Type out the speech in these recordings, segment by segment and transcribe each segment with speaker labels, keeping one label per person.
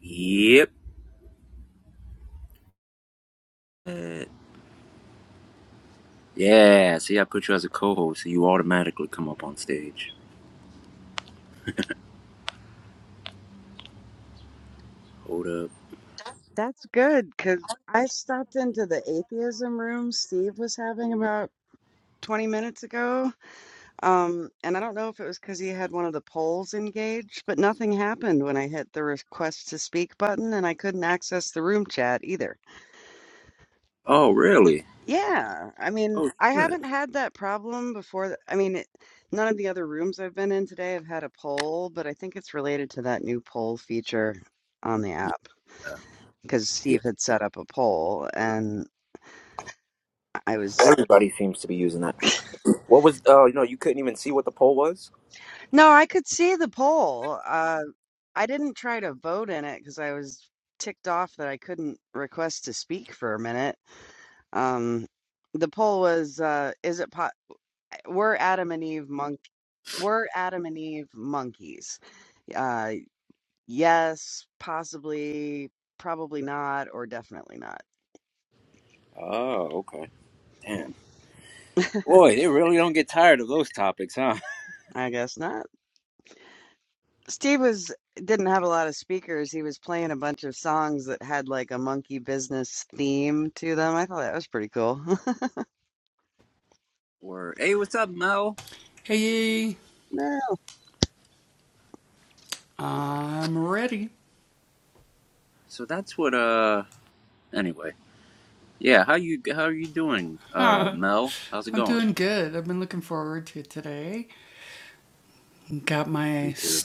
Speaker 1: Yep. Yeah. See, I put you as a co-host, so you automatically come up on stage. Hold up.
Speaker 2: That's good because I stopped into the atheism room Steve was having about 20 minutes ago. Um, and I don't know if it was because he had one of the polls engaged, but nothing happened when I hit the request to speak button and I couldn't access the room chat either.
Speaker 1: Oh, really?
Speaker 2: Yeah, I mean,
Speaker 1: Oh,
Speaker 2: I
Speaker 1: shit.
Speaker 2: haven't had that problem before. th- I mean, it, none of the other rooms I've been in today have had a poll, but I think it's related to that new poll feature on the app
Speaker 1: Yeah.
Speaker 2: because
Speaker 1: Yeah.
Speaker 2: Steve had
Speaker 1: yeah.
Speaker 2: set up a poll and I was
Speaker 1: Everybody seems to be using that. What was? Oh, you know, you couldn't even see what the poll was.
Speaker 2: No, I could see the poll. Uh, I didn't try to vote in it because I was ticked off that I couldn't request to speak for a minute. Um, the poll was, uh, is it po- were Adam and Eve monk were Adam and Eve monkeys? Uh, yes, possibly, probably not, or definitely not.
Speaker 1: Oh, okay. Damn. Boy, they really don't get tired of those topics, huh?
Speaker 2: I guess not. Steve was didn't have a lot of speakers. He was playing a bunch of songs that had like a monkey business theme to them. I thought that was pretty cool.
Speaker 1: Or, hey, what's up, Mel? So that's what. Uh. Anyway. Yeah. How you? How are you doing, uh, Mel? How's it going? Me too.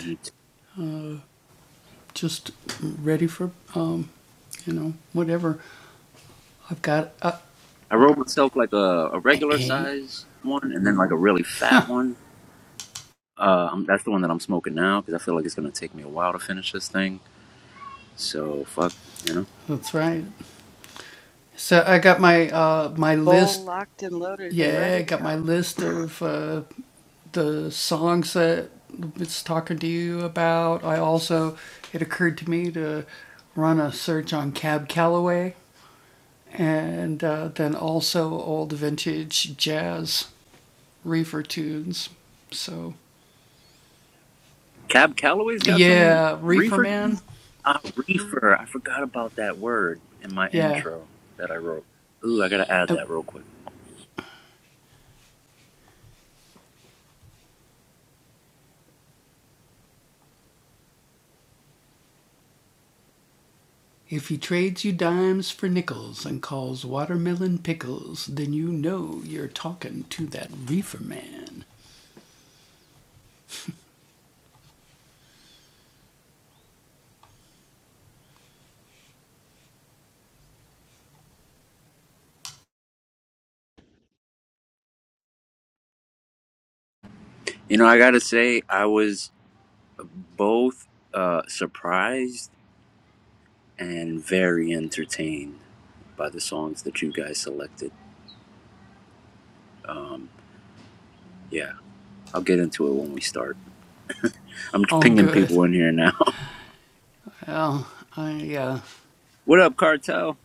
Speaker 1: Me too. I rolled myself like a, a regular size one, and then like a really fat one. Uh, I'm, that's the one that I'm smoking now because I feel like it's gonna take me a while to finish this thing. So fuck, you know.
Speaker 2: Full locked and loaded and ready to go.
Speaker 1: Cab Calloway's got some reefer. Uh, reefer. I forgot about that word in my intro that I wrote. Ooh, I gotta add that real quick. You know, I gotta say I was both uh, surprised and very entertained by the songs that you guys selected. Yeah, I'll get into it when we start. I'm pinging people in here now. What up, Cartel?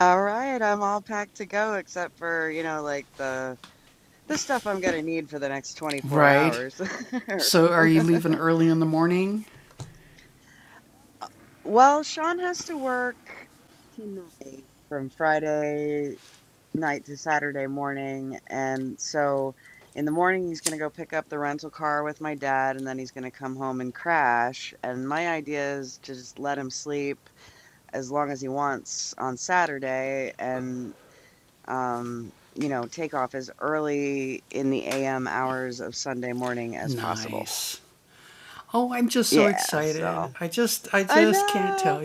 Speaker 2: All right, I'm all packed to go except for, you know, like the the stuff I'm gonna need for the next 24 hours. Well, Sean has to work tonight from Friday night to Saturday morning, and so in the morning he's gonna go pick up the rental car with my dad, and then he's gonna come home and crash. And my idea is to just let him sleep as long as he wants on Saturday, and um, you know, take off as early in the AM hours of Sunday morning as possible. Yeah, so I know.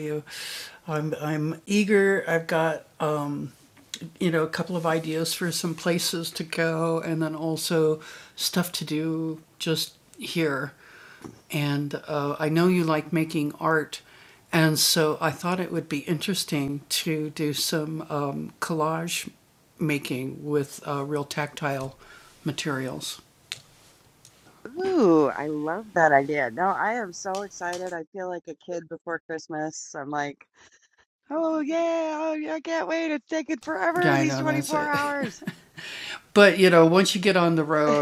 Speaker 2: Ooh, I love that idea. No, I am so excited. I feel like a kid before Christmas. I'm like, oh yeah, oh yeah, I can't wait. It's taking forever, these 24 hours.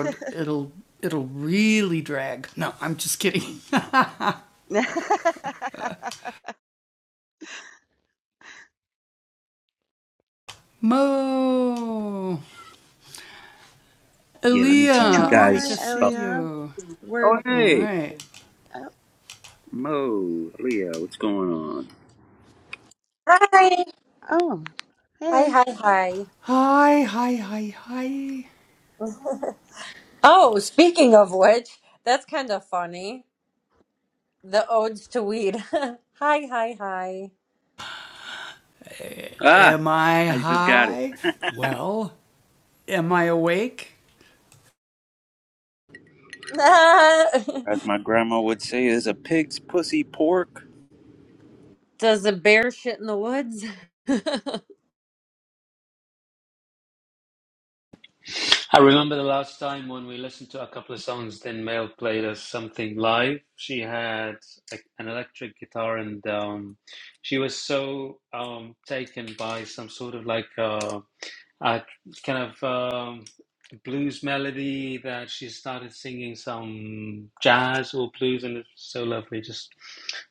Speaker 1: Yeah, let me
Speaker 2: Hey
Speaker 1: teach you
Speaker 2: Mo, hi
Speaker 1: guys about.
Speaker 2: Elia. We're
Speaker 1: Oh, hey,
Speaker 2: oh,
Speaker 1: Mo, Leo, what's going on?
Speaker 3: Hi.
Speaker 2: oh,
Speaker 3: Hi,
Speaker 2: hey,
Speaker 3: hi, hi. Oh, speaking of which, that's kind of funny. The odes to weed. hi, hi, hi.
Speaker 1: Ah, I just got it.
Speaker 3: Ah.
Speaker 1: As my grandma would say, is a pig's pussy pork.
Speaker 3: Does a bear shit in the woods?
Speaker 4: I remember the last time when we listened to a couple of songs, then Mel played us something live. She had a, an electric guitar, and um, she was so um, taken by some sort of like uh, a kind of um, blues melody that she started singing some jazz or blues, and it's so lovely. Just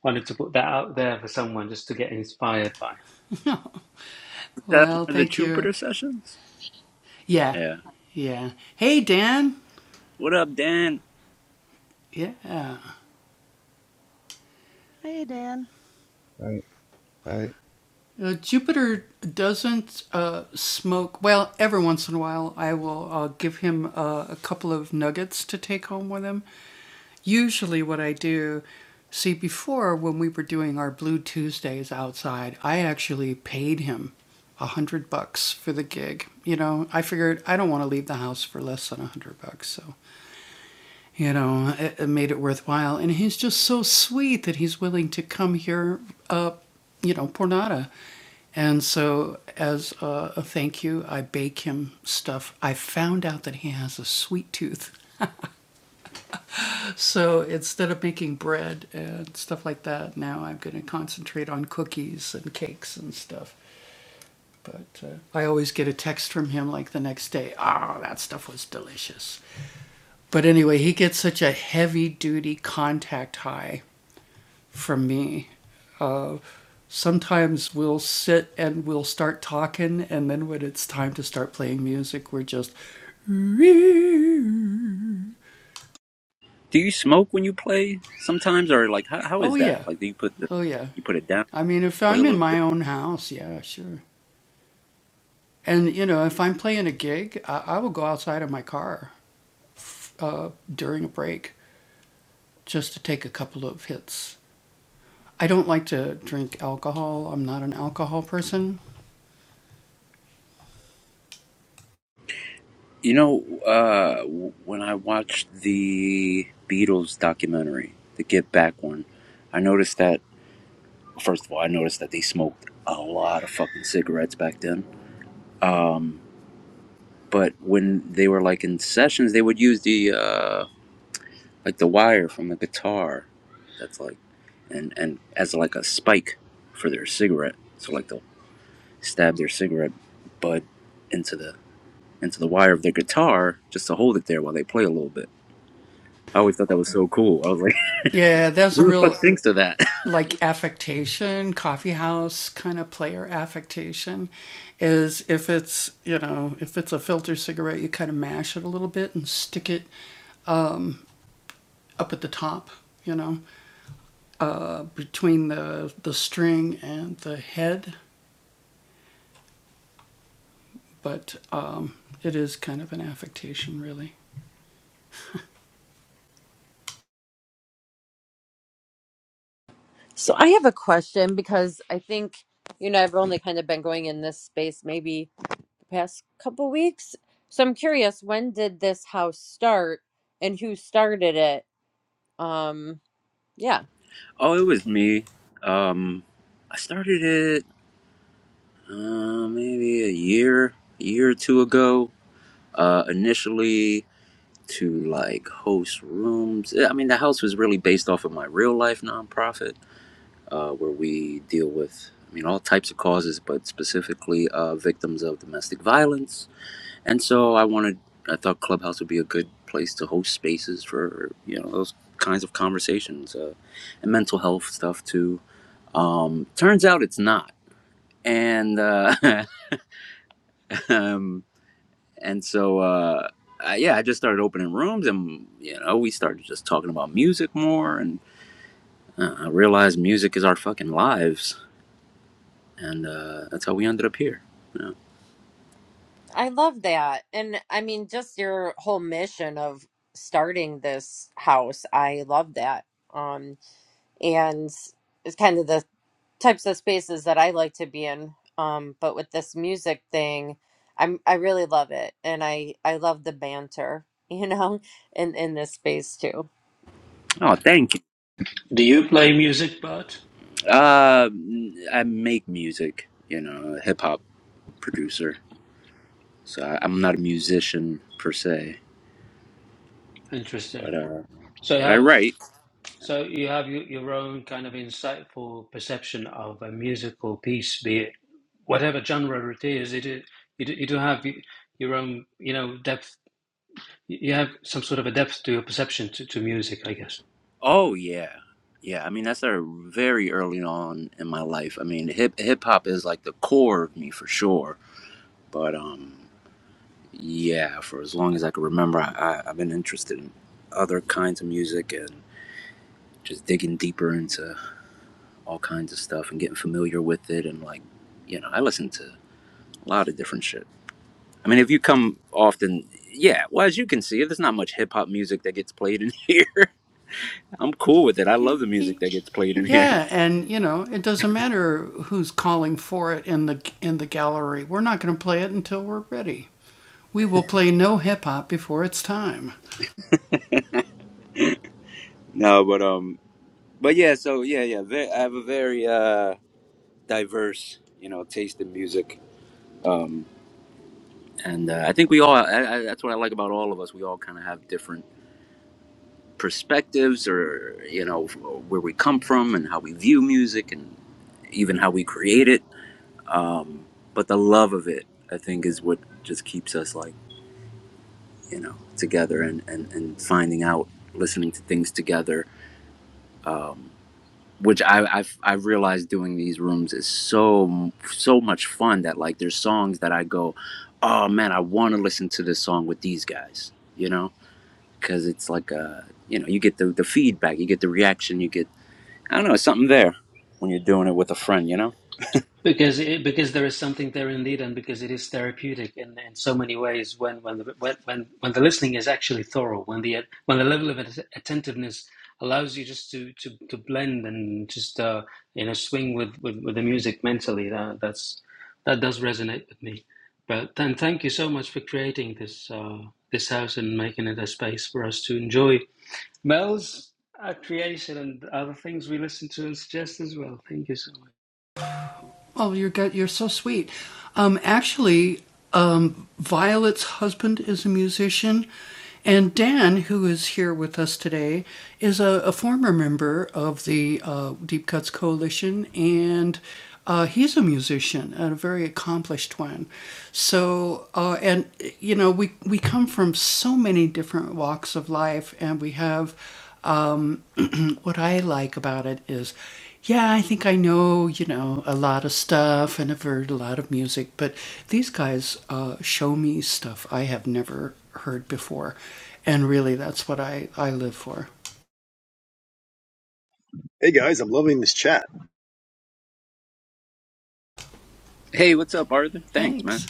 Speaker 4: wanted to put that out there for someone just to get inspired by.
Speaker 1: Is that one of the Jupiter sessions? Yeah. What up, Dan?
Speaker 2: hey Dan.
Speaker 5: I, I,
Speaker 1: Do you smoke when you play sometimes, or like how, how is that? Like, do you put the you put it down, play a little bit? You know, uh, when I watched the Beatles documentary, the Get Back one, I noticed that, first of all, I noticed that they smoked a lot of fucking cigarettes back then. But when they were like in sessions, they would use the, uh, like the wire from the guitar. That's like, and, and as like a spike for their cigarette. So like they'll stab their cigarette butt into the, into the wire of their guitar just to hold it there while they play a little bit. I always thought that was so cool. I was like, Who the fuck thinks of that?
Speaker 3: so I have a question because I think, you know, I've only kind of been going in this space maybe the past couple weeks. So I'm curious, when did this house start and who started it? Um, yeah.
Speaker 1: Oh, it was me. Um, I started it uh, maybe a year, a year or two ago. Uh, initially to like host rooms. Yeah, I mean, the house was really based off of my real life nonprofit, uh, where we deal with, I mean, all types of causes, but specifically uh, victims of domestic violence. And so I wanted, I thought Clubhouse would be a good place to host spaces for you know those kinds of conversations uh, and mental health stuff too Um, turns out it's not, and uh, um, and so uh, uh, yeah, I just started opening rooms, and you know, we started just talking about music more, and uh, I realized music is our fucking lives, and uh, that's how we ended up here.
Speaker 3: I love that. And I mean, just your whole mission of starting this house, I love that. Um, and it's kind of the types of spaces that I like to be in. Um, but with this music thing, I'm I really love it. And I I love the banter, you know, in in this space too.
Speaker 1: Oh, thank you.
Speaker 4: Do you play music, Bert?
Speaker 1: Uh, I make music, you know, a hip hop producer, so I, I'm not a musician per se,
Speaker 4: Interesting.
Speaker 1: but uh,
Speaker 4: So,
Speaker 1: but I
Speaker 4: have
Speaker 1: write.
Speaker 4: So you have your, your own kind of insightful perception of a musical piece, be it whatever genre it is. It is you do, you do have y- your own, you know, depth. You have some sort of a depth to your perception to, to music, I guess.
Speaker 1: Oh yeah, yeah. I mean, that started very early on in my life. I mean, hip hip hop is like the core of me for sure. But um, yeah, for as long as I can remember, I, I I've been interested in other kinds of music and just digging deeper into all kinds of stuff and getting familiar with it. And like, you know, I listen to a lot of different shit. I mean, if you come often, yeah. Well, as you can see, there's not much hip hop music that gets played in here. I'm cool with it. I love the music that gets played in here. No, but um. but yeah, so yeah, yeah, ve- I have a very uh, diverse, you know, taste in music, um, and uh, I think we all. I, I, that's what I like about all of us. We all kind of have different perspectives, or you know, f- where we come from and how we view music, and even how we create it. Um, but the love of it, I think, is what just keeps us like you know together and and and finding out, listening to things together, which I I've, I've realized doing these rooms is so so much fun that like there's songs that I go, oh man, I want to listen to this song with these guys, you know, because it's like a you know you get the the feedback, you get the reaction, you get I don't know something there when you're doing it with a friend, you know.
Speaker 4: Because it, because there is something there indeed, and because it is therapeutic in, in so many ways. When when the when, when when the listening is actually thorough, when the when the level of att- attentiveness allows you just to to, to blend and just uh, you know swing with, with, with the music mentally, that that's that does resonate with me. But then thank you so much for creating this uh, this house and making it a space for us to enjoy Mel's uh, creation and other things we listen to and suggest as well. Thank you so much.
Speaker 6: Hey guys, I'm loving this chat.
Speaker 1: Hey, what's up, Arthur? Thanks, man.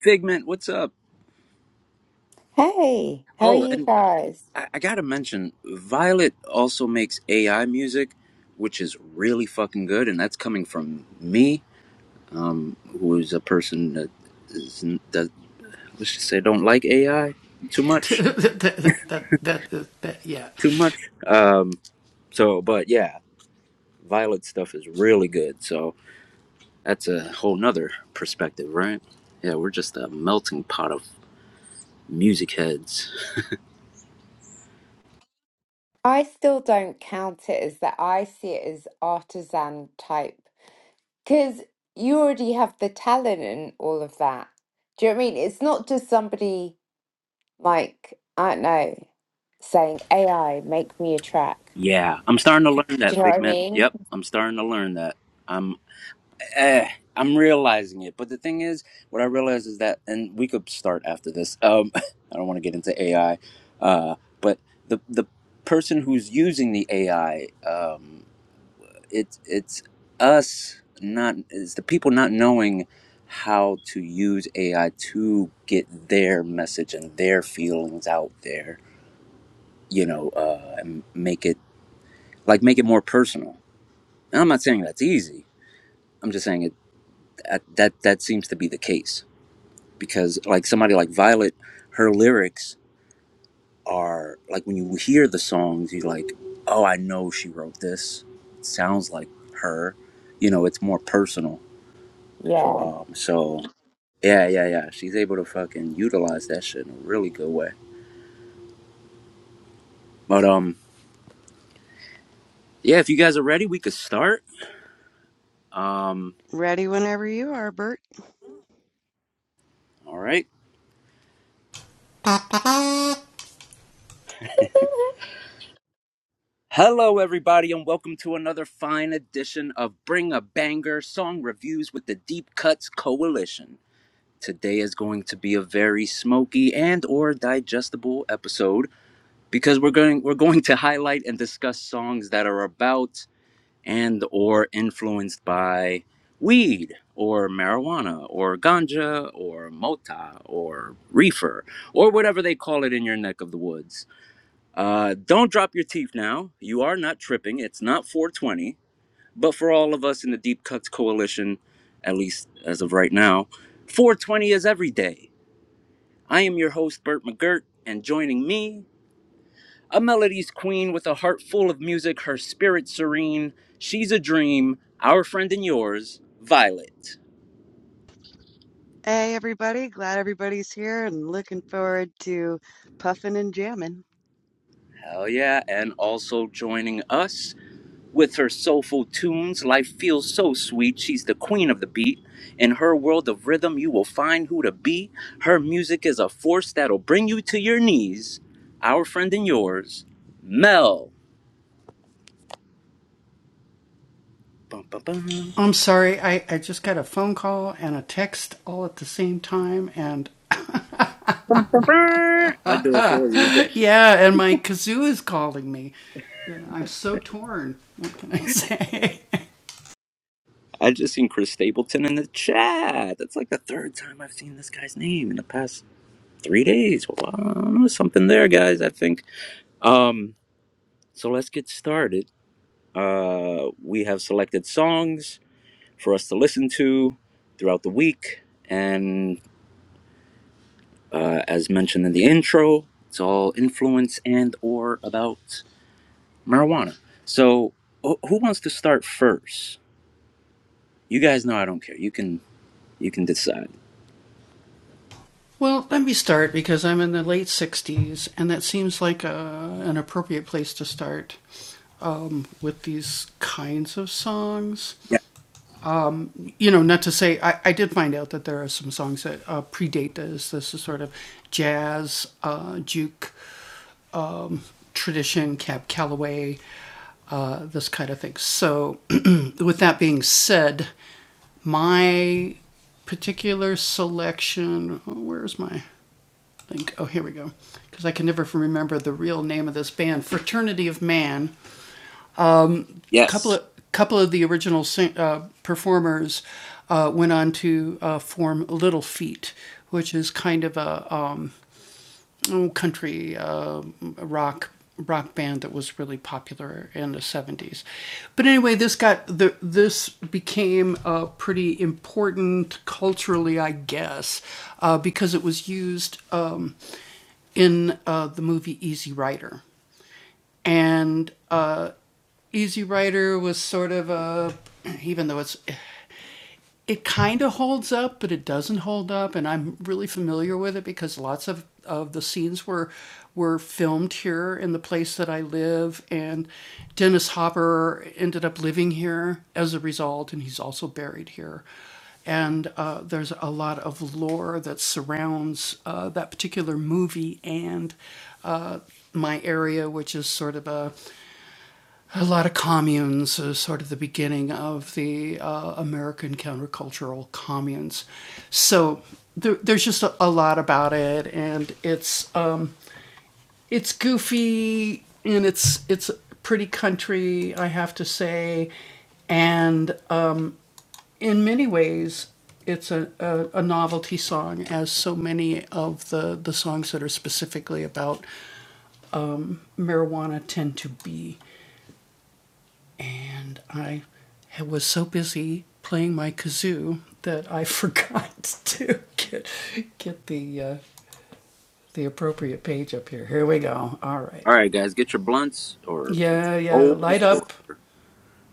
Speaker 1: Figment, what's up?
Speaker 7: Hey, how are
Speaker 1: Oh,
Speaker 7: you
Speaker 1: and
Speaker 7: guys?
Speaker 1: I, I gotta mention, Violet also makes AI music, which is really fucking good, and that's coming from me who is a person that is that let's just say don't like AI too much, too much. Um, so, but yeah, Violet stuff is really good. So that's a whole nother perspective, right? Yeah, we're just a melting pot of music heads.
Speaker 7: I still don't count it as that. I see it as artisan type because you already have the talent and all of that. Do you know what I mean? It's not just somebody like, I don't know, saying, AI, make me a track.
Speaker 1: Yeah, I'm starting to learn that
Speaker 7: Do you know what I
Speaker 1: figment.
Speaker 7: mean?
Speaker 1: Yep, I'm starting to learn that. I'm. eh, I'm realizing it. But the thing is, what I realize is that, and we could start after this. Um, I don't want to get into AI, uh, but the the person who's using the AI, um, it's it's us not it's the people not knowing how to use AI to get their message and their feelings out there. You know, uh, and make it like make it more personal. And I'm not saying that's easy. I'm just saying it that that, that seems to be the case because like somebody like Violet, her lyrics are like when you hear the songs, you're like, oh, I know she wrote this. It sounds like her. You know, it's more personal.
Speaker 7: Yeah.
Speaker 1: Um, so yeah, yeah, yeah. She's able to fucking utilize that shit in a really good way. But um, yeah, if you guys are ready, we could start. Um,
Speaker 2: Ready whenever you are, Bert.
Speaker 1: all right. Hello, everybody, and welcome to another fine edition of Bring a Banger Song Reviews with the Deep Cuts Coalition. Today is going to be a very smoky and or digestible episode because we're going we're going to highlight and discuss songs that are about and or influenced by weed or marijuana or ganja or mota or reefer or whatever they call it in your neck of the woods. Uh, don't drop your teeth now. You are not tripping. It's not 420. But for all of us in the Deep Cuts Coalition, at least as of right now, 420 is every day. I am your host, Bert McGirt, and joining me, a melody's queen with a heart full of music, her spirit serene. She's a dream, our friend and yours, Violet.
Speaker 2: Hey, everybody. Glad everybody's here and looking forward to puffing and jamming.
Speaker 1: Hell yeah, and also joining us with her soulful tunes, life feels so sweet. She's the queen of the beat. In her world of rhythm, you will find who to be. Her music is a force that'll bring you to your knees. Our friend and yours, Mel. Bum, bum, bum. Bum, bum, bum. I do it for you. I just seen Chris Stapleton in the chat. That's like the third time I've seen this guy's name in the past three days. Wow, I don't know, something there, guys. I think. Um, so let's get started. Uh, we have selected songs for us to listen to throughout the week, and uh, as mentioned in the intro, it's all influence and or about marijuana. So, wh- who wants to start first? You guys know I don't care. You can you can decide. Yeah. Yes. All right, guys, get your blunts or bowls or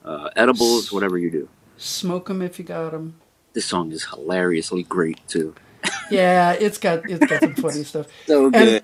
Speaker 1: uh, edibles, whatever you do. This song is hilariously great too. So good.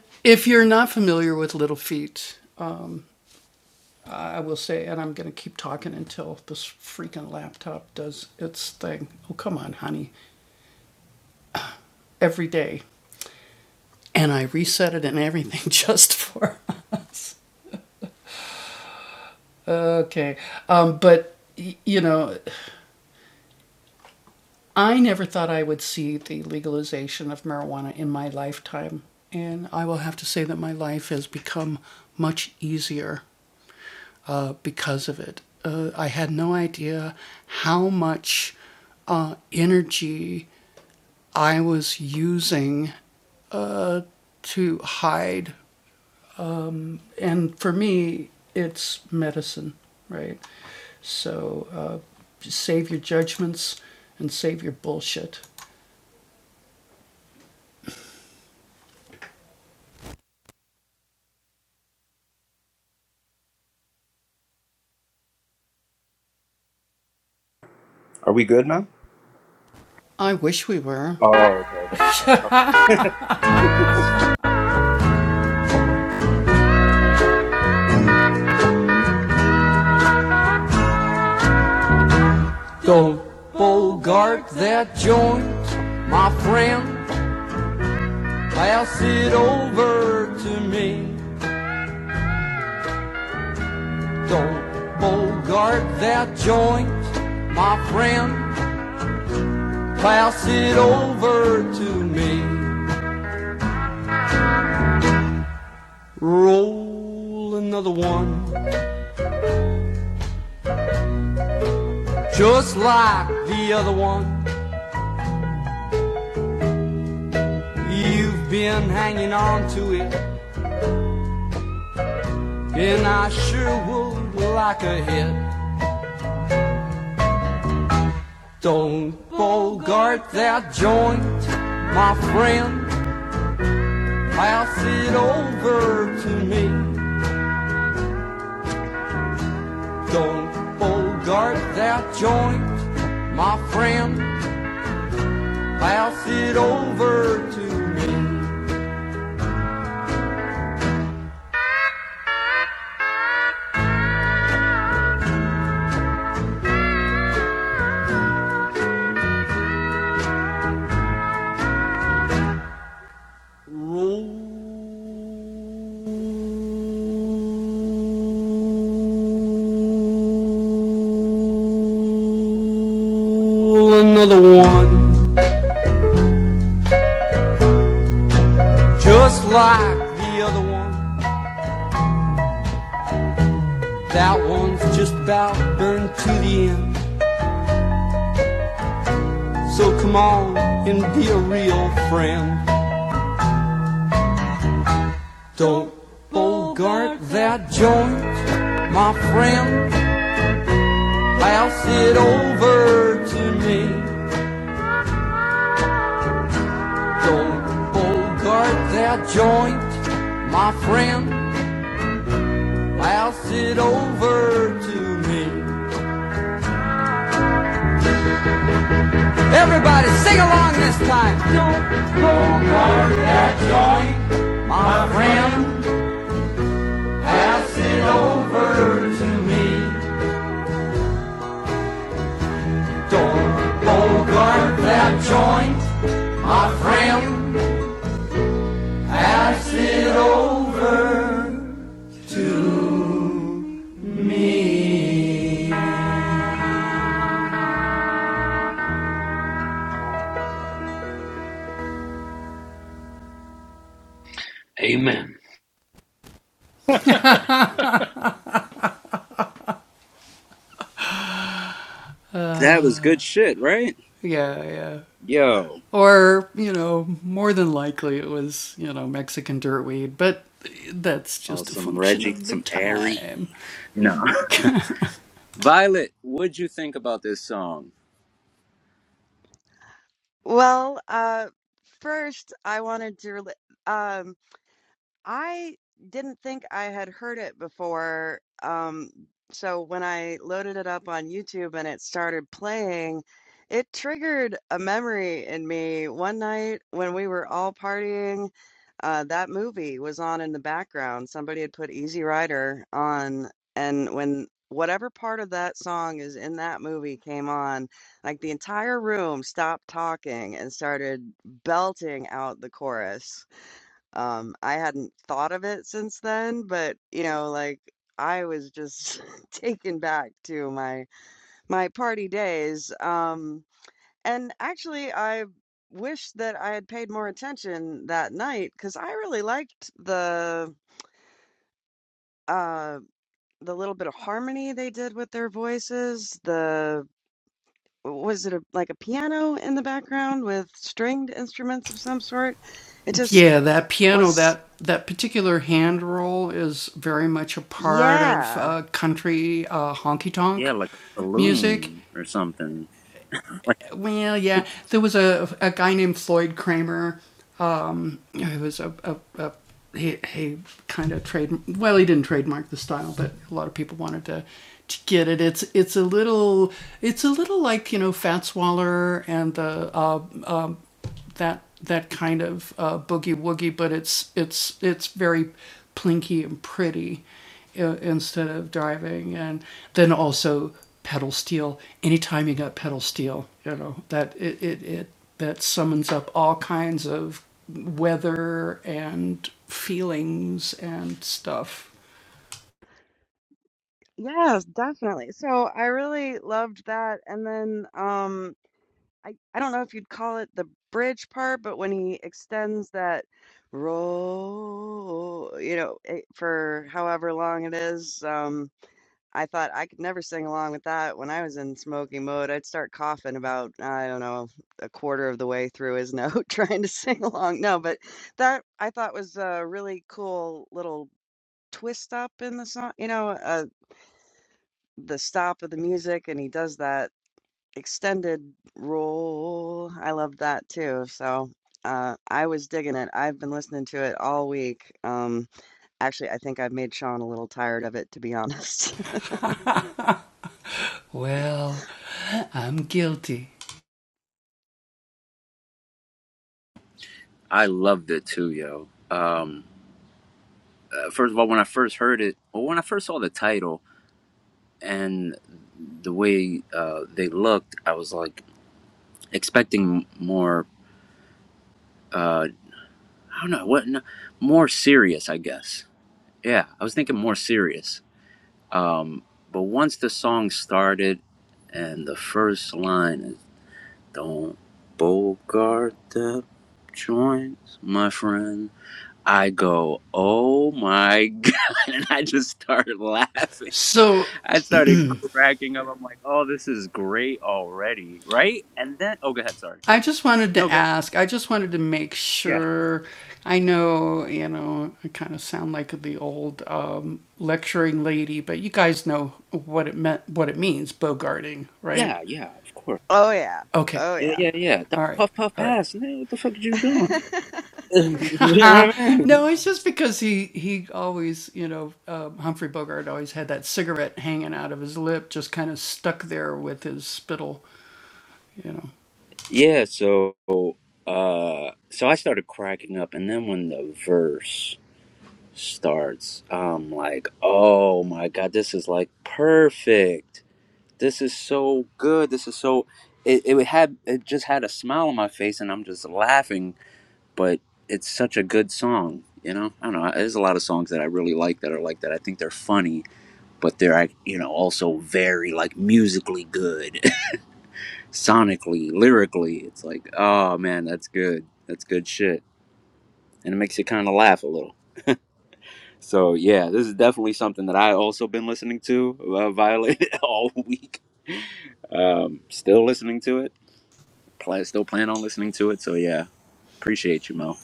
Speaker 1: Are we all?
Speaker 8: Don't bogart that joint, my friend. Pass it over to me. Don't bogart that joint, my friend. Pass it over to me. Roll another one, just like the other one. You've been hanging on to it, and I sure would like a hit. Don't bogart that joint, my friend. Pass it over to me. Don't bogart that joint, my friend. Pass it over to me. Roll another one, just like the other one. That one's just about burned to the end. So come on and be a real friend. Don't bogart that joint, my friend. Pass it over to me. Don't bogart that joint, my friend. Pass it over to me. Everybody sing along this time. Don't bogart, my friend. Pass it. Don't bogart that joint, my friend.
Speaker 4: Amen.
Speaker 1: That was good shit, right? Yo, oh, some Reggie, some Airy. No, Violet, what'd you think about this song?
Speaker 2: Well, uh, first, I wanted to, rela- um, I didn't think I had heard it before. Um, so when I loaded it up on YouTube and it started playing, it triggered a memory in me. One night when we were all partying, uh, that movie was on in the background. Somebody had put Easy Rider on, and when whatever part of that song is in that movie came on, like the entire room stopped talking and started belting out the chorus. Um, I hadn't thought of it since then, but, you know, like, I was just taken back to my my party days. Um, and actually, I wish that I had paid more attention that night because I really liked the uh the little bit of harmony they did with their voices, the was it a, like a piano in the background with stringed instruments of some sort? It just was, yeah.
Speaker 1: Yeah, like a balloon or something. Like
Speaker 2: Yes, definitely. So I really loved that. And then um I, I don't know if you'd call it the bridge part, but when he extends that roll, you know, it, for however long it is, um I thought I could never sing along with that when I was in smoking mode. I'd start coughing about, I don't know, a quarter of the way through his note trying to sing along. No, but that I thought was a really cool little twist up in the song, you know, the stop of the music and he does that extended roll. I love that too. So uh, I was digging it. I've been listening to it all week. Um, actually, I think I've made Sean a little tired of it, to be honest.
Speaker 1: I loved it too, yo. Um, uh, first of all, when I first heard it, or when I first saw the title and the way uh, they looked, I was like expecting more uh, I don't know what no, more serious, I guess. Yeah, I was thinking more serious. Um, but once the song started, and the first line is "Don't bogart the joints, my friend." I go, "Oh my god!" and I just started laughing. I started cracking up. I'm like, "Oh, this is great already, right?" And then, oh, go ahead. Sorry. No, go. ahead. Yeah, yeah, yeah. Of course.
Speaker 2: oh yeah, oh
Speaker 1: Yeah,
Speaker 2: yeah.
Speaker 1: yeah, yeah. That puff puff pass, nigga. What the fuck are you doing? you know what I mean? Yeah, so uh so I started cracking up and then when the verse starts, I'm like, oh my god, this is like perfect. This is so good. This is so it, it had it just had a smile on my face and I'm just laughing, but it's such a good song, you know? I don't know. There's a lot of songs that I really like that are like that. I think they're funny but they're like, you know also very like musically good sonically lyrically it's like oh man that's good that's good shit and it makes you kind of laugh a little so yeah this is definitely something that i also been listening to uh, violate all week um still listening to it Pla still plan on listening to it so yeah appreciate you mo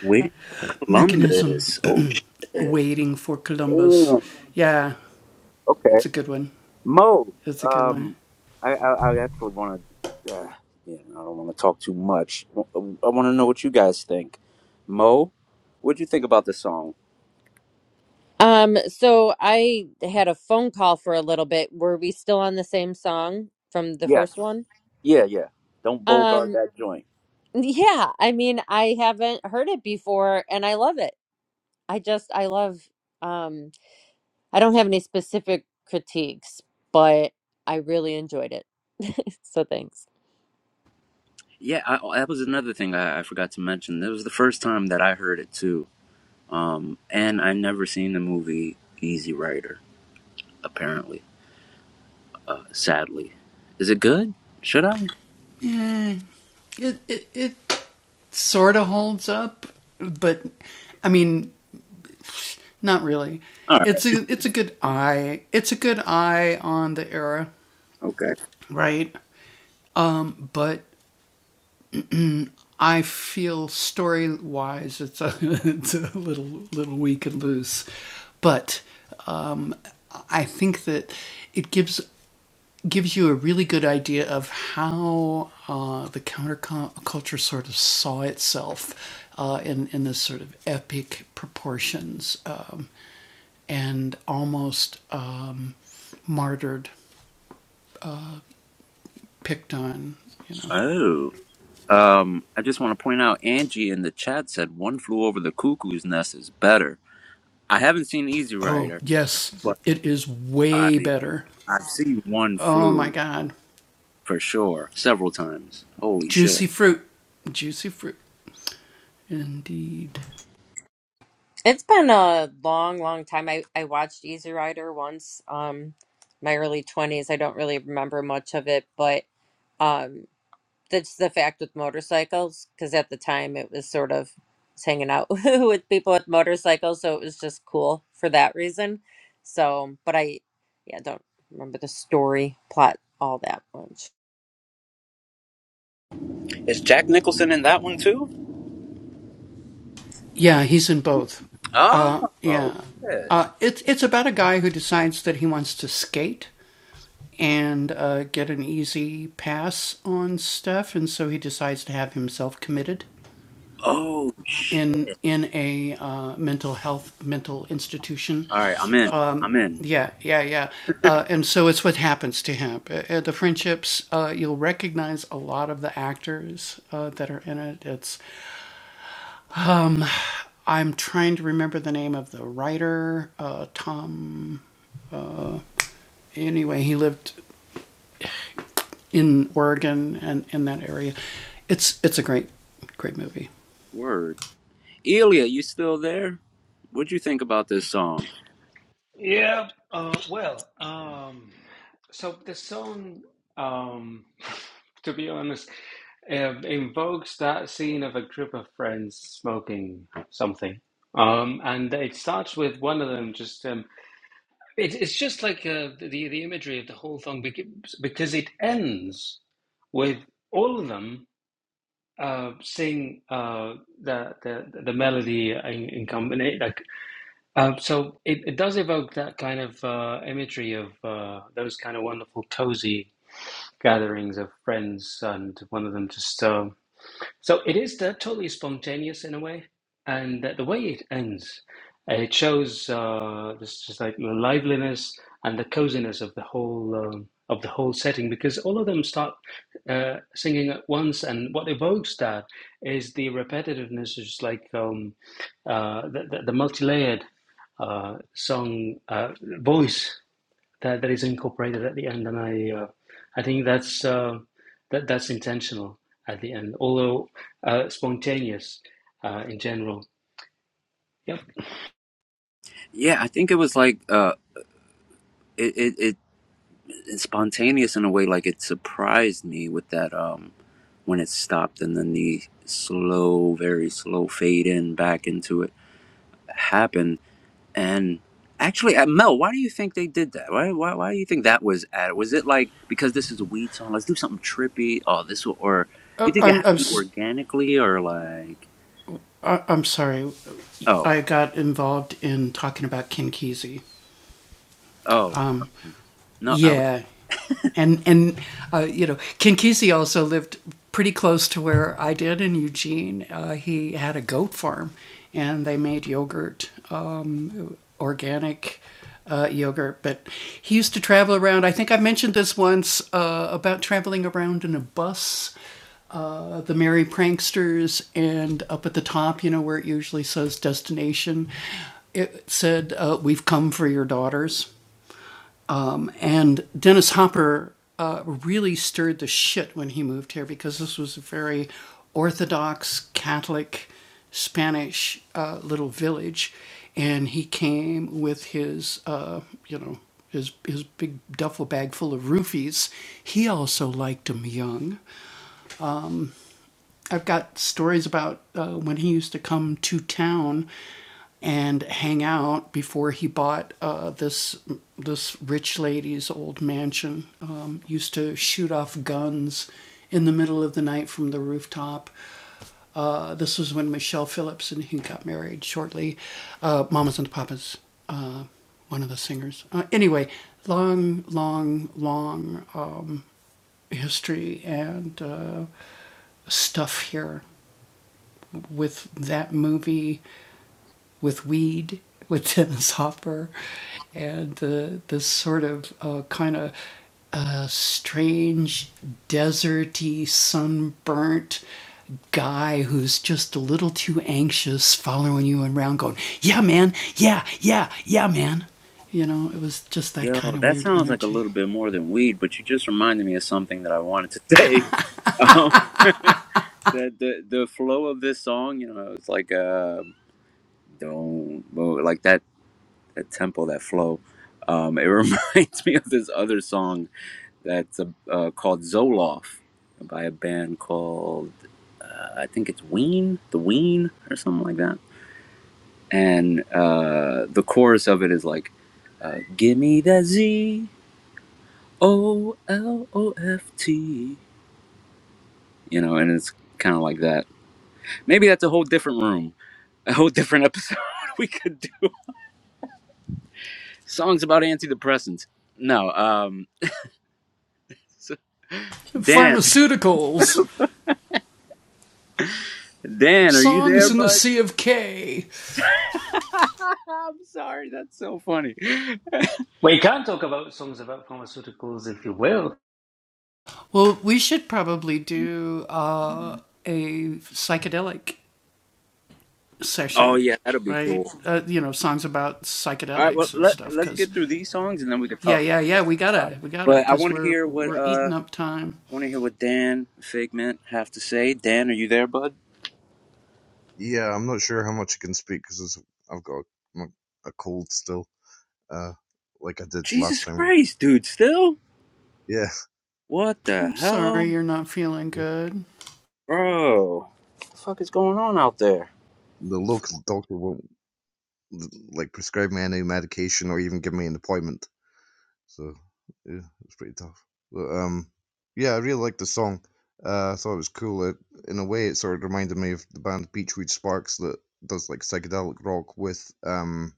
Speaker 1: we columbus oh shit. okay Mo, um, I, I, I actually want to, uh, yeah, I don't want to talk too much. I want to know what you guys think. Mo, what'd you think about the song?
Speaker 3: Um, so I had a phone call for a little bit. Were we still on the same song from the
Speaker 1: Yes.
Speaker 3: first one?
Speaker 1: Yeah, yeah. Don't
Speaker 3: Um,
Speaker 1: bogart that joint.
Speaker 3: Yeah, I mean, I haven't heard it before and I love it. I just I love um I don't have any specific critiques, but I really enjoyed it. So thanks.
Speaker 1: Yeah, I, oh, that was another thing I, I forgot to mention. That was the first time that I heard it too. Um, and I never seen the movie Easy Rider. Apparently, sadly, is it good? Should I? All right. Okay. Oh. Um, I just want to point out Angie in the chat said "One Flew Over the Cuckoo's Nest" is better. I haven't seen Easy Rider, but I mean, I've seen One Flew for sure several times. Holy shit!
Speaker 3: It's been a long, long time. I I watched Easy Rider once, um my early 20s. I don't really remember much of it, but um, that's the fact with motorcycles because at the time it was sort of I was hanging out with people with motorcycles so it was just cool for that reason so but i yeah don't remember the story plot all that much
Speaker 1: Is Jack Nicholson in that one too? Oh, shit! Oh shit! All right, I'm in. I'm in. Word, Elia, you still there? What'd you think about this song?
Speaker 4: yeah. Uh, well, um, so the song, um, to be honest, uh, invokes that scene of a group of friends smoking something. Um, and it starts with one of them just. Um, it, it's just like uh, the the imagery of the whole thing because, because it ends with all of them uh, sing uh, the, the the melody in, in combination. like Um, so it, it does evoke that kind of uh, imagery of uh, those kind of wonderful cozy gatherings of friends, and one of them just um, so it is totally spontaneous in a way, and the, the way it ends, uh, it shows uh, this just like the liveliness and the coziness of the whole um, of the whole setting because all of them start uh, singing at once, and what evokes that is the repetitiveness, is like um, uh, the, the, the multi-layered uh, song uh, voice that that is incorporated at the end, and I uh, I think that's uh, that that's intentional at the end, although uh, spontaneous uh, in general. Yep.
Speaker 1: Yeah, I think it was like uh, it it, it it's spontaneous in a way. Like it surprised me with that um when it stopped and then the slow, very slow fade in back into it happened. And actually, uh, Mel, why do you think they did that? Why, why, why do you think that was at? it? Was it like because this is a weed song? Let's do something trippy. Oh, this will, or you think it happened organically or like? Oh, oh, um, no, I was. Yo, that sounds like a little bit more than weed, but you just reminded me of something that I wanted to say. Um, the the the flow of this song, you know, it's like uh, don't well, like that that tempo, that flow. Um, it reminds me of this other song that's uh uh, called Zoloft by a band called uh, I think it's Ween, the Ween or something like that. And uh, the chorus of it is like, uh, "Give me that Z O L O F T," you know, and it's kind of like that. Maybe that's a whole different room, a whole different episode. we could do songs about antidepressants. No, um, so- Dan. Dan, are you there, bud? I'm sorry, that's so funny.
Speaker 4: We can talk about songs about pharmaceuticals if you will.
Speaker 1: Oh yeah, that'll be cool. All right, well let let's get through these songs and then we can talk about it. Let's talk about it. But I want to hear what uh I want to hear what Dan Figment have to say. Dan, are you there, bud?
Speaker 5: yeah, I'm not sure how much I can speak because I've got a, a cold still, uh, like I did last
Speaker 1: Jesus
Speaker 5: time.
Speaker 1: Christ, dude, still?
Speaker 5: Yeah,
Speaker 1: What the hell,
Speaker 5: the
Speaker 1: bro? What the fuck is going on out there?
Speaker 5: local doctor won't like prescribe me any medication or even give me an appointment. So yeah, it's pretty tough. But um, yeah, I really liked the song. Uh, I thought it was cool. It, in a way, it sort of reminded me of the band Beachwood Sparks that does like psychedelic rock with um,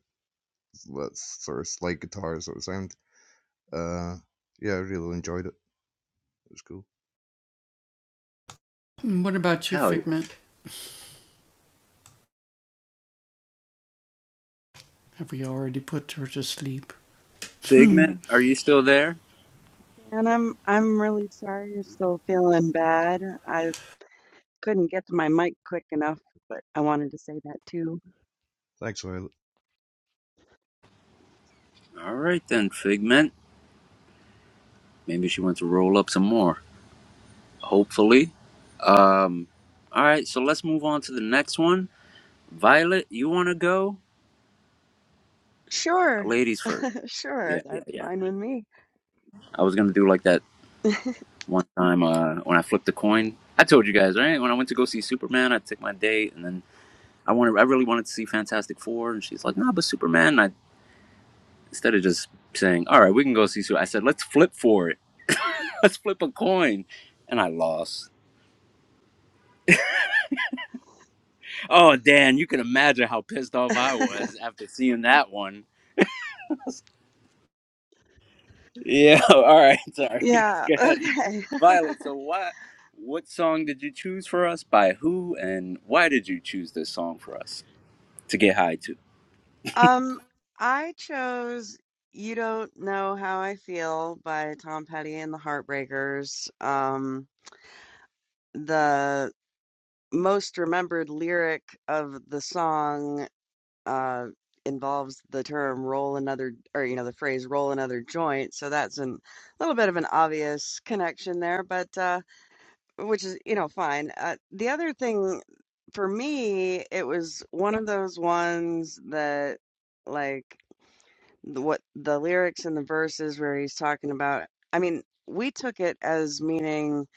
Speaker 5: that sort of slide guitar sort of sound. Uh, yeah, I really enjoyed it. It was cool.
Speaker 1: Hell yeah, Figment, are you still there?
Speaker 2: And I'm I'm really sorry you're still feeling bad. I couldn't get to my mic quick enough, but I wanted to say that too.
Speaker 5: Thanks, Violet.
Speaker 1: All right then, Figment. Maybe she wants to roll up some more. Hopefully. Um, all right, so let's move on to the next one. Violet, you want to go?
Speaker 2: Sure,
Speaker 1: Ladies first. Yeah,
Speaker 2: sure,
Speaker 1: yeah,
Speaker 2: that's
Speaker 1: yeah.
Speaker 2: fine with me.
Speaker 1: I was gonna do like that one time uh, when I flipped the coin. I told you guys, right? When I went to go see Superman, I took my date, and then I wanted, I really wanted to see Fantastic Four, and she's like, "Nah, but Superman." And I instead of just saying, "All right, we can go see Superman," I said, "Let's flip for it. Let's flip a coin," and I lost. Oh, Dan, you can imagine how pissed off I was after seeing that one. Yeah. All right. Sorry.
Speaker 2: Yeah,
Speaker 1: Go ahead.
Speaker 2: okay.
Speaker 1: Violet. So why? What song did you choose for us? By who? And why did you choose this song for us to get high to?
Speaker 2: Um, I chose You Don't Know How I Feel by Tom Petty and the Heartbreakers. Um, the most remembered lyric of the song uh involves the term roll another or you know the phrase roll another joint, so that's an, a little bit of an obvious connection there, but uh which is, you know, fine. Uh, the other thing for me, it was one of those ones that, like, the, what the lyrics and the verses where he's talking about. I mean, we took it as meaning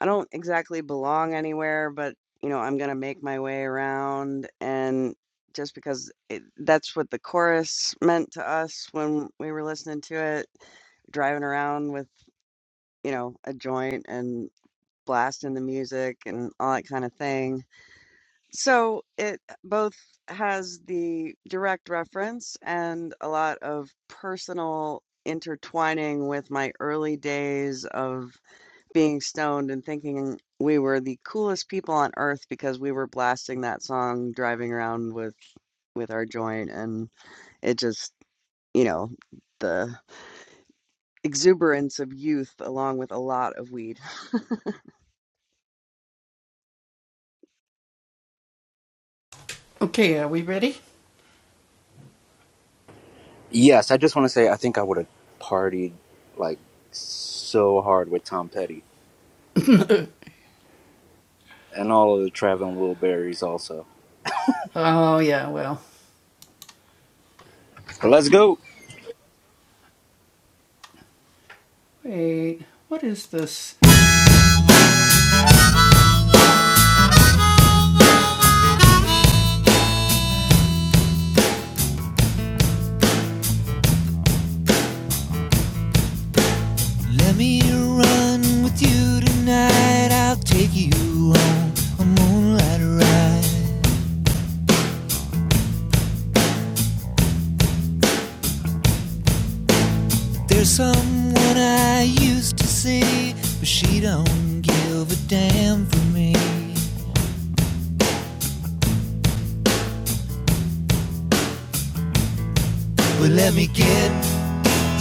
Speaker 2: I don't exactly belong anywhere, but you know, I'm gonna make my way around, and just because it, that's what the chorus meant to us when we were listening to it, driving around with you know a joint and blasting the music and all that kind of thing. So it uh, both has the direct reference and a lot of personal intertwining with my early days of being stoned and thinking we were the coolest people on earth because we were blasting that song driving around with with our joint and it just, you know, the exuberance of youth along with a lot of weed.
Speaker 1: Yes, I just want to say I think I would have partied like so hard with Tom Petty and all of the Traveling Wilburys also. But let's go.
Speaker 8: Let me run with you tonight. I'll take you on a moonlight ride. There's someone I used to see, but she don't give a damn for me. But let me get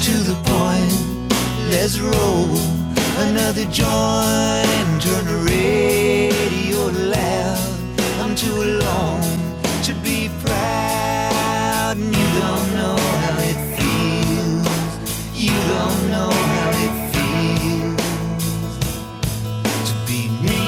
Speaker 8: to the point. Let's roll another joint. Turn the radio loud. I'm too alone to be proud. And you don't know how it feels. You don't know how it feels to be me.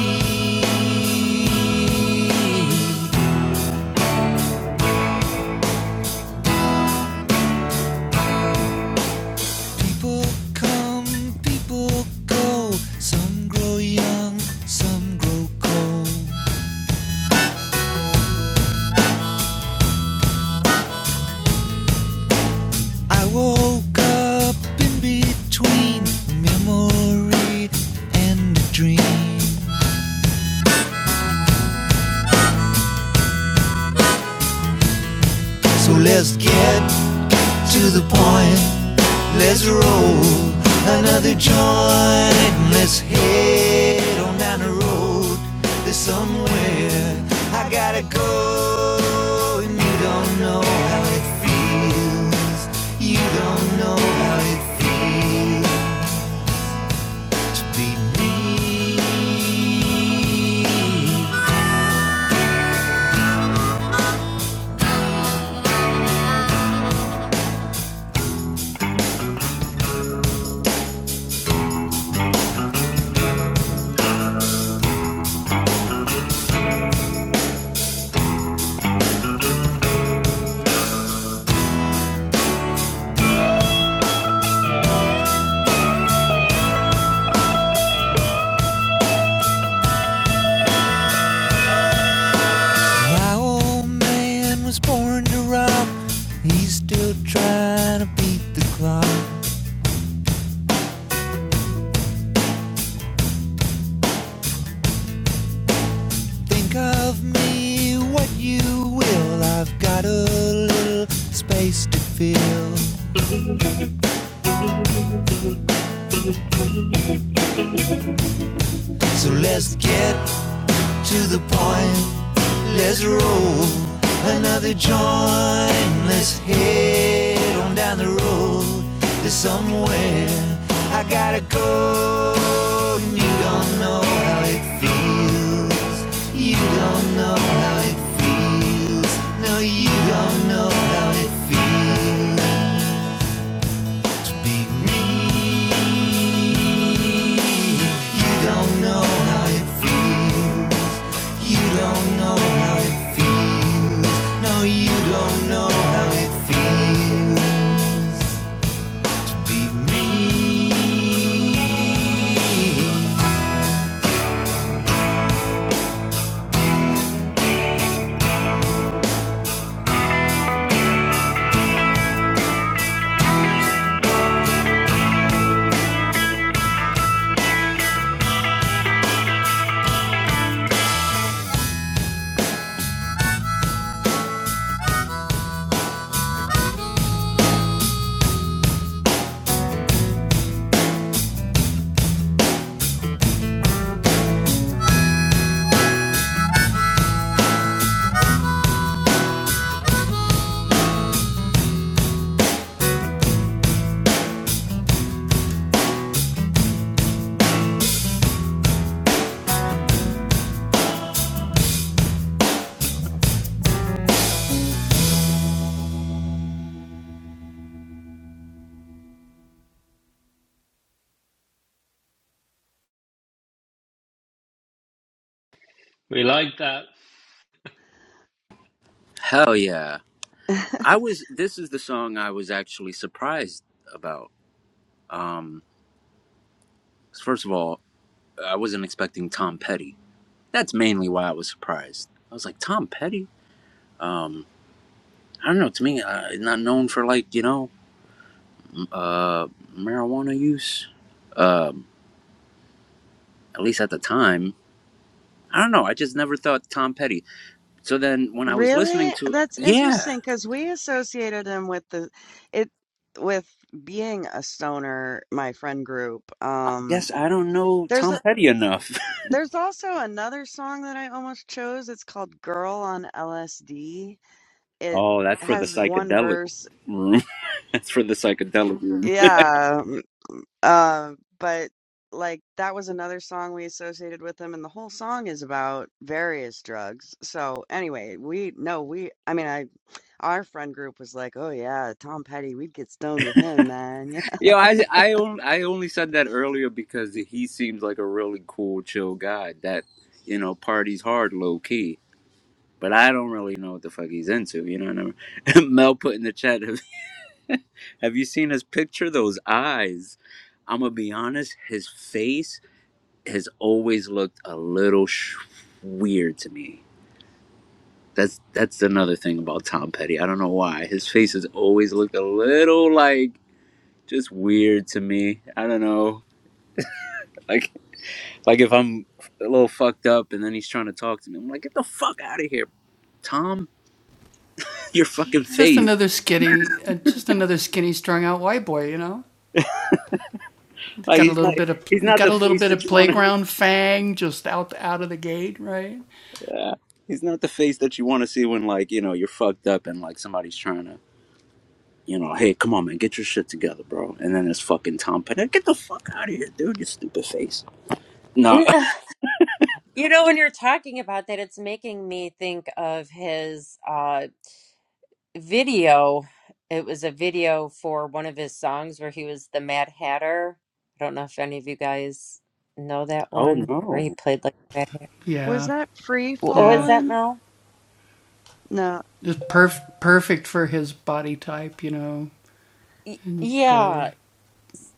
Speaker 8: People come, people go. Some grow young, some grow cold. I woke up in between memory and a dream. So let's get to the point. Let's roll another joint. Let's head on down the road. There's somewhere I gotta go. And you don't know how it feels. You don't know how it feels to be me. My old man was born to rob. He's still trying to beat the clock. Think of me what you will. I've got a little space to fill. So let's get to the point. Let's roll another joint. Let's head on down the road to somewhere. I gotta go. and You don't know how it feels. Beat me, beat me.
Speaker 4: We like that.
Speaker 1: Hell yeah! I was. This is the song I was actually surprised about. Um, first of all, I wasn't expecting Tom Petty. That's mainly why I was surprised. I was like, Tom Petty? um i don't know to me uh, it's not known for like you know uh marijuana use um at least at the time i don't know i just never thought tom petty so then when i was listening
Speaker 2: Really?
Speaker 1: to
Speaker 2: That's
Speaker 1: yeah
Speaker 2: interesting because we associated him with the it with being a stoner, my friend group.
Speaker 1: i
Speaker 2: Um,
Speaker 1: guess i don't know
Speaker 2: there's a
Speaker 1: tom petty enough
Speaker 2: there's also another song that I almost chose. It's called Girl on LSD. It
Speaker 1: oh that's for the
Speaker 2: has one
Speaker 1: psychedelic
Speaker 2: verse.
Speaker 1: room that's for the psychedelic room
Speaker 2: Yeah. Um, uh, but like that was another song we associated with him, and the whole song is about various drugs. So anyway, we no, we I mean I Our friend group was like, "Oh yeah, Tom Petty, we'd get stoned with him, man." Yeah.
Speaker 1: yo i I, on, I only said that earlier because he seems like a really cool chill guy that you know parties hard low key but I don't really know what the fuck he's into. You know what I mean? Mel put in the chat, have, have you seen his picture? Those eyes. I'm gonna be honest, his face has always looked a little sh- weird to me. That's that's another thing about Tom Petty. I don't know why his face has always looked a little like just weird to me. I don't know, like like if I'm a little fucked up and then he's trying to talk to me, I'm like, get the fuck out of here, Tom. Your fucking face. Like he's not he's not the face that you want to. Uh, he's not the face that you want to see when like you know you're fucked up and like somebody's trying to you know hey come on man get your shit together bro and then it's fucking Tom Petty get the fuck out of here dude you stupid face. No.
Speaker 3: you know when you're talking about that it's making me think of his uh video it was a video for one of his songs where he was the mad hatter i don't know if any of you guys know that
Speaker 1: Oh
Speaker 3: one where he
Speaker 1: no.
Speaker 3: played like Mad Hatter.
Speaker 2: Was that Free
Speaker 3: What was that,
Speaker 2: Fallin'?
Speaker 3: Mel?
Speaker 2: No,
Speaker 3: Y- yeah.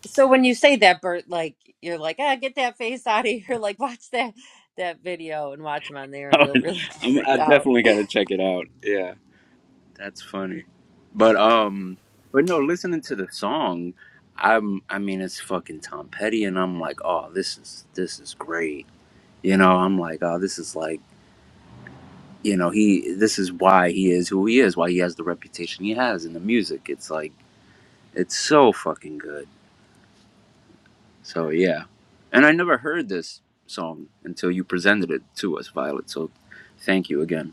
Speaker 3: So when you say that, Bert, like you're like, ah, get that face out of here. Like watch that that video and watch him on there, and you'll really be
Speaker 1: I'm, I
Speaker 3: freaked out.
Speaker 1: definitely gotta check it out. Yeah, that's funny. But um, but no, listening to the song. I'm, I mean, it's fucking Tom Petty, and I'm like, oh, this is this is great. You know, I'm like, oh, this is like you know he this is why he is who he is why he has the reputation he has in the music it's like it's so fucking good so yeah and i never heard this song until you presented it to us violet so thank you again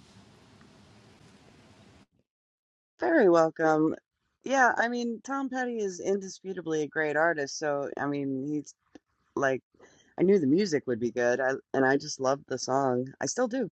Speaker 2: very welcome. Yeah, I mean, Tom Petty is indisputably a great artist, so I mean, he's like I knew the music would be good, I, and I just loved the song. I still do.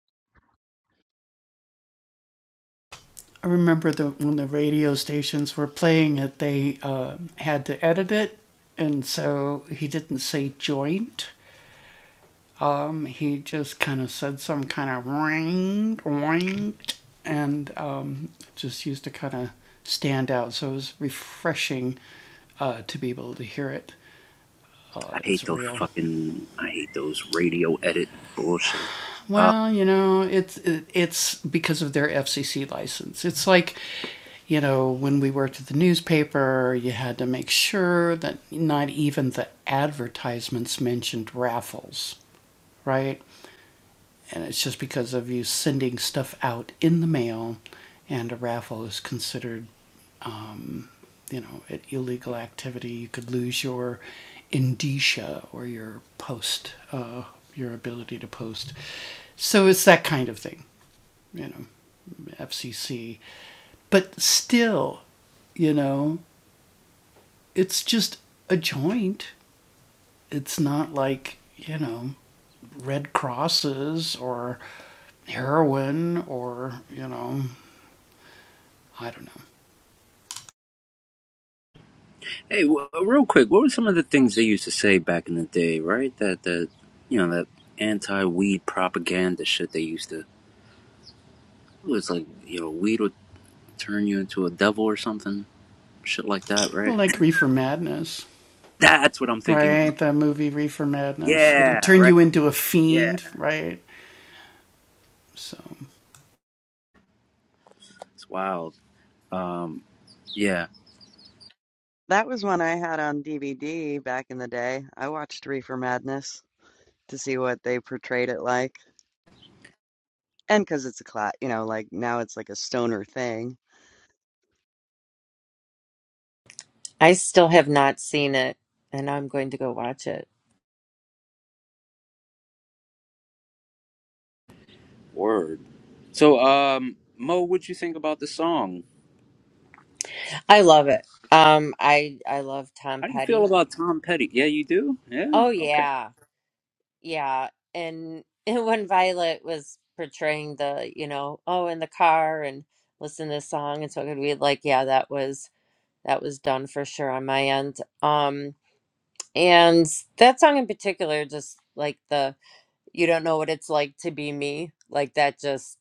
Speaker 1: i hate those fucking i hate those radio edit bullshit uh, hey w- uh, real quick what were some of the things they used to say back in the day right that that you know that anti-weed propaganda shit they used to it was like you know weed would turn you into a devil or something shit like that, right? That's what I'm thinking. Yeah, right. Yeah, it's wild. Um, yeah,
Speaker 2: That was one I had on DVD back in the day. I watched Reefer Madness to see what they portrayed it like, and because it's a cla you know, like now it's like a stoner thing.
Speaker 3: I still have not seen it, and I'm going to go watch it.
Speaker 1: word. So, um, Mo, what'd you think about the song?
Speaker 3: I love it. Um, I I love Tom
Speaker 1: How do you feel
Speaker 3: Petty.
Speaker 1: about Tom Petty? Yeah, you do. Yeah,
Speaker 3: Oh
Speaker 1: okay,
Speaker 3: yeah, yeah. And, and when Violet was portraying the, you know, oh, in the car and listen to this song, and so it could be like, yeah, that was that was done for sure on my end. Um, And that song in particular, just like the you don't know what it's like to be me, like that just,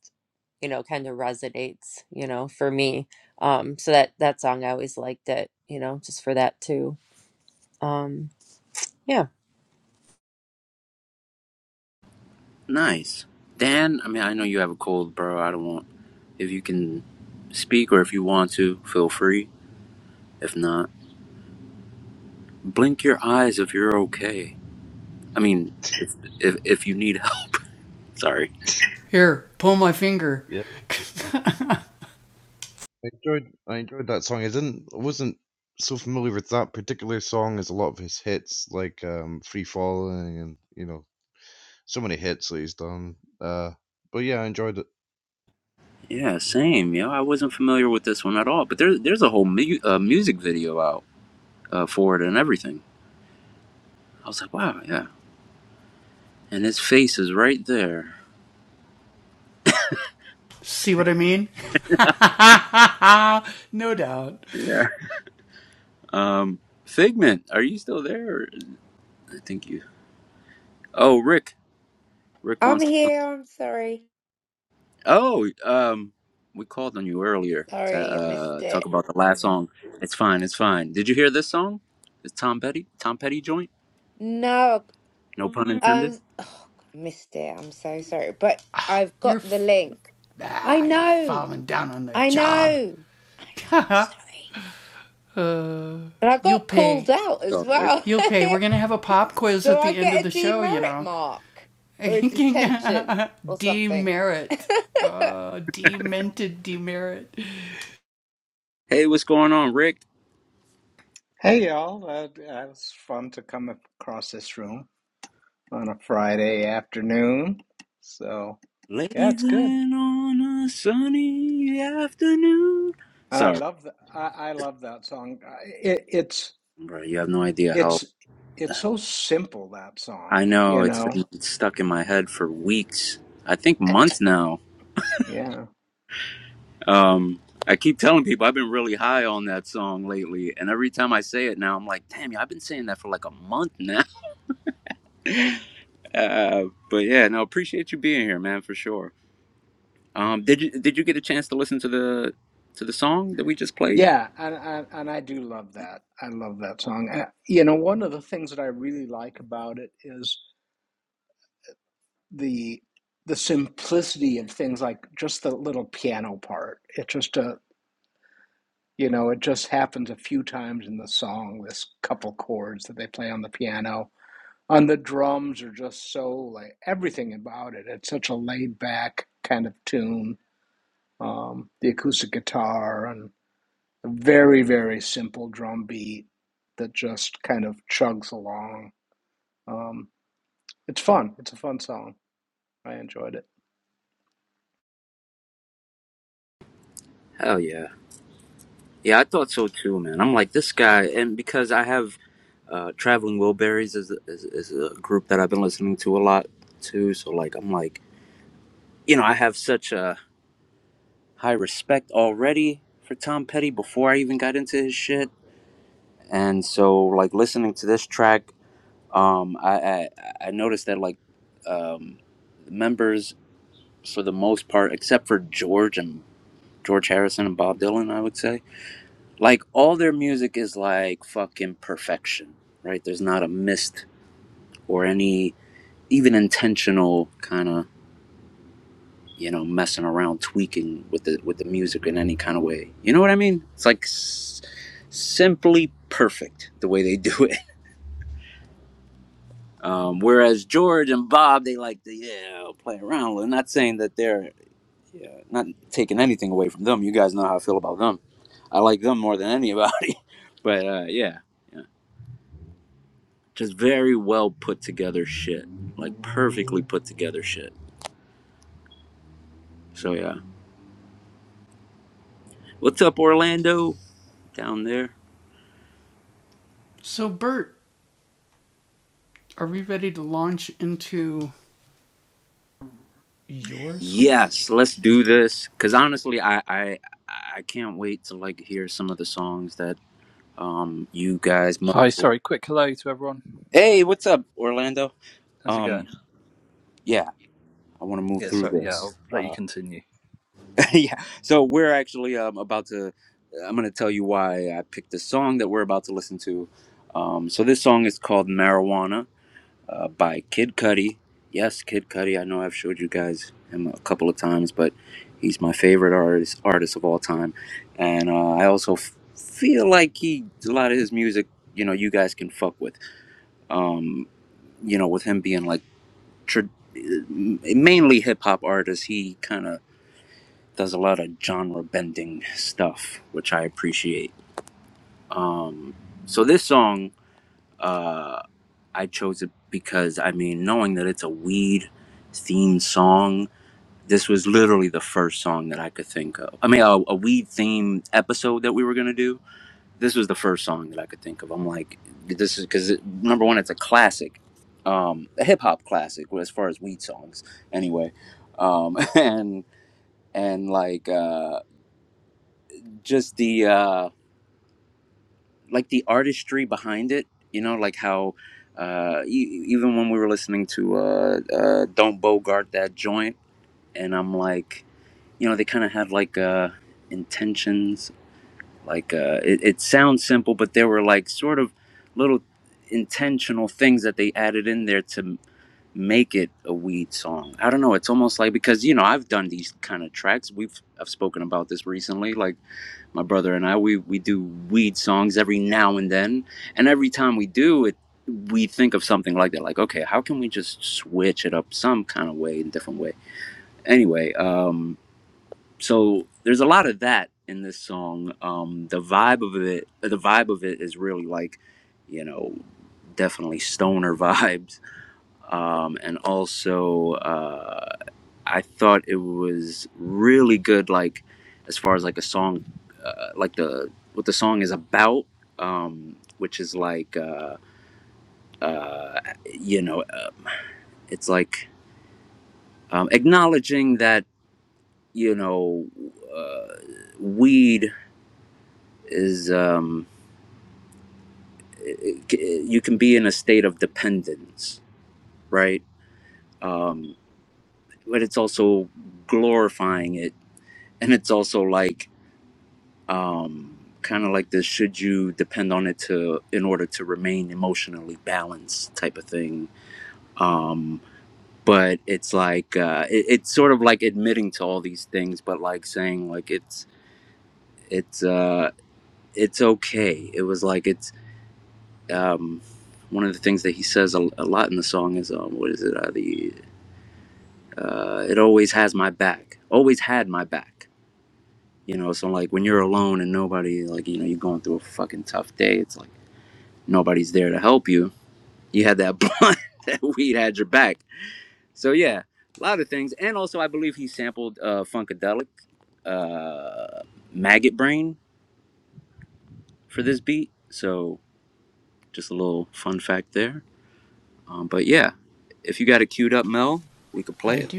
Speaker 3: you know, kind of resonates, you know, for me. Um, so that that song I always liked it, you know, just for that too. Um, yeah.
Speaker 1: nice. Dan, I mean, I know you have a cold, bro. I don't want. If you can speak or if you want to, feel free. If not, blink your eyes if you're okay. I mean, if if, if you need help. Sorry.
Speaker 5: Yeah, I enjoyed. I enjoyed that song. I didn't. I wasn't so familiar with that particular song as a lot of his hits, like um, "Free Falling" and you know, so many hits that he's done. Uh, but yeah, I enjoyed it. It was
Speaker 1: Yeah,
Speaker 5: cool.
Speaker 1: same. You know, I wasn't familiar with this one at all, but there, there's a whole mu- uh, music video out uh, for it and everything. I was like, wow, yeah. And his face is right there. Yeah. Um, Figment, are you still there? Or- I think you. Oh, Rick. Rick
Speaker 7: I'm
Speaker 1: wants. To...
Speaker 7: here. I'm sorry.
Speaker 1: Oh, um, we called on you earlier to
Speaker 7: Sorry, I missed
Speaker 1: uh, talk
Speaker 7: it.
Speaker 1: about the last song. It's fine. It's fine. Did you hear this song? It's Tom Petty. Tom Petty joint.
Speaker 7: No,
Speaker 1: No pun intended.
Speaker 7: um, oh, I missed it. I'm so sorry. But I've got the link. I know. I know. I know. am Sorry. But I got called out
Speaker 1: It's
Speaker 7: as
Speaker 1: all good.
Speaker 7: well. Do I get a demerit mark or a detention or something? I'm
Speaker 1: Hey, what's going on, Rick?
Speaker 9: Hey y'all, uh, it was fun to come across this room on a Friday afternoon. So yeah, it's good,
Speaker 1: Blazing on a sunny afternoon.
Speaker 9: and I
Speaker 1: Sorry,
Speaker 9: love the I, I love that song. I- It, it's
Speaker 1: bro. You have no idea how.
Speaker 9: it's it's so simple that
Speaker 1: I
Speaker 9: song,
Speaker 1: know
Speaker 9: you
Speaker 1: it's
Speaker 9: know.
Speaker 1: been stuck in my head for weeks. I think
Speaker 9: Eh,
Speaker 1: months now.
Speaker 9: Yeah,
Speaker 1: Um, I keep telling people I've been really high on that song lately, and every time I say it now, I'm like, damn, yeah, I've been saying that for like a month now. Uh, but yeah, no, appreciate you being here, man, for sure. Um, did you did you get a chance to listen to the to the song that we just played?
Speaker 9: yeah, and and, and I do love that. I love that song. Uh, you know, one of the things that I really like about it is the the simplicity of things like just the little piano part. It's just a You know, it just happens a few times in the song, this couple chords that they play on the piano. On the drums are just so like everything about it. It's such a laid back kind of tune. Um, the acoustic guitar and a very, very simple drum beat that just kind of chugs along. Um, it's fun. It's a fun song. I enjoyed it.
Speaker 1: Hell yeah. Yeah, I thought so too, man. I'm like this guy, and because I have uh, Traveling Wilburys is, is is a group that I've been listening to a lot too. So like, I'm like, you know, I have such a high respect already for Tom Petty before I even got into his shit, and so like listening to this track, um, I I, I noticed that like um, members for the most part, except for George and George Harrison and Bob Dylan, I would say Like all their music is like fucking perfection, right? There's not a missed or any even intentional kind of you know messing around tweaking with the with the music in any kind of way. You know what I mean? It's like s- simply perfect the way they do it. Um, whereas George and Bob, they like to yeah play around. I'm not saying that they're yeah, not taking anything away from them. You guys know how I feel about them. I like them more than anybody. But uh, yeah, yeah. Just very well put together shit. Like perfectly put together shit. So yeah. What's up, Orlando? Down there. Yes, let's do this. Cause honestly, I I I can't wait to like hear some of the songs that um you guys. Mu-
Speaker 10: Hi, sorry. Quick hello to everyone.
Speaker 1: hey, what's up, Orlando?
Speaker 10: How's it
Speaker 1: Um,
Speaker 10: going?
Speaker 1: yeah, I want to move
Speaker 10: Yeah,
Speaker 1: through
Speaker 10: sorry. Yeah,
Speaker 1: this.
Speaker 10: I'll let you
Speaker 1: Uh,
Speaker 10: continue.
Speaker 1: yeah. So we're actually um about to. I'm gonna tell you why I picked the song that we're about to listen to. Um, so this song is called Marijuana uh, by Kid Cudi. Yes, Kid Cudi. I know I've showed you guys him a couple of times, but he's my favorite artist artist of all time, and uh, I also f- feel like he a lot of his music. You know, you guys can fuck with. Um, you know, with him being like tr- mainly hip hop artist, he kind of does a lot of genre bending stuff, which I appreciate. Um, so this song. uh, I chose it because I mean, knowing that it's a weed themed song, this was literally the first song that I could think of. I mean, a, a weed themed episode that we were gonna do. This was the first song that I could think of. I'm like, this is because number one, it's a classic, um, a hip hop classic as far as weed songs, anyway, um, and and like uh, just the uh, like the artistry behind it you know like how uh e- even when we were listening to uh uh don't bogart that joint and i'm like you know they kind of had like uh intentions like uh it, it sounds simple but there were like sort of little intentional things that they added in there to make it a weed song i don't know it's almost like because you know i've done these kind of tracks we've i've spoken about this recently like my brother and I, we, we do weed songs every now and then. And every time we do it, we think of something like that. Like, okay, how can we just switch it up some kind of way, in a different way? Anyway, um, so there's a lot of that in this song. Um, the vibe of it, the vibe of it is really like, you know, definitely stoner vibes. Um, and also, uh, I thought it was really good, like as far as like a song, uh, like the what the song is about, um, which is like uh, uh, you know, um, it's like um, acknowledging that you know, uh, weed is um, c- you can be in a state of dependence, right? Um, but it's also glorifying it, and it's also like um, kind of like this should you depend on it to in order to remain emotionally balanced type of thing um, but it's like uh, it, it's sort of like admitting to all these things but like saying like it's it's uh, it's okay it was like it's um, one of the things that he says a, a lot in the song is um, what is it uh, the uh, it always has my back always had my back you know so like when you're alone and nobody like you know you're going through a fucking tough day it's like nobody's there to help you. You had that blunt, that weed had your back. So yeah, a lot of things. And also, I believe he sampled uh, Funkadelic, uh, Maggot Brain for this beat. So just a little fun fact there. Um, but yeah, if you got it queued up, Mel, we could play it.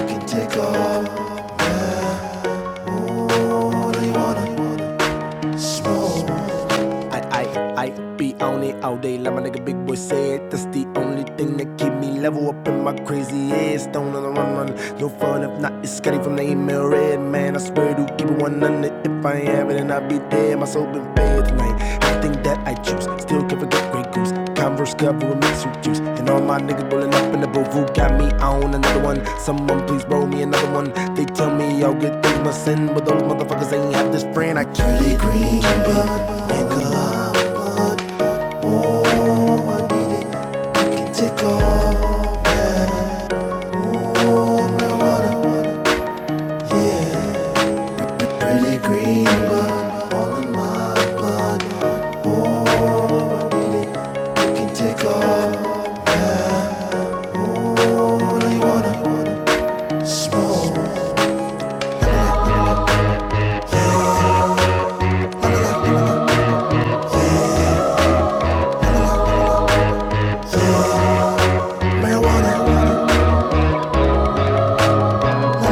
Speaker 8: You can take all. I, I, I be on it all day, like my nigga Big Boy said. That's the only thing that keep me level up in my crazy head. Stone on the run, run. No fun if not. It's Scotty from the email red, man. I swear to keep it 100. If I ain't have it, then I be dead. My soul been fed tonight. Everything that I choose, still can't forget Grey Goose. Converse cover with mixed with juice. And all my niggas rolling up in the booth. Got me on another one. Someone please roll me another one. They tell me all good things must end, but those motherfuckers ain't have this friend. I keep it green, green. green,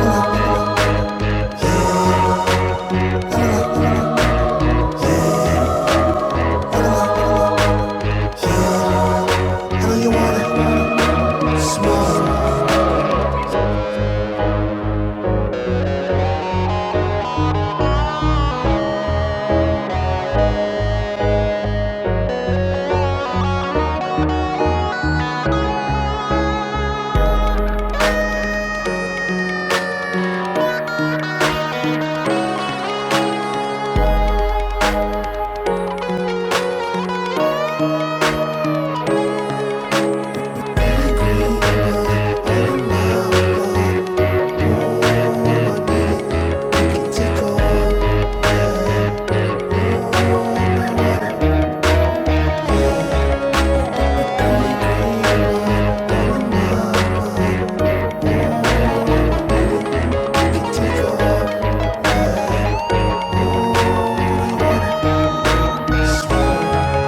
Speaker 8: my know you want it.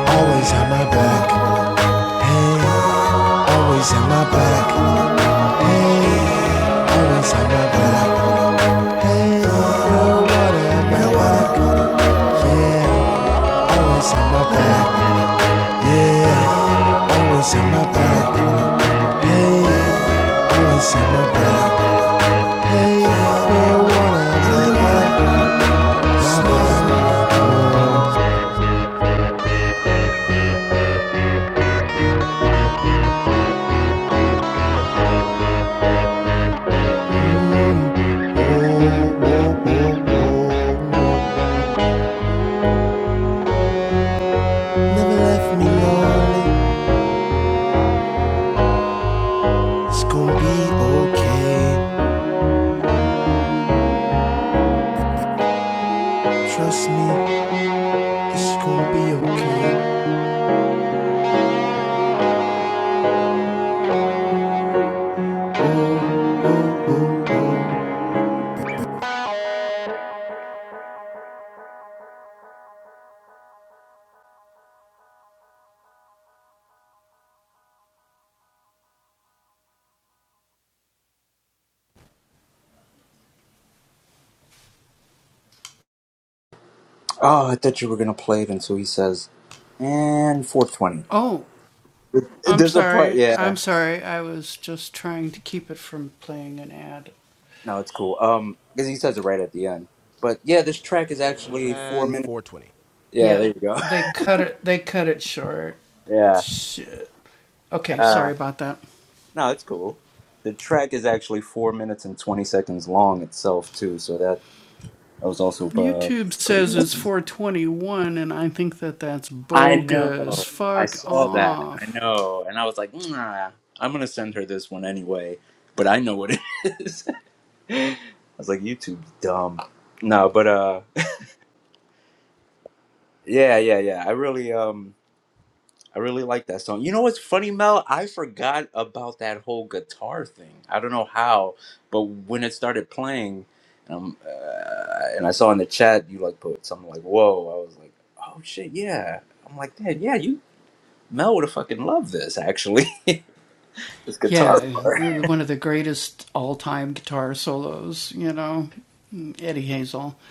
Speaker 8: Always have my back. Always have my back. Hey, always have my back. You want it. You want it. Always have my back.
Speaker 1: Oh, I thought you were gonna play it until he says, and 420. There's a part, yeah. No, it's cool. Um, because he says it right at the end. But yeah, this track is actually four minutes. Yeah, there you go. yeah. Uh, No, it's cool. The track is actually four minutes and twenty seconds long itself too, so that that was also uh, pretty. I know. I saw that. I know, and I was like, nah, I'm gonna send her this one anyway. But I know what it is. I was like, YouTube's dumb. No, but uh, yeah, yeah, yeah. I really um. I really like that song. You know what's funny, Mel? I forgot about that whole guitar thing. I don't know how, but when it started playing, um, uh, and I saw in the chat you like put something like "Whoa," I was like, "Oh shit, yeah." I'm like, "Dad, yeah, you Mel would have fucking loved this actually, this guitar part."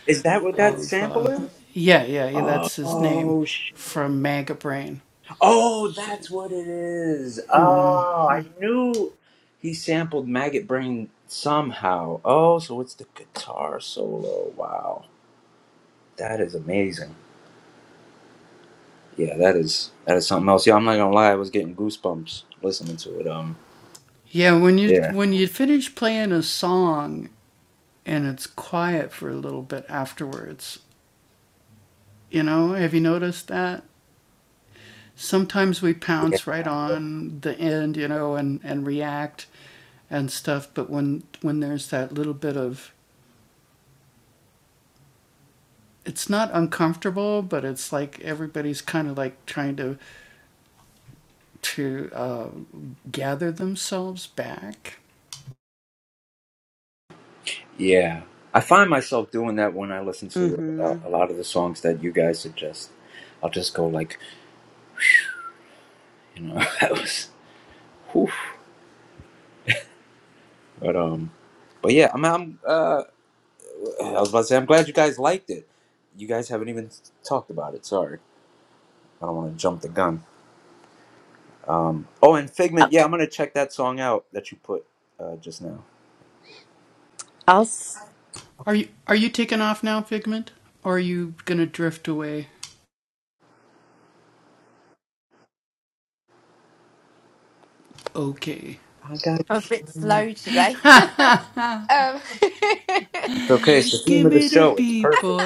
Speaker 1: is that what that sample is? Oh Oh, that's what it is. Oh, I knew he sampled Maggot Brain somehow. Oh, so it's the guitar solo. Wow, that is amazing. Yeah, that is that is something else. Yeah, I'm not gonna lie, I was getting goosebumps listening to it. Um, yeah, yeah. I find myself doing that when I listen to uh,
Speaker 2: Mm-hmm.
Speaker 1: a lot of the songs that you guys suggest. I'll just go like, you know, that was, whew. but um, but yeah, I'm I'm uh. I was about to say, I'm glad you guys liked it. You guys haven't even talked about it. Sorry, I don't want to jump the gun. Um, oh, and
Speaker 3: I-
Speaker 1: Figment, yeah, I'm gonna check that song out that you put uh, just now.
Speaker 3: I'll s-
Speaker 7: a bit slow today. um,
Speaker 1: It's okay. It's the theme of the show. It's perfect.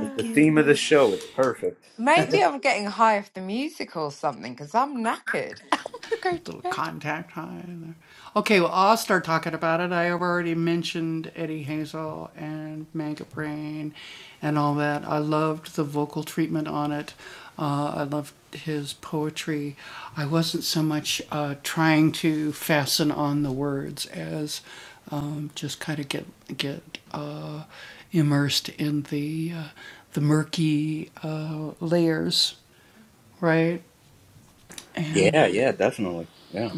Speaker 1: It's the theme of the show. It's perfect.
Speaker 7: maybe I'm getting high off the music or something because I'm knackered. I want to go to bed.
Speaker 1: Yeah, yeah, definitely. Yeah,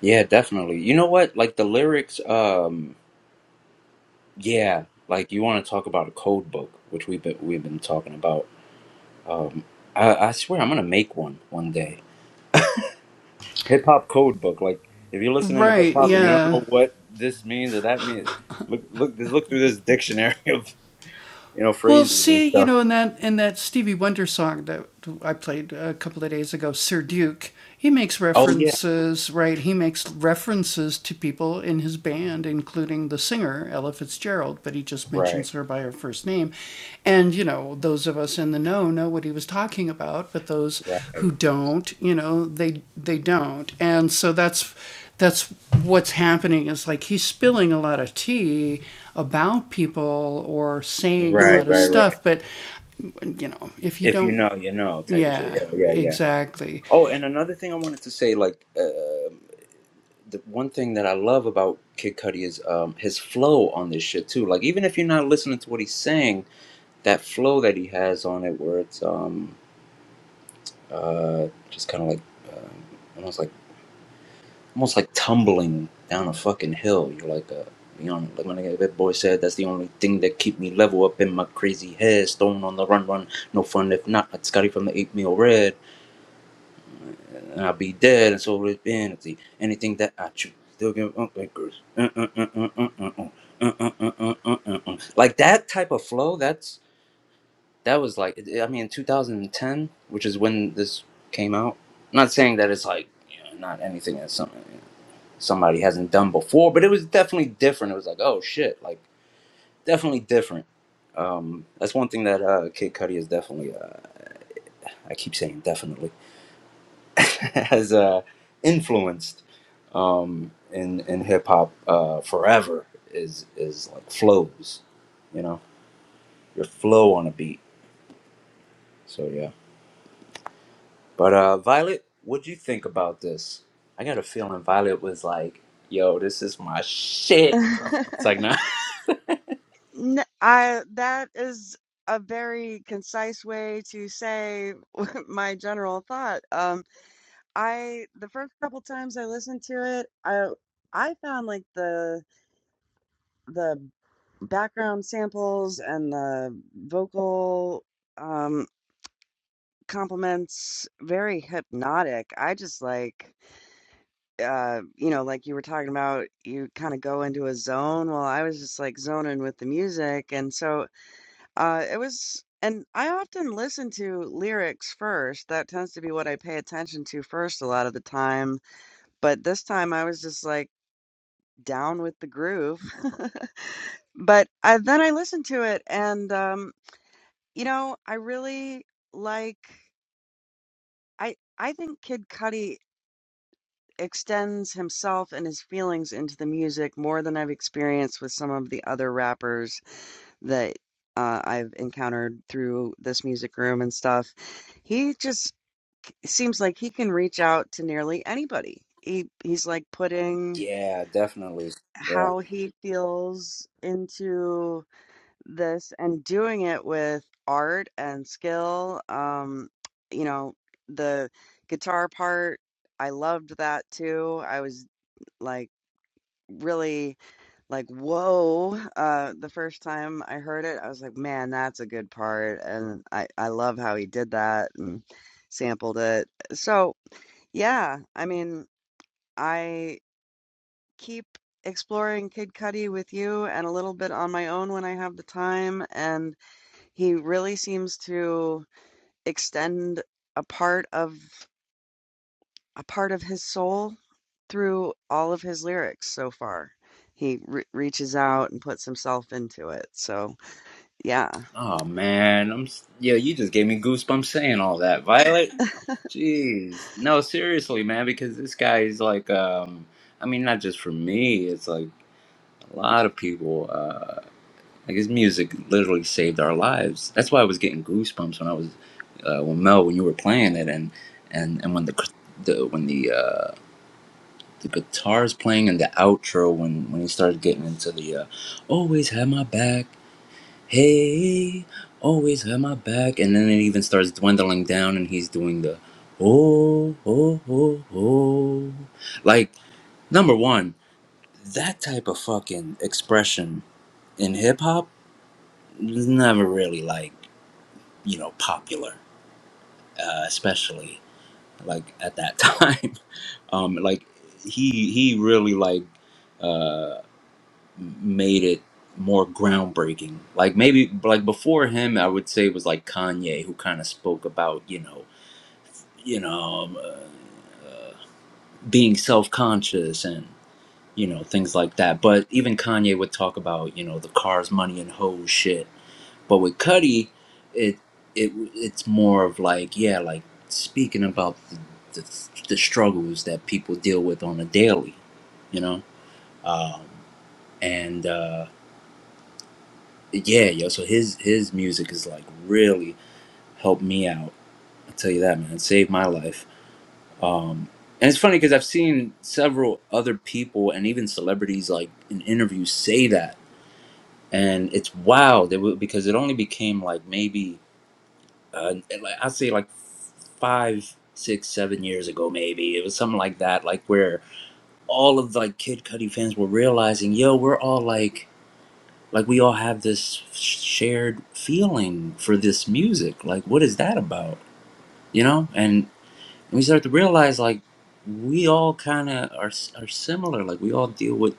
Speaker 1: yeah, definitely. You know what? Like the lyrics. Um, yeah, like you want to talk about a code book, which we've been we've been talking about. I, I swear, I'm gonna make one one day. Hip hop code book, like. If you're listening to I don't know what this means or that means. Look, look, just look through this dictionary of. Yeah. Right, right, right, right, right. If you know, you know, type of shit. Yeah, yeah, yeah. Oh, and another thing I wanted to say, like, uh, the one thing that I love about Kid Cudi is um, his flow on this shit too. Like, even if you're not listening to what he's saying, that flow that he has on it, where it's um, uh, just kind of like. Uh, almost like almost like tumbling down a fucking hill. You're like a you know, like my nigga Big Boy said, that's the only thing that keep me level up in my crazy head. Stone on the run, run, no fun if not. Like Scotty from the eight meal red, and I'll be dead. And so it's vanity. Anything that I choose, still give up anchors. Like that type of flow. That's that was like I mean, 2010, which is when this came out. I'm not saying that it's like you know, not anything that's something somebody hasn't done before. But it was definitely different. It was like, oh shit, like definitely different. Um, that's one thing that uh, Kid Cudi is definitely. Uh, I keep saying definitely has uh, influenced um, in in hip hop uh, forever. Is is like flows, you know, your flow on a beat. So yeah. But uh, Violet, what'd you think about this? I got a feeling Violet was like, "Yo, this is my shit." It's like, nah.
Speaker 2: N I that is a very concise way to say my general thought. Um, I the first couple times I listened to it, I I found like the the background samples and the vocal um compliments very hypnotic. I just like uh you know like you were talking about you kind of go into a zone. Well, I was just like zoning with the music and so Uh, it was and I often listen to lyrics first. That tends to be what I pay attention to first a lot of the time, but this time I was just, like, down with the groove. But I then I listened to it and, um, you know, I really like I I think Kid Cudi extends himself and his feelings into the music more than I've experienced with some of the other rappers that, uh, I've encountered through this music room and stuff. He just it seems like he can reach out to nearly anybody. He he's like putting how he feels into this and doing it with art and skill. Um, you know, the guitar part, I loved that too. I was like really like whoa uh the first time I heard it. I was like, man, that's a good part. And I I love how he did that and sampled it. So, yeah, I mean, I keep exploring Kid Cudi with you and a little bit on my own when I have the time, and he really seems to extend a part of a part of his soul through all of his lyrics so far. He re reaches out and puts himself into it. So, yeah.
Speaker 1: Oh man, I'm s- yo. You just gave me goosebumps saying all that, Violet. Jeez, no, seriously, man, because this guy is like, um, I mean, not just for me. It's like a lot of people. Uh, like his music literally saved our lives. That's why I was getting goosebumps when I was, uh, when Mel, when you were playing it, and and and when the cr- the when the uh, the guitar's playing in the outro, when when he started getting into the uh, always have my back. Hey, always have my back. And then it even starts dwindling down, and he's doing the oh, oh, oh, oh. Like, number one, that type of fucking expression in hip hop was never really, like, you know, popular, uh, especially like at that time. um, like, he, he really, like, Uh, made it more groundbreaking. Like maybe like before him, I would say it was like Kanye who kind of spoke about you know you know um, uh, being self conscious and you know things like that. But even Kanye would talk about you know the cars, money, and hoes shit. But with Cudi, it it it's more of like yeah, like speaking about the the, the struggles that people deal with on a daily, you know. Um, and Uh, yeah, yo. So his his music is like really helped me out. I tell you that, man. It saved my life. Um, and it's funny because I've seen several other people and even celebrities like in interviews say that, and it's wow. They were, because it only became like maybe uh, like I'd say like five, six, seven years ago. Maybe it was something like that. Like where all of like Kid Cudi fans were realizing, yo, we're all like like we all have this shared feeling for this music like what is that about you know and we start to realize like we all kind of are, are similar like we all deal with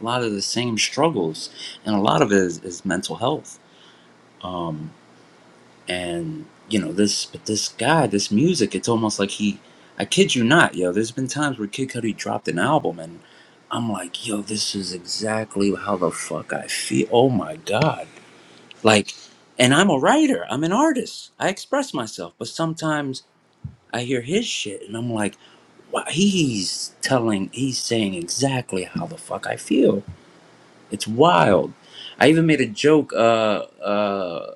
Speaker 1: a lot of the same struggles and a lot of it is, is mental health um and you know this but this guy this music it's almost like he i kid you not yo there's been times where kid cudi dropped an album and i'm like yo this is exactly how the fuck i feel oh my god Like, and I'm a writer, I'm an artist, I express myself, but sometimes I hear his shit and I'm like, wow, he's telling, he's saying exactly how the fuck I feel. It's wild. I even made a joke, uh, uh,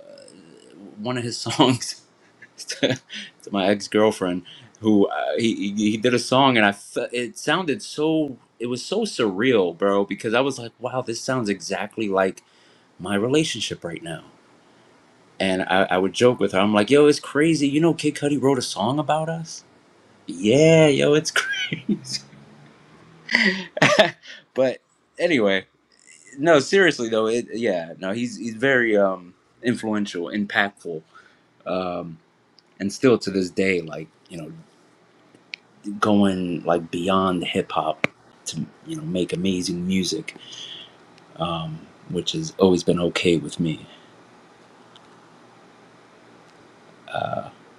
Speaker 1: one of his songs to, to my ex girlfriend, who uh, he, he he did a song and I, fe- it sounded so, it was so surreal, bro, because I was like, wow, this sounds exactly like my relationship right now And I, I would joke with her. I'm like, yo, it's crazy. You know, Kid Cudi wrote a song about us? Yeah, yo, it's crazy. but anyway, no, seriously though, it yeah, no, he's he's very um influential, impactful, um, and still to this day, like you know, going like beyond hip hop to you know make amazing music, which has always been okay with me.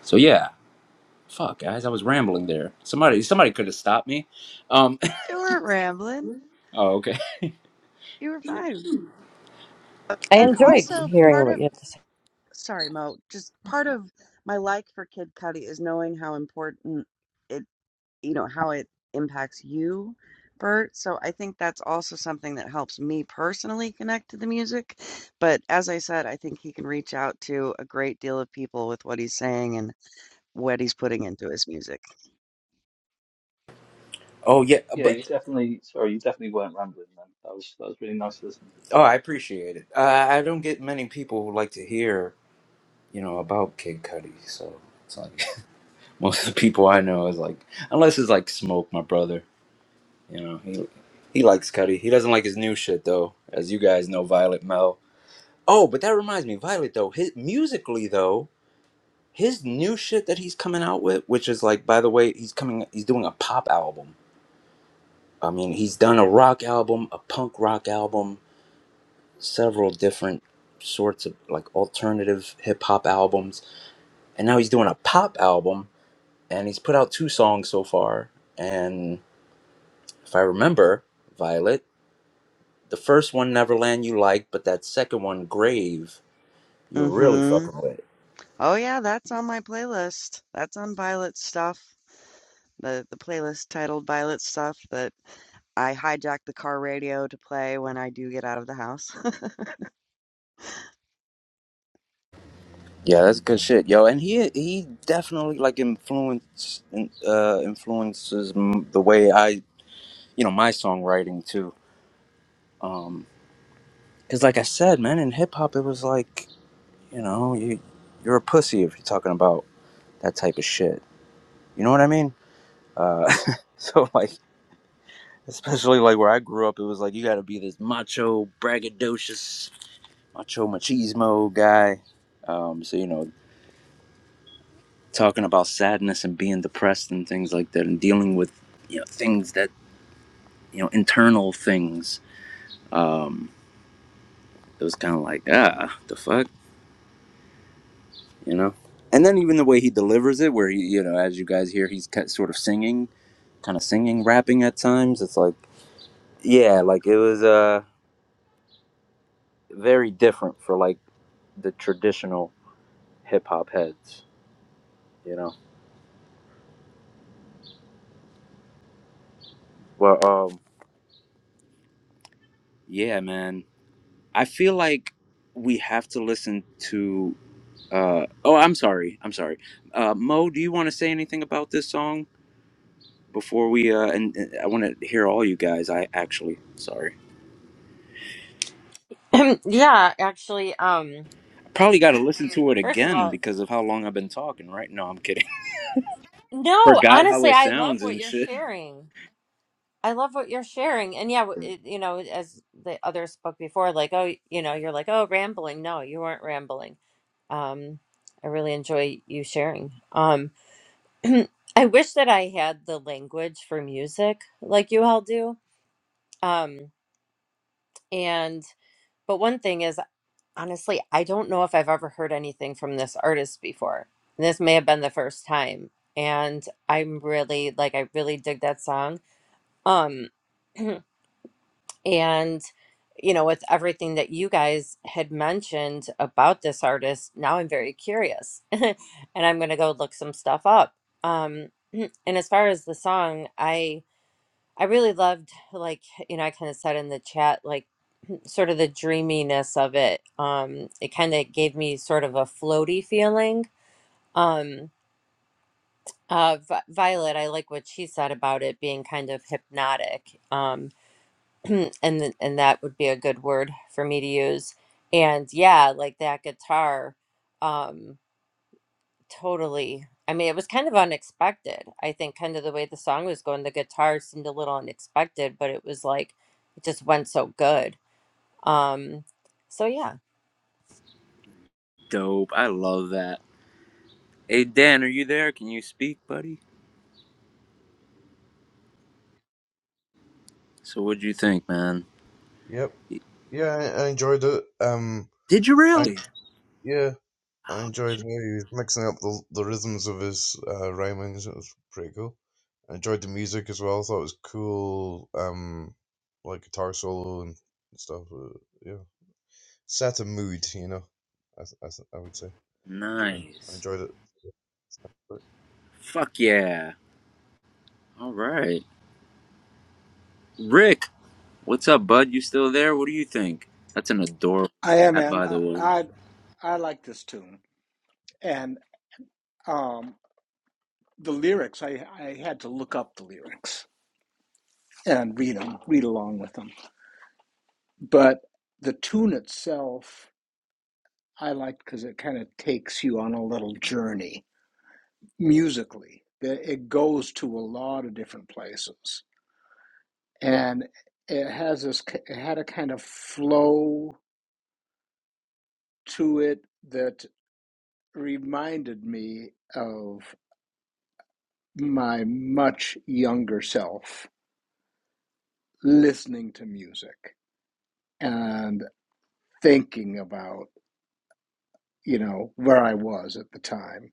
Speaker 1: So yeah, fuck guys, I was rambling there. Somebody somebody could have stopped me. Um,
Speaker 2: You weren't rambling.
Speaker 1: oh okay.
Speaker 2: You were fine. uh,
Speaker 3: I
Speaker 2: And
Speaker 3: enjoyed
Speaker 2: also
Speaker 3: hearing
Speaker 2: part
Speaker 3: what
Speaker 2: of,
Speaker 3: you had to say.
Speaker 2: sorry, Mo, just part of my like for Kid Cudi is knowing how important it you know, how it impacts you, Bert. So I think that's also something that helps me personally connect to the music. But as I said, I think he can reach out to a great deal of people with what he's saying and what he's putting into his music.
Speaker 10: Yeah, you definitely, sorry, you definitely weren't rambling, man. That was that was really nice to listen to.
Speaker 1: Kid Cudi, so it's like most of the people I know is like, unless it's like Smoke, my brother. You know, he he likes Cudi. He doesn't like his new shit though, as you guys know, Violet Mel. Oh, but that reminds me, Violet though, his musically though, his new shit that he's coming out with, which is like, by the way, he's coming, he's doing a pop album. I mean, he's done a rock album, a punk rock album, several different sorts of like alternative hip hop albums, and now he's doing a pop album and he's put out two songs so far. And if I remember, Violet, the first one, Neverland, you liked, but that second one, Grave, you really
Speaker 2: Mm-hmm.
Speaker 1: fucking
Speaker 2: Oh yeah, that's on my playlist. That's on Violet stuff. The the playlist titled Violet stuff that I hijack the car radio to play when I do get out of the house.
Speaker 1: yeah, that's good shit, yo. And he he definitely like influence uh, influences m- the way I you know my songwriting too. Um, cause like I said, man, in hip hop it was like you know you you're a pussy if you're talking about that type of shit. You know what I mean? Uh, so like Especially like where I grew up, it was like you got to be this macho, braggadocious, macho machismo guy. Um, so you know, talking about sadness and being depressed and things like that, and dealing with you know things that you know internal things. Um, it was kind of like ah, the fuck, you know. And then even the way he delivers it, where he, you know, as you guys hear, he's ki- sort of singing, kind of singing, rapping at times. It's like, yeah, like it was uh very different for like the traditional. hip hop heads, you know. Well, um, yeah, man, I feel like we have to listen to. Uh, oh, I'm sorry, I'm sorry. Uh, Mo, do you want to say anything about this song before we? Uh, and, and I want to hear all you guys. I actually, sorry,
Speaker 3: yeah, actually, um,
Speaker 1: probably got to listen to it
Speaker 3: first of
Speaker 1: again
Speaker 3: all,
Speaker 1: because of how long I've been talking. Right? No, I'm kidding.
Speaker 3: no,
Speaker 1: Forgot how
Speaker 3: honestly,
Speaker 1: it
Speaker 3: I love
Speaker 1: sounds
Speaker 3: what
Speaker 1: and
Speaker 3: you're
Speaker 1: shit.
Speaker 3: sharing. I love what you're sharing. And yeah, it, you know, as the others spoke before, like, oh, you know, you're like, oh, rambling. No, you weren't rambling. Um, I really enjoy you sharing. Um, I wish that I had the language for music like you all do. Um, and, but one thing is, honestly, I don't know if I've ever heard anything from this artist before. This may have been the first time. And I'm really, like, I really dig that song. Um, And, you know, with everything that you guys had mentioned about this artist, now I'm very curious and I'm going to go look some stuff up. Um, and as far as the song, I. I really loved like you know I kind of said in the chat like sort of the dreaminess of it um it kind of gave me sort of a floaty feeling um uh Vi- Violet I like what she said about it being kind of hypnotic Um. and th- and that would be a good word for me to use and yeah like that guitar um totally i mean it was kind of unexpected i think kind of the way the song was going the guitar seemed a little unexpected but it was like it just went so good um so yeah
Speaker 1: Dope. I love that. Hey Dan, are you there? Can you speak, buddy? So what'd you think, man?
Speaker 5: Yep. Yeah, I, I enjoyed it. Um,
Speaker 1: Did you
Speaker 5: I
Speaker 1: really?
Speaker 5: yeah, I
Speaker 1: Oh
Speaker 5: enjoyed how he was mixing up the the rhythms of his uh, rhymings. It was pretty cool. I enjoyed the music as well. I thought it was cool. Um, like guitar solo and stuff. Uh, yeah. set a mood, you know. I, I, I would say, yeah, I
Speaker 1: Nice.
Speaker 5: enjoyed it. But
Speaker 1: Fuck yeah. All right. Rick, what's up, bud? You still there? What do you think? That's an adorable
Speaker 9: I am,
Speaker 1: cat,
Speaker 9: man.
Speaker 1: by the
Speaker 9: I,
Speaker 1: way.
Speaker 9: I I like this tune, and um, the lyrics. I I had to look up the lyrics and read them, read along with them. But the tune itself, I like because it kind of takes you on a little journey musically. It goes to a lot of different places, and it has this. It had a kind of flow to it that reminded me of my much younger self listening to music and thinking about you know where I was at the time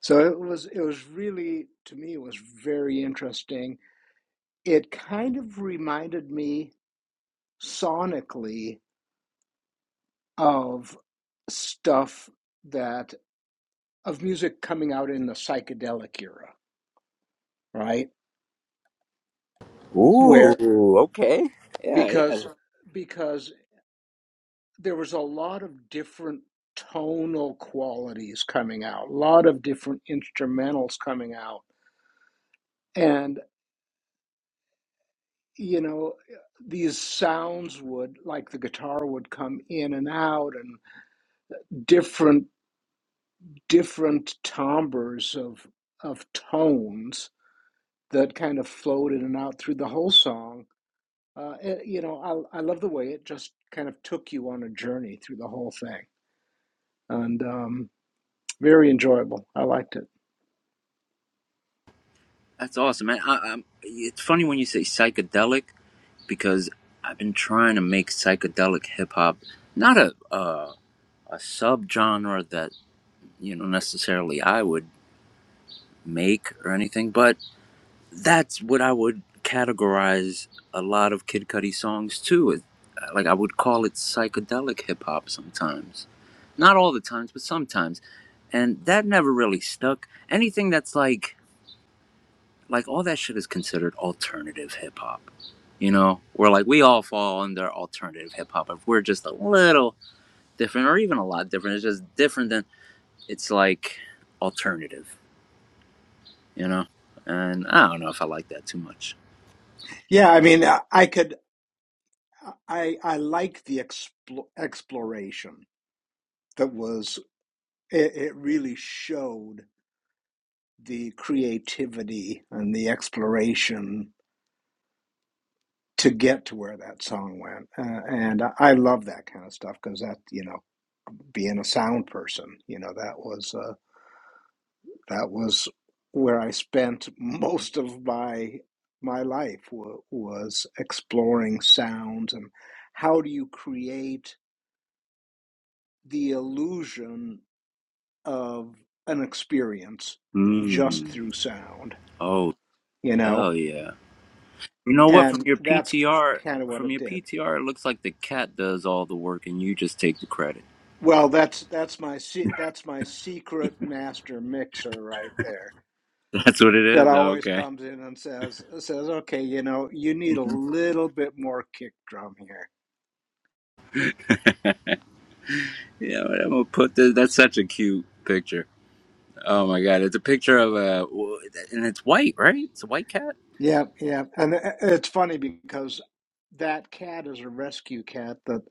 Speaker 9: So it was it was really to me it was very interesting. It kind of reminded me sonically of stuff that of music coming out in the psychedelic era, right?
Speaker 1: Ooh,
Speaker 9: Where
Speaker 1: okay. Yeah, yeah.
Speaker 9: because because there was a lot of different tonal qualities coming out, a lot of different instrumentals coming out. and. you know these sounds would like the guitar would come in and out and different different timbres of of tones that kind of flowed in and out through the whole song uh, it- you know I, I love the way it just kind of took you on a journey through the whole thing and um, very enjoyable i liked it
Speaker 1: That's awesome, man. I, I'm, it's funny when you say psychedelic because I've been trying to make psychedelic hip hop not a uh, a subgenre that you know necessarily I would make or anything, but that's what I would categorize a lot of Kid Cudi songs too. Like I would call it psychedelic hip hop sometimes, not all the times, but sometimes, and that never really stuck. Anything that's like like all that shit is considered alternative hip hop. You know, we're like we all fall under alternative hip hop. If we're just a little different, or even a lot different, it's just different than it's like alternative. You know, and I don't know if I like that too much.
Speaker 9: yeah i mean i, I could i i like the expl- exploration that was it, it really showed the creativity and the exploration to get to where that song went. Uh, and I, I love that kind of stuff because that, you know, being a sound person, you know, that was uh, that was where I spent most of my my life wa was exploring sounds and how do you create the illusion of an experience just
Speaker 1: Mm.
Speaker 9: through sound,
Speaker 1: Oh,
Speaker 9: you
Speaker 1: Hell
Speaker 9: know?
Speaker 1: yeah. You know what? From
Speaker 9: And
Speaker 1: your
Speaker 9: that's
Speaker 1: PTR,
Speaker 9: kind of what
Speaker 1: from
Speaker 9: it
Speaker 1: your
Speaker 9: did.
Speaker 1: PTR, it looks like the cat does all the work and you just take the credit.
Speaker 9: Well, that's that's my se- that's my secret master mixer right there.
Speaker 1: That's what it
Speaker 9: That
Speaker 1: is. Oh,
Speaker 9: always
Speaker 1: okay.
Speaker 9: comes in and says says, "Okay, you know, you need a
Speaker 1: yeah,
Speaker 9: little bit more kick drum here."
Speaker 1: but I'm gonna put this. That's such a cute picture. Oh my god, it's a picture of a, and it's white, right? It's a white cat.
Speaker 9: Yeah, yeah, and i- it's funny because that cat is a rescue cat that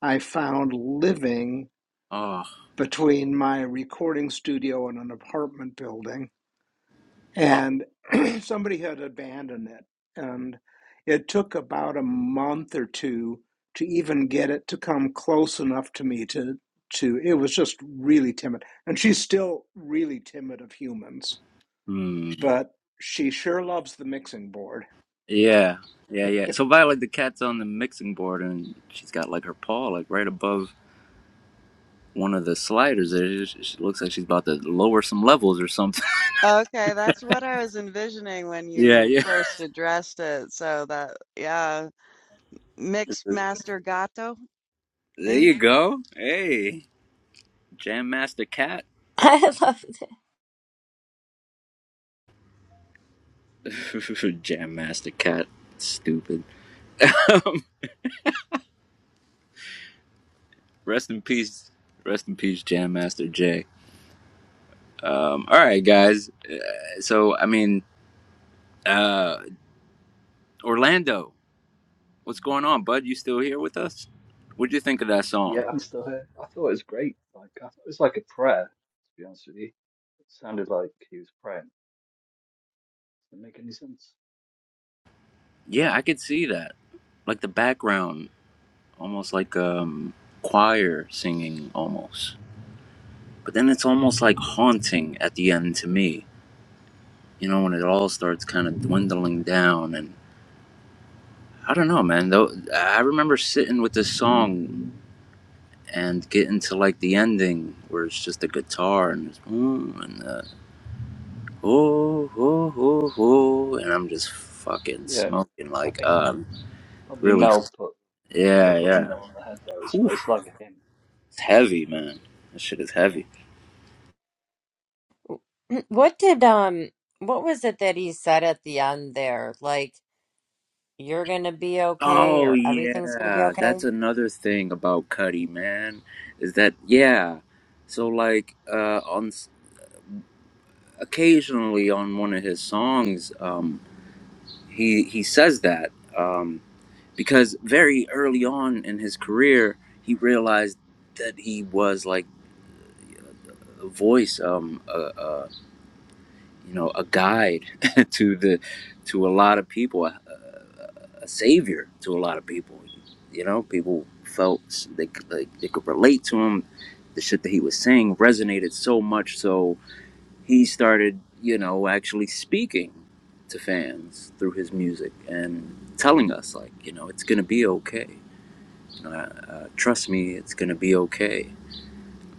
Speaker 9: I found living
Speaker 1: Oh,
Speaker 9: between my recording studio and an apartment building.
Speaker 1: oh,
Speaker 9: and
Speaker 1: oh.
Speaker 9: somebody had abandoned it and it took about a month or two to even get it to come close enough to me to to it was just really timid and she's still really timid of humans
Speaker 1: Hmm.
Speaker 9: but she sure loves the mixing board
Speaker 1: Yeah, yeah, yeah. So Violet, the cat's on the mixing board, and she's got like her paw, like right above one of the sliders. There, she she looks like she's about to lower some levels or something.
Speaker 2: Okay, that's what I was envisioning when
Speaker 1: Yeah,
Speaker 2: you
Speaker 1: yeah.
Speaker 2: first addressed it. So that, yeah, mixed master gato,
Speaker 1: There
Speaker 2: maybe.
Speaker 1: you go. Hey, Jam Master Cat.
Speaker 3: i loved
Speaker 1: Jam Master Cat. Stupid. Rest in peace. Rest in peace, Jam Master Jay. Um, all right, guys. So, I mean, uh, Orlando, what's going on, bud? You still here with us? What'd you think of that
Speaker 10: Yeah,
Speaker 1: song?
Speaker 10: I'm still here. I thought it was great. Like I thought it was like a prayer, to be honest with you. It sounded like he was praying. Didn't make any sense.
Speaker 1: Yeah, I could see that. Like the background, almost like um, choir singing, almost. But then it's almost like haunting at the end to me you know, when it all starts kind of dwindling down. And I don't know, man. Though I remember sitting with this song and getting to like the ending where it's just the guitar and it's, mm, and the, oh, oh, oh, oh, and I'm just fucking
Speaker 10: Yeah,
Speaker 1: smoking
Speaker 10: I
Speaker 1: like
Speaker 10: think
Speaker 1: um
Speaker 10: probably
Speaker 1: really
Speaker 10: Mel put yeah
Speaker 1: yeah
Speaker 10: put the
Speaker 1: yeah
Speaker 10: nail on the head. Though was
Speaker 1: Whew,
Speaker 10: it's like a hymn.
Speaker 1: it's
Speaker 10: It's,
Speaker 1: heavy man that shit is
Speaker 10: yeah,
Speaker 1: heavy
Speaker 3: it what did um what was it that he said at the end there like you're gonna be okay
Speaker 1: oh
Speaker 3: or everything's gonna be
Speaker 1: yeah
Speaker 3: okay
Speaker 1: that's another thing about Cuddy man is that yeah so like uh on occasionally on one of his songs, um, he he says that um, because very early on in his career, he realized that he was like a voice, um, a, a, you know, a guide to the to a lot of people, a, a a savior to a lot of people. You know, people felt they could, like, they could relate to him. The shit that he was saying resonated so much so he started, you know, actually speaking to fans through his music and telling us, like, you know, it's going to be okay. uh, uh, trust me, it's going to be okay.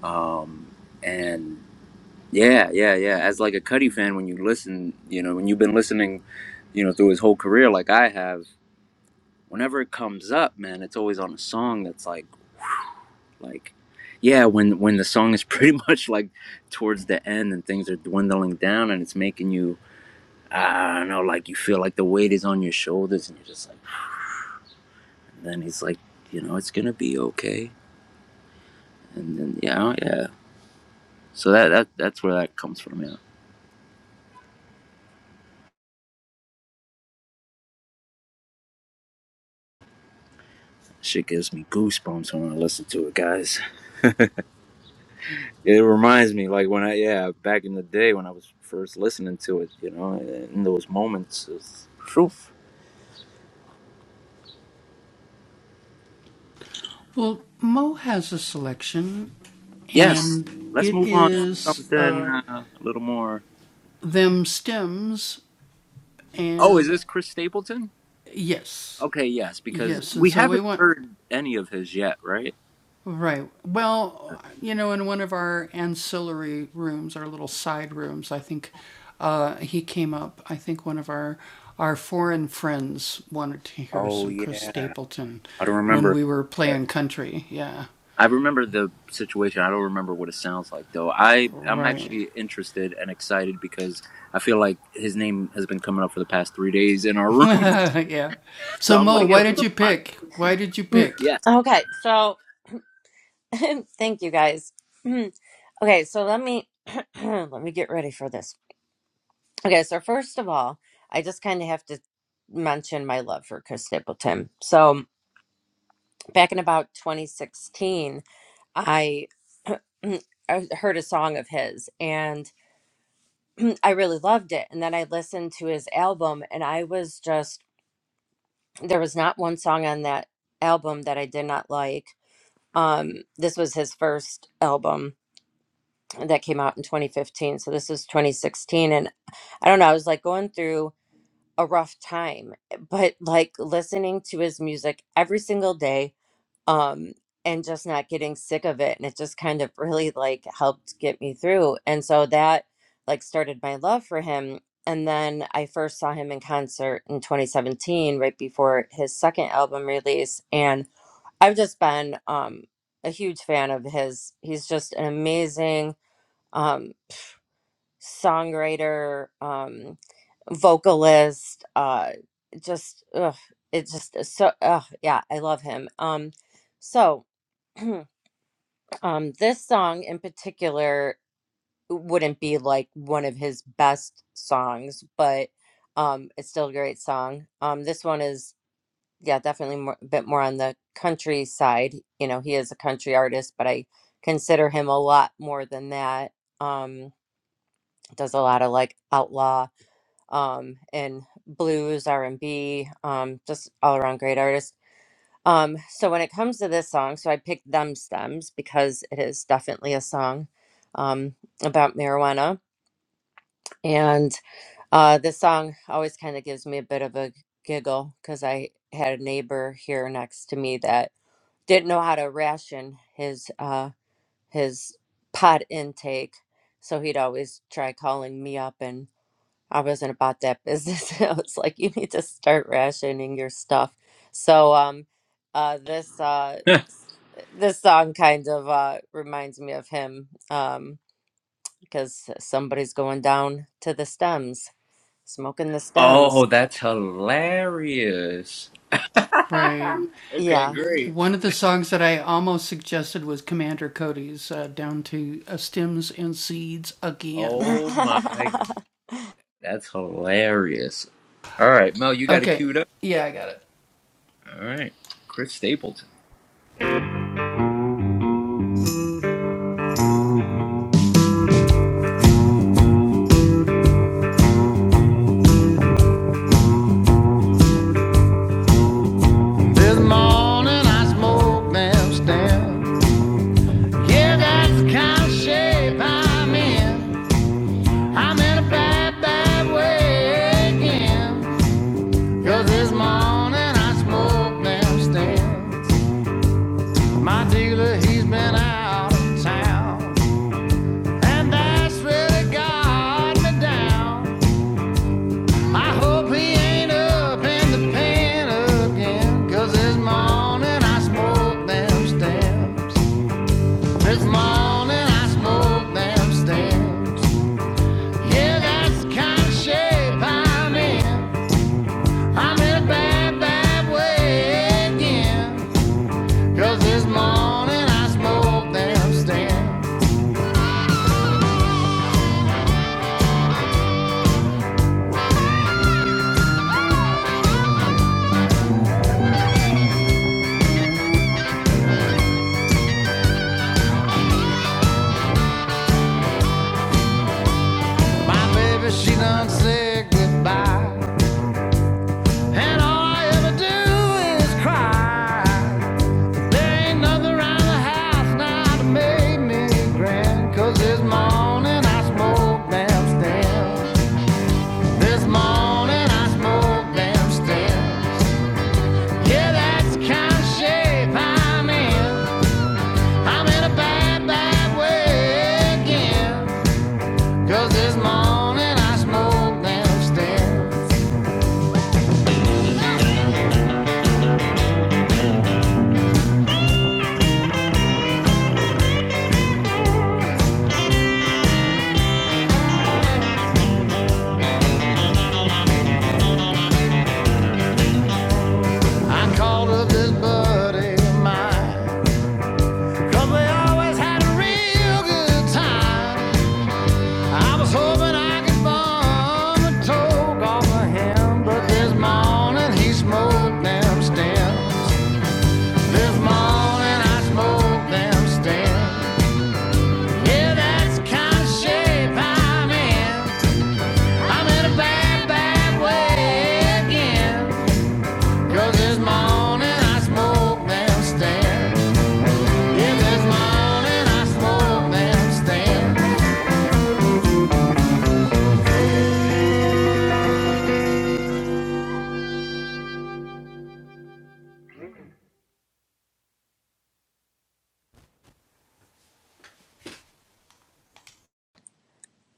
Speaker 1: Um, and yeah, yeah, yeah. As like a Cudi fan, when you listen, you know, when you've been listening, you know, through his whole career, like I have, whenever it comes up, man, it's always on a song that's like, whew, like yeah when when the song is pretty much like towards the end and things are dwindling down and it's making you I don't know, like you feel like the weight is on your shoulders, and you're just like, and then it's like, you know, it's gonna be okay, and then yeah, oh, yeah. So that that that's where that comes from. Yeah, shit gives me goosebumps when I listen to it, guys. It reminds me, like when I yeah, back in the day when I was first listening to it, you know, in those moments, it's proof. Yes, let's move on to something uh, a little more. Oh, is this Chris Stapleton? Okay, yes, because we haven't heard any of his yet, right? Oh yeah, I don't remember. But I remember the situation. I don't remember what it sounds like though. I I'm actually interested and excited because I feel like his name has been coming up for the past three days in our rooms. So I'm like, yo, what the fun?
Speaker 3: Mm,
Speaker 1: Yes.
Speaker 3: okay so thank you guys Okay, so let me let me get ready for this. Okay, so first of all, I just kind of have to mention my love for Chris Stapleton. So back in about 2016, I I heard a song of his and I really loved it. And then I listened to his album and I was just there was not one song on that album that I did not like. Um, this was his first album that came out in 2015. So this is 2016 and I don't know, I was like going through a rough time but like listening to his music every single day um and just not getting sick of it and it just kind of really like helped get me through and so that like started my love for him and then i first saw him in concert in 2017 right before his second album release and i've just been um a huge fan of his he's just an amazing um songwriter, um, vocalist. Uh, just ugh, it just is so ugh, yeah, I love him. Um, so um, this song in particular wouldn't be like one of his best songs, but um, it's still a great song. Um, this one is yeah, definitely more, a bit more on the country side. You know, he is a country artist, but I consider him a lot more than that. Um, does a lot of like outlaw um, and blues, R and B, um, just all around great artist. Um, so when it comes to this song, so I picked "Them Stems" because it is definitely a song um, about marijuana, and uh, this song always kind of gives me a bit of a giggle because I had a neighbor here next to me that didn't know how to ration his uh, his pot intake, so he'd always try calling me up and. I wasn't about that business. I was like, you need to start rationing your stuff. So um uh this uh this song kind of uh reminds me of him um because somebody's going down to the stems, smoking the stems.
Speaker 1: Oh, that's hilarious. Okay,
Speaker 3: Yeah.
Speaker 1: great. Oh my, g- that's hilarious. All right, Mel, you got it queued up. All right, Chris Stapleton.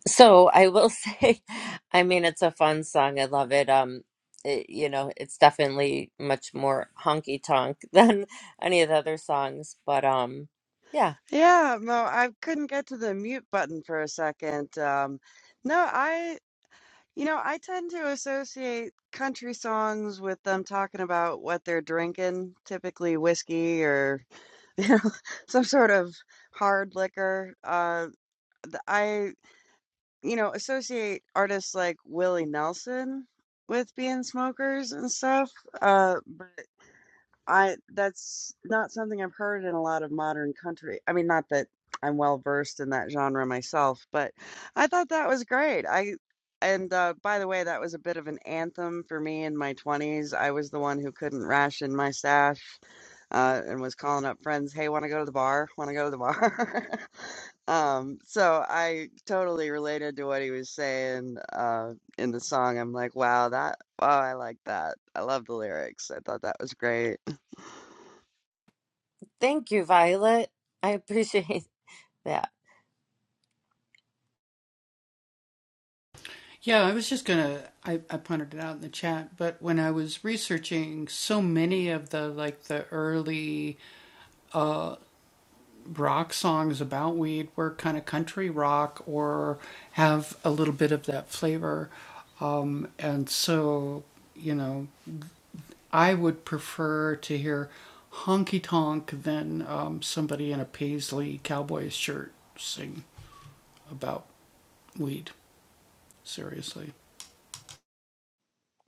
Speaker 3: So I will say, I mean, it's a fun song. I love it. Um, it, you know, it's definitely much more honky tonk than any of the other songs, but um, yeah.
Speaker 2: Yeah, no, I couldn't get to the mute button for a second. Um, no, I, you know, I tend to associate country songs with them talking about what they're drinking, typically whiskey or, you know, some sort of hard liquor. Uh, th- I you know, associate artists like Willie Nelson with being smokers and stuff. Uh, I that's not something I've heard in a lot of modern country. I mean, not that I'm well versed in that genre myself, but I thought that was great. I and uh, by the way, that was a bit of an anthem for me in my 20s. I was the one who couldn't ration my stash uh, and was calling up friends, "Hey, want to go to the bar? Want to go to the bar?" Um, so I totally related to what he was saying uh, in the song. I'm like, wow, that, wow, I like that. I love the lyrics. I thought that was great.
Speaker 3: Thank you, Violet. I appreciate that.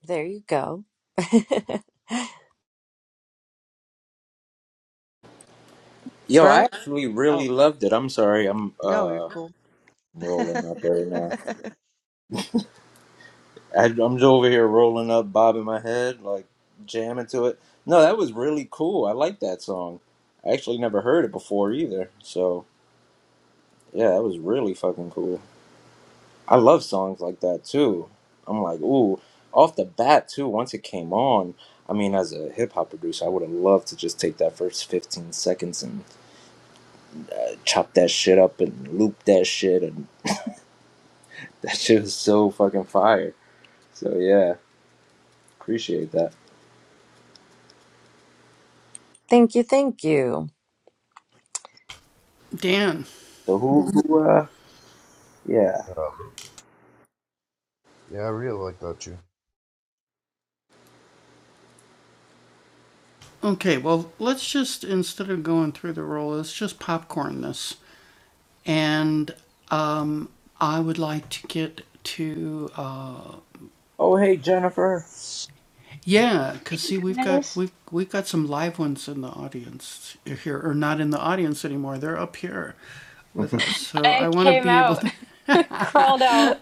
Speaker 3: There you go.
Speaker 1: Yo, I
Speaker 2: Bert?
Speaker 1: actually
Speaker 2: Oh,
Speaker 1: really loved it. I'm sorry, I'm
Speaker 2: no, you're
Speaker 1: uh
Speaker 2: cool.
Speaker 1: rolling up right now. I, I'm just over here rolling up, bobbing my head, like jamming to it. No, that was really cool. I like that song. I actually never heard it before either. So yeah, that was really fucking cool. I love songs like that too. I'm like, ooh, off the bat too. Once it came on, I mean, as a hip hop producer, I would have loved to just take that first 15 seconds and uh, chop that shit up and loop that shit, and that shit was so fucking fire. So yeah, appreciate that.
Speaker 3: thank you, thank you.
Speaker 1: So who, who uh, yeah.
Speaker 5: yeah, I really like that tune.
Speaker 1: Oh.
Speaker 11: goodness. I came out, crawled out.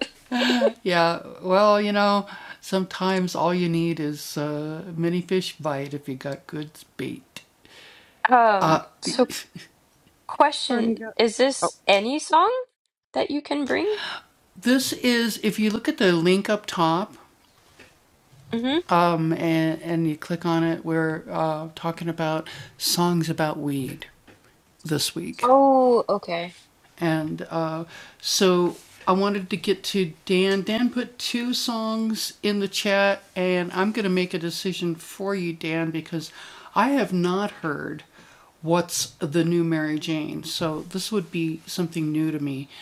Speaker 11: Um, so
Speaker 2: Where'd
Speaker 11: question,
Speaker 2: Courtney go?
Speaker 11: is
Speaker 2: Oh,
Speaker 11: this any song that you can bring? Mm-hmm. Oh, okay.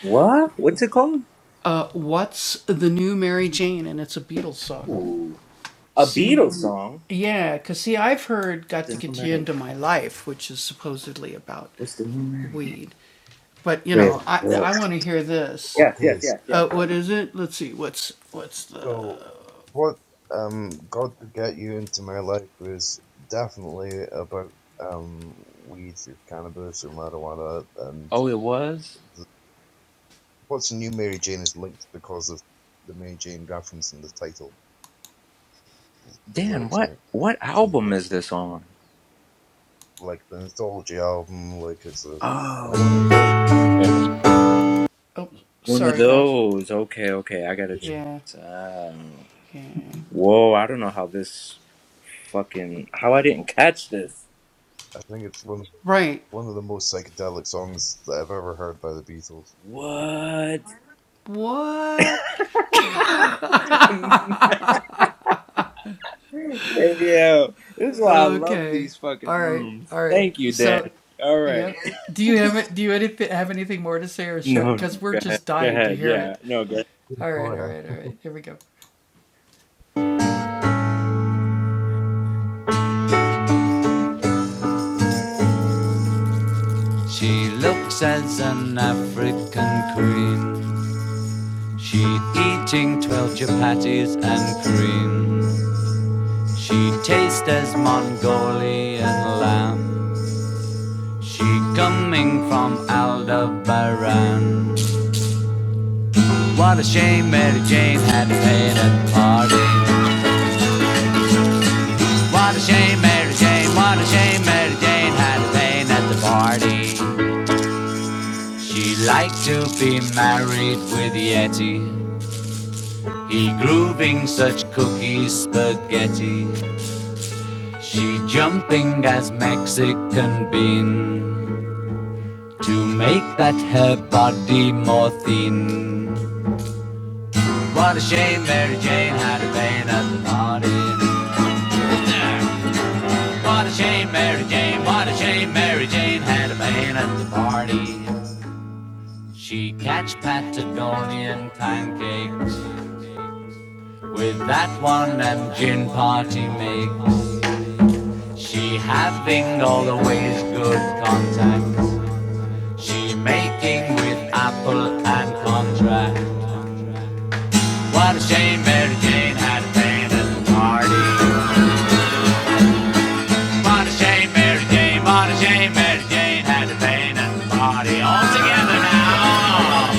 Speaker 1: What? What's it called? Ooh. A Beatles song. The new Mary. What's the new Mary? Wait. Whoa. Yes, yes,
Speaker 5: Okay,
Speaker 1: yes, yes.
Speaker 5: so what um got to get you into my life was definitely about um weed or cannabis or marijuana, and
Speaker 1: Oh, it was.
Speaker 5: the, what's new Mary Jane is linked because of the Mary Jane reference in the title. The
Speaker 1: Dan,
Speaker 5: lyrics
Speaker 1: what
Speaker 5: aren't
Speaker 1: what
Speaker 5: to,
Speaker 1: album is this on?
Speaker 5: like the anthology album, like it's a
Speaker 1: Oh,
Speaker 5: an outtake.
Speaker 1: one of those. Okay, okay. I gotta check
Speaker 5: to-
Speaker 1: this out. Whoa! I don't know how this fucking how I didn't catch this.
Speaker 5: I think it's one one of the most psychedelic songs that I've ever heard by the Beatles.
Speaker 1: What? Hey, yo, this is why I love these fucking rooms. Thank you, Dan. Go ahead. Go ahead. Yeah. No. Go ahead.
Speaker 8: She looks as an African queen. She eating twelve chapatis and cream. She tastes as Mongolian lamb. She coming from Aldebaran. What a shame Mary Jane had paid a party. What a shame, Mary Jane, what a shame, Mary Jane had a pain at the party. She liked to be married with the Yeti. He grooving such cookie spaghetti. She jumping as Mexican bean to make that her body more thin. What a shame, Mary Jane had a pain at the party. What a shame, Mary Jane, what a shame, Mary Jane had a pain at the party. She catch Patagonian pancakes with that one and gin party makes. She having all the ways good contacts. She making with apple and contract. What a shame Mary Jane had been at the party. Martha Jane, Mary Jane, Martha Jane, Mary Jane had the pain at the party all together now.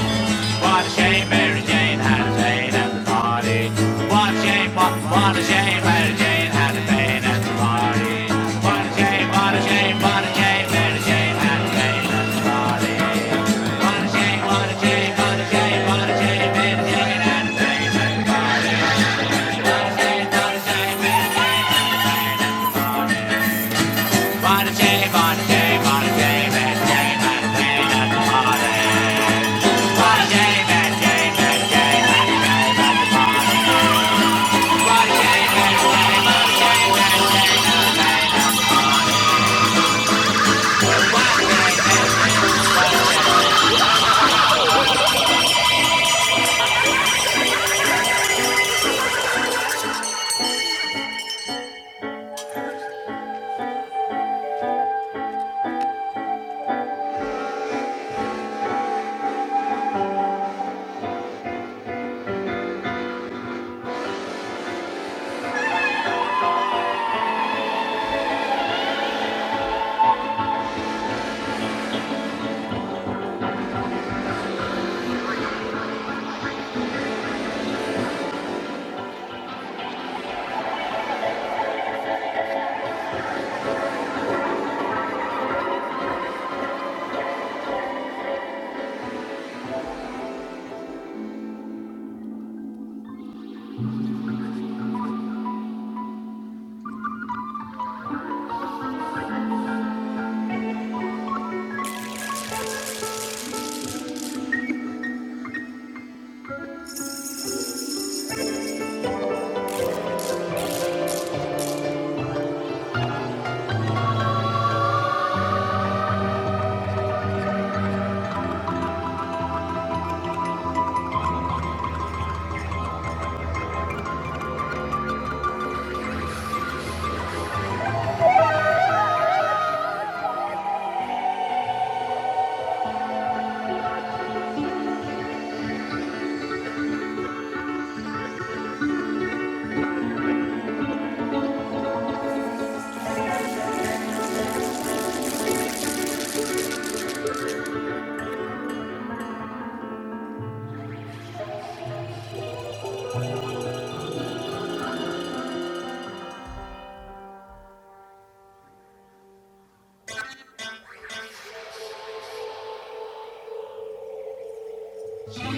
Speaker 8: Martha Jane, Mary Jane had the pain at the party. Martha Jane, Mar- Martha Jane, Mary Jane had the pain at the party. Martha Jane, Martha Jane, Martha Jane, Mary Jane had the pain at the party. Martha Jane, Martha Jane,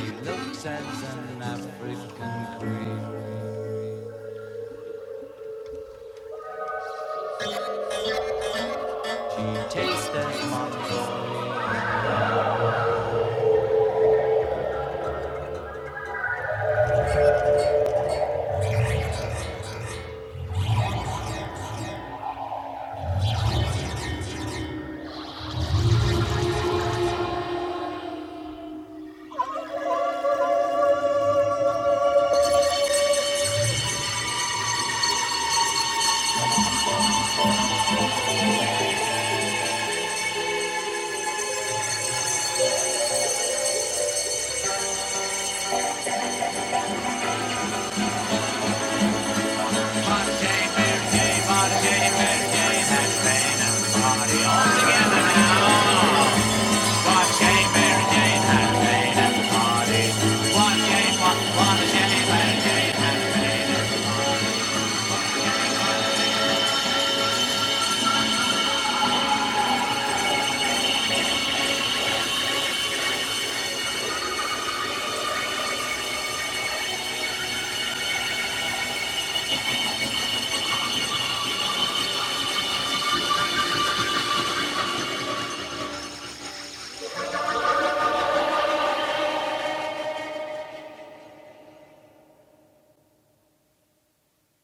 Speaker 8: She Looks as an African queen. Tastes as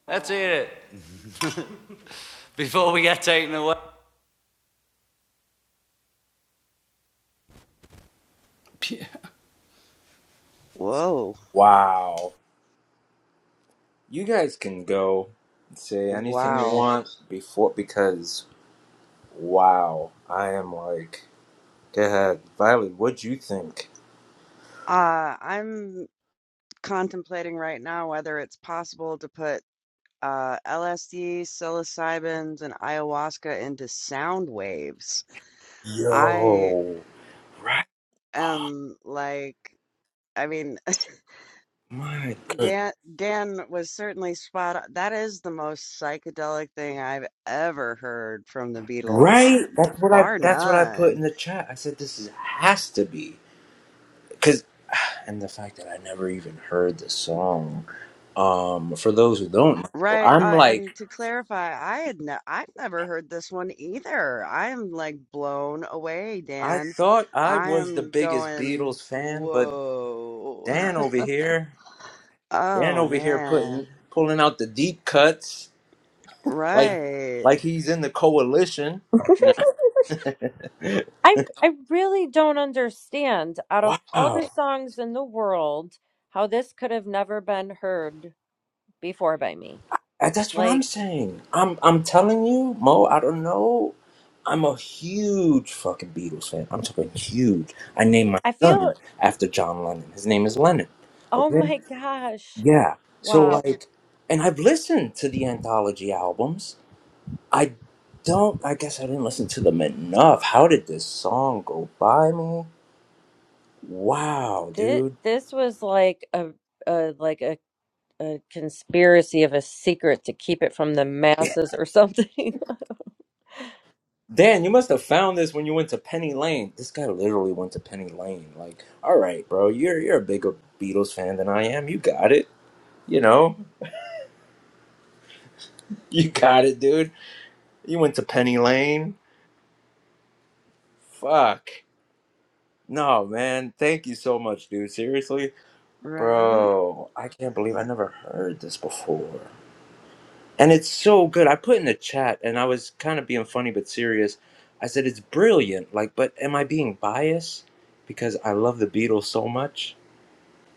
Speaker 8: Let's hear it before we get taken away.
Speaker 2: whoa.
Speaker 1: Wow. You guys can go and think,
Speaker 2: Wow. Uh, I'm contemplating right now whether it's possible to put uh, LSD, psilocybins, and ayahuasca into sound waves. I
Speaker 1: yo,
Speaker 2: am like, I mean, Dan Dan was certainly spot on. That is the most psychedelic thing I've ever heard from the Beatles, bar none.
Speaker 1: this is happy. Cause uh,
Speaker 2: Right,
Speaker 1: I'm,
Speaker 2: uh, and to clarify, I had ne I've never heard this one either. I am like blown away,
Speaker 1: I
Speaker 2: Dan.
Speaker 1: thought I
Speaker 2: I
Speaker 1: was the
Speaker 2: am
Speaker 1: biggest
Speaker 2: going,
Speaker 1: Beatles fan, but
Speaker 2: whoa.
Speaker 1: Dan over here, Dan
Speaker 2: Oh
Speaker 1: over here putting
Speaker 2: man.
Speaker 1: pulling out the deep cuts, like
Speaker 2: Right.
Speaker 1: like he's in the coalition.
Speaker 3: I I really don't understand out of all the
Speaker 1: Oh,
Speaker 3: songs in the world how this could have never been heard before by me.
Speaker 1: that's what I'm
Speaker 3: Like
Speaker 1: saying. I'm I'm telling you, Mo. I don't know. I'm a huge fucking Beatles fan. I'm talking huge. I named my
Speaker 3: I feel
Speaker 1: son after John Lennon. His name is Lennon.
Speaker 3: oh
Speaker 1: Okay.
Speaker 3: my gosh.
Speaker 1: Yeah. So
Speaker 3: Wow.
Speaker 1: like, and I've listened to the anthology albums. I don't. I guess I didn't listen to them enough. How did this song go by me? Wow,
Speaker 3: This
Speaker 1: dude.
Speaker 3: this was like a, a like a, a conspiracy of a secret to keep it from the masses or something.
Speaker 1: Dan, you must have found this when you went to Penny Lane. This guy literally went to Penny Lane. Like, all right, bro, you're you're a bigger Beatles fan than I am. You got it. You know, you got it, dude. You went to Penny Lane. Fuck. No, man. Thank you so much, dude. Seriously.
Speaker 2: Right.
Speaker 1: Bro, I can't believe I never heard this before. And it's so good. I put in the chat and I was kind of being funny but serious. I said it's brilliant. Like, but am I being biased because I love the Beatles so much?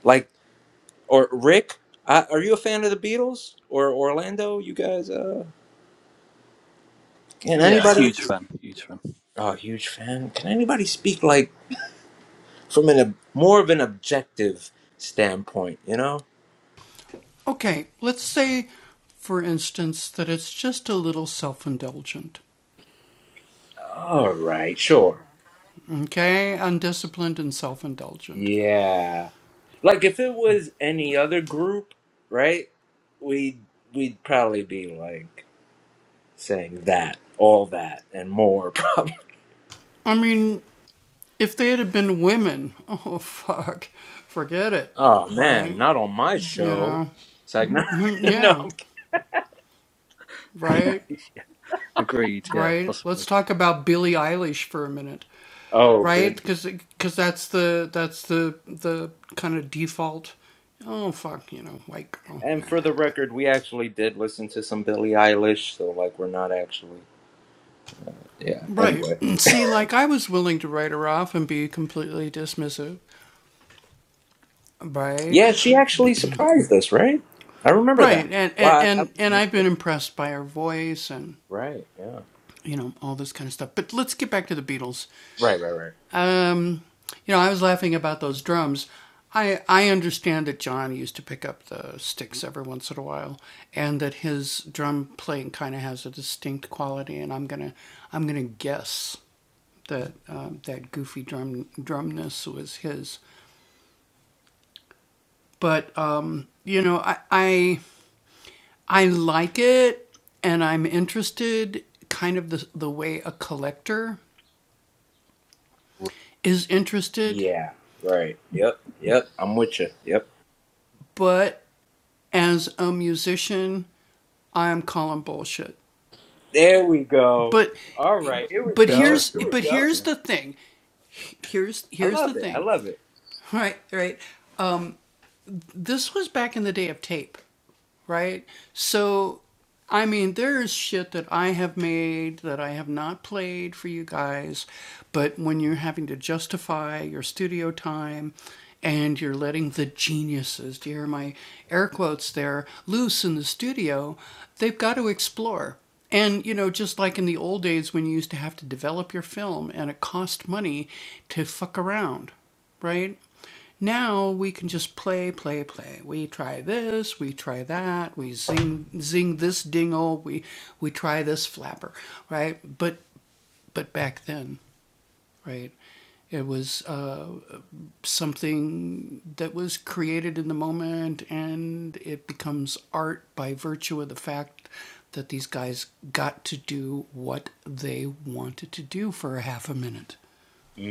Speaker 1: Like, or I under the Beatles or or
Speaker 10: Yeah,
Speaker 1: anybody
Speaker 10: huge fan. Huge
Speaker 1: like more of an objective, no? All right, sure. Yeah. Like if it was any other group, right? We we'd probably be like saying that, all that and more Oh man, not on my show. It's like no, no.
Speaker 10: fan. Agreed. Yeah, possibly.
Speaker 1: And for the record, we actually did listen to some Billie Eilish, so like we're not actually. Yeah. Anyway. Yeah. Yeah. Right. Yep. Yep. I'm with you. Yep. There we go. All right. Here we
Speaker 10: It's
Speaker 1: go. Here
Speaker 10: interesting.
Speaker 1: we
Speaker 10: That is,
Speaker 1: go.
Speaker 10: yeah.
Speaker 1: I love it. I love it.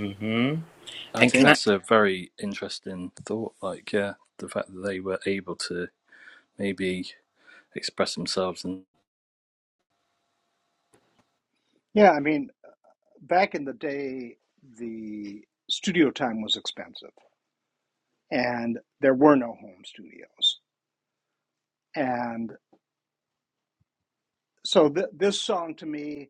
Speaker 1: Mhm.
Speaker 10: I
Speaker 1: And
Speaker 10: think
Speaker 1: can I?
Speaker 10: that's a very interesting thought. Like, yeah, the fact that they were able to maybe express themselves and
Speaker 9: Yeah, I mean, back in the day, the studio time was expensive and there were no home studios. And so th- this song to me,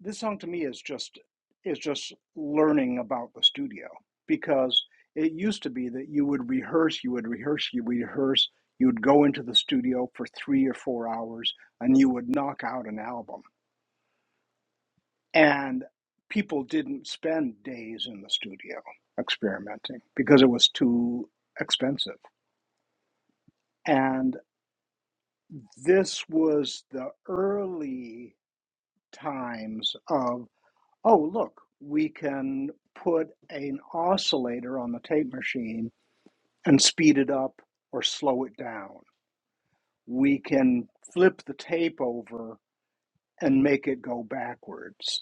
Speaker 9: this song to me is just is just learning about the studio because it used to be that you would rehearse, you would rehearse, you would rehearse, you would go into the studio for 3 or 4 hours and you would knock out an album and people didn't spend days in the studio experimenting because it was too expensive and this was the early times of oh look we can put an oscillator on the tape machine and speed it up or slow it down we can flip the tape over and make it go backwards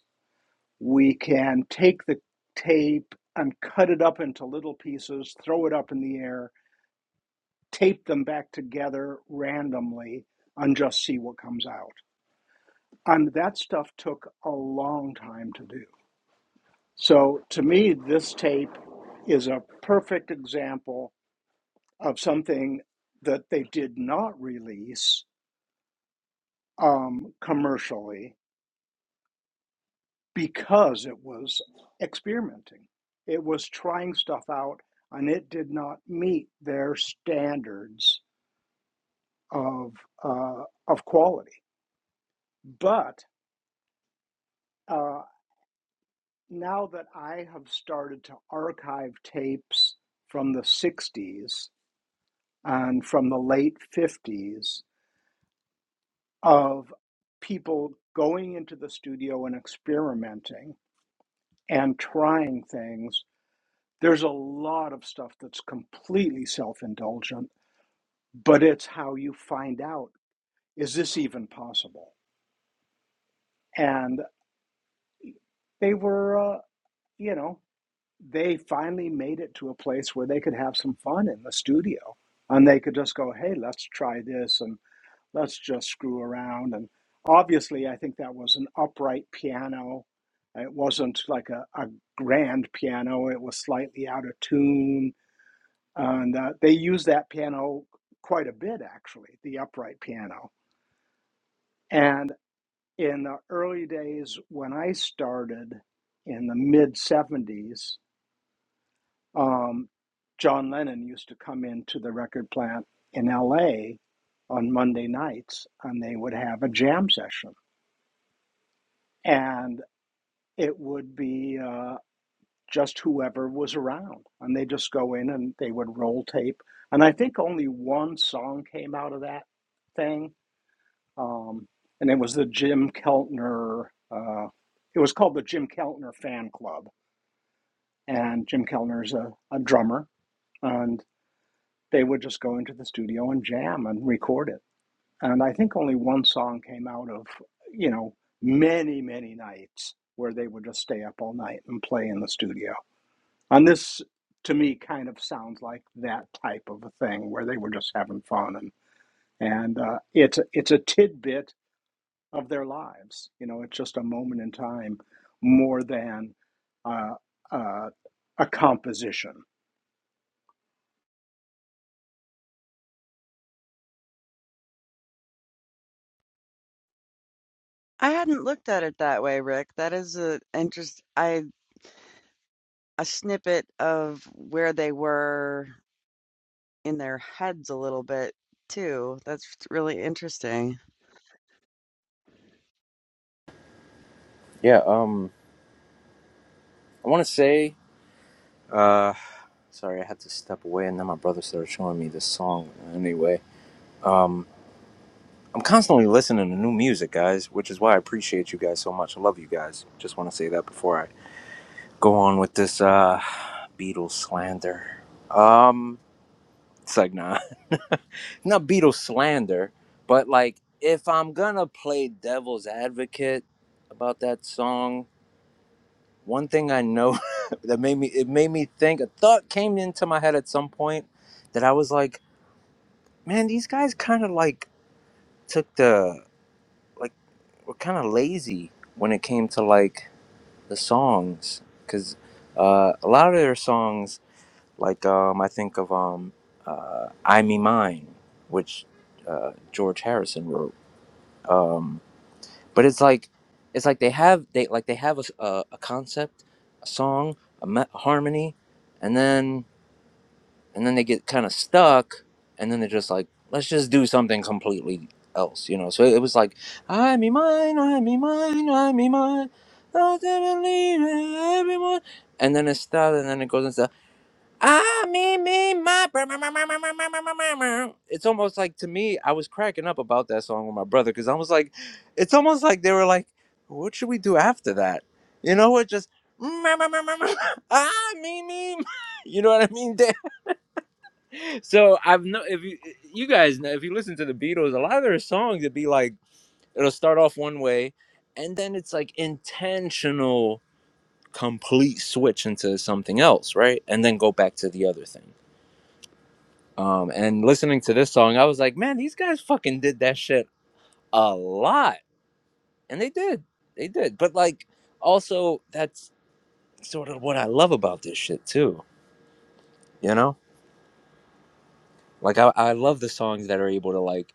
Speaker 9: we can take the tape and cut it up into little pieces, throw it up in the air, tape them back together randomly, and just see what comes out. And that stuff took a long time to do. So to me, this tape is a perfect example of something that they did not release um, commercially because it was experimenting. It was trying stuff out, and it did not meet their standards of uh, of quality. But uh, now that I have started to archive tapes from the '60s and from the late '50s of people going into the studio and experimenting and trying things There's a lot of stuff that's completely self indulgent, but it's how you find out is this even possible? And they were, uh, you know, they finally made it to a place where they could have some fun in the studio and they could just go, hey, let's try this and let's just screw around. And obviously, I think that was an upright piano. It wasn't like a, a grand piano, it was slightly out of tune and uh, they use that piano quite a bit actually the upright piano and in the early days when i started in the mid 70s um, john lennon used to come into the record plant in la on monday nights and they would have a jam session and it would be uh, just whoever was around and they just go in and they would roll tape and i think only one song came out of that thing um, and it was the Jim Keltner. Uh, it was called the Jim Keltner Fan Club, and Jim Keltner's a, a drummer, and they would just go into the studio and jam and record it. And I think only one song came out of you know many many nights where they would just stay up all night and play in the studio. And this to me kind of sounds like that type of a thing where they were just having fun and and uh, it's it's a tidbit of their lives. You know, it's just a moment in time more than uh, uh, a composition.
Speaker 2: I hadn't looked at it that way, Rick. That is a interest. I. a snippet of where they were in their heads a little bit too. That's really interesting.
Speaker 1: Yeah. Um. I want to say. Uh. Sorry, I had to step away, and then my brother started showing me this song. Anyway. Um. I'm constantly listening to new music, guys, which is why I appreciate you guys so much. I love you guys. Just want to say that before I go on with this uh Beatles slander. Um it's like nah. Not Beatles slander, but like if I'm gonna play devil's advocate about that song, one thing I know that made me it made me think a thought came into my head at some point that I was like, man, these guys kinda like took the like. were kind of lazy when it came to like the songs because uh, a lot of their songs like um, i think of um, uh, i me mine which uh, george harrison wrote um, but it's like it's like they have they like they have a, s- a- a concept a song a me- harmony and then and then they get kind of stuck and then they're just like let's just do something completely else you know so it was like i me mine i me mine i me mine not even leaving everyone and then it starts and then it goes into i me me my br- br- br- br- br- br- br- br- it's almost like to me i was cracking up about that song with my brother because i was like it's almost like they were like what should we do after that you know what just ah me me you know what i mean so I've no if you you guys know if you listen to the Beatles, a lot of their songs it'd be like it'll start off one way and then it's like intentional complete switch into something else, right? And then go back to the other thing. Um and listening to this song, I was like, man, these guys fucking did that shit a lot. And they did. They did. But like also that's sort of what I love about this shit too, you know? Like I, I love the songs that are able to like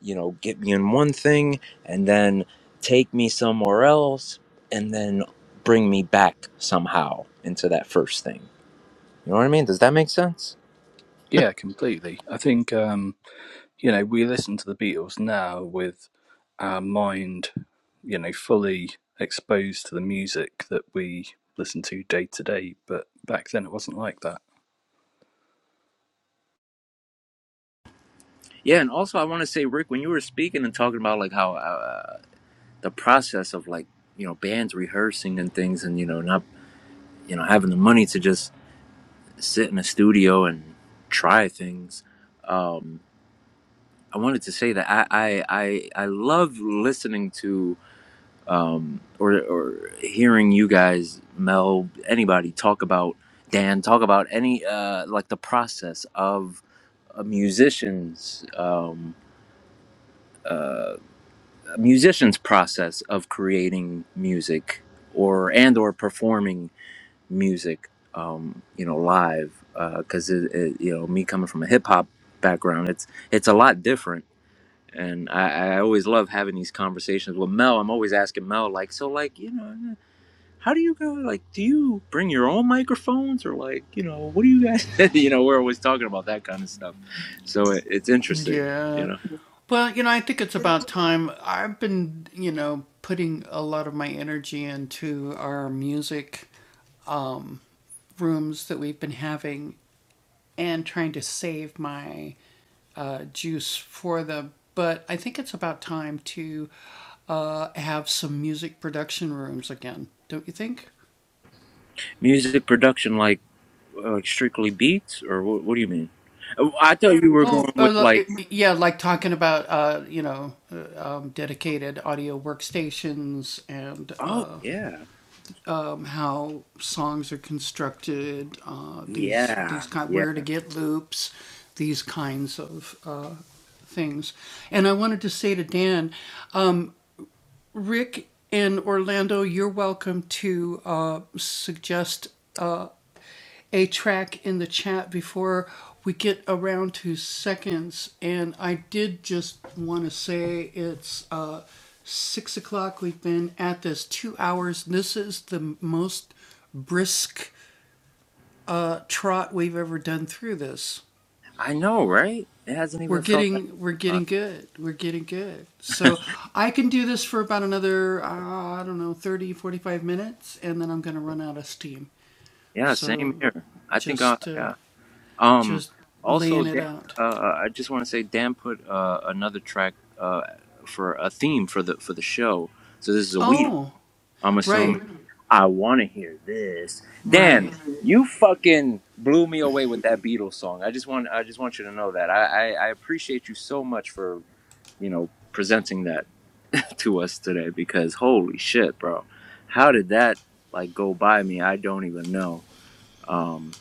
Speaker 1: you know, get me in one thing and then take me somewhere else and then bring me back somehow into that first thing. You know what I mean? Does that make sense?
Speaker 10: yeah, completely. I think um, you know we listen to the Beatles now with our mind, you know, fully exposed to the music that we listen to day to day. But back then, it wasn't like that.
Speaker 1: Yeah, and also I want to say, Rick, when you were speaking and talking about like how uh, the process of like you know bands rehearsing and things, and you know not you know having the money to just sit in a studio and try things, um, I wanted to say that I I I, I love listening to um, or or hearing you guys, Mel, anybody talk about Dan, talk about any uh, like the process of a musician's um, uh, a musician's process of creating music or and or performing music, um, you know, live because it, it, you know me coming from a hip hop background, it's it's a lot different and I, I always love having these conversations with Mel. I'm always asking Mel, like, so, like, you know how do you guys like do you bring your own microphones or like you know what do you guys you know we're always talking about that kind of stuff so it, it's interesting you know music production like uh, like strictly beats or what, what do you mean Oh, i thought you were going with like oh yeah yeah yeah i know right it hasn't even felt that long. yeah same here i think i yeah Um, also, Dan, uh, uh, I just want to say Dan put uh, another track uh, for a theme for the for the show. So this is a week. I'm assuming. I want to hear this, Dan. You fucking blew me away with that Beatles song. I just want I just want you to know that I I, I appreciate you so much for you know presenting that to us today because holy shit, bro, how did that like go by me? I don't even know. Um,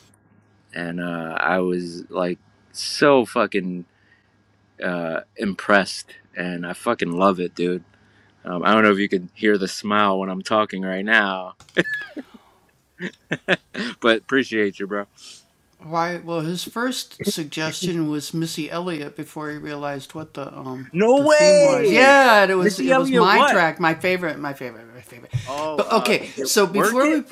Speaker 1: and uh, I was like so fucking uh, impressed, and I fucking love it, dude. Um, I don't know if you can hear the smile when I'm talking right now, but appreciate you, bro. No way, Missy Elliott. What? Oh, uh, work it.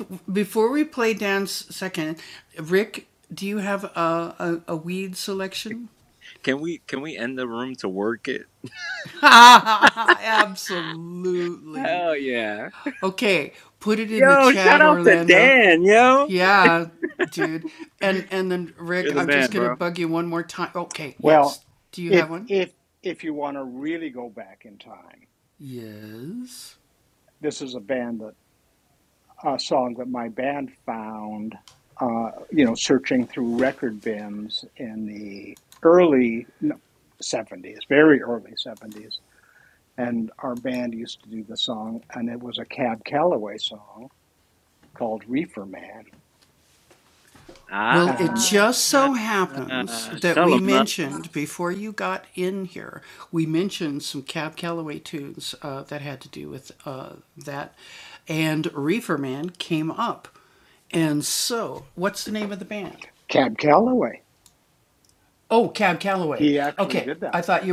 Speaker 1: Can we can we end the room to work it? Hell yeah. Yo, shout out to Dan, yo. You're the man, bro.
Speaker 9: Well, if if if you want to really go back in time, this is a band that a song that my band found. Uh, you know, searching through record bins in the early no, seventies, very early seventies, and our band used to do the song, and it was a Cab Calloway song called "Reefer Man," and
Speaker 1: Ah, tell him,
Speaker 9: Cab Calloway. He actually did that song.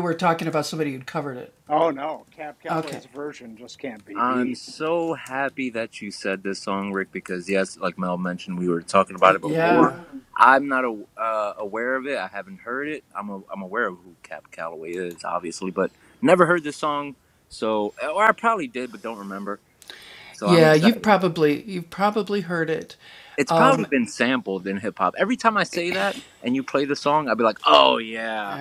Speaker 9: Oh no, Cab Calloway's version just can't be
Speaker 1: I'm
Speaker 9: beat.
Speaker 1: so happy that you said this song, Rick, because yes, like Mel mentioned, we were talking about it before. Mm-hmm. I'm not a, uh, aware of it. I haven't heard it. I'm a, I'm aware of who Cap Calloway is, obviously, but never heard this song. So, uh, or I probably did, but don't remember. So I'm excited. It's probably been sampled in hip hop. Every time I say that and you play the song, I'll be like, oh yeah,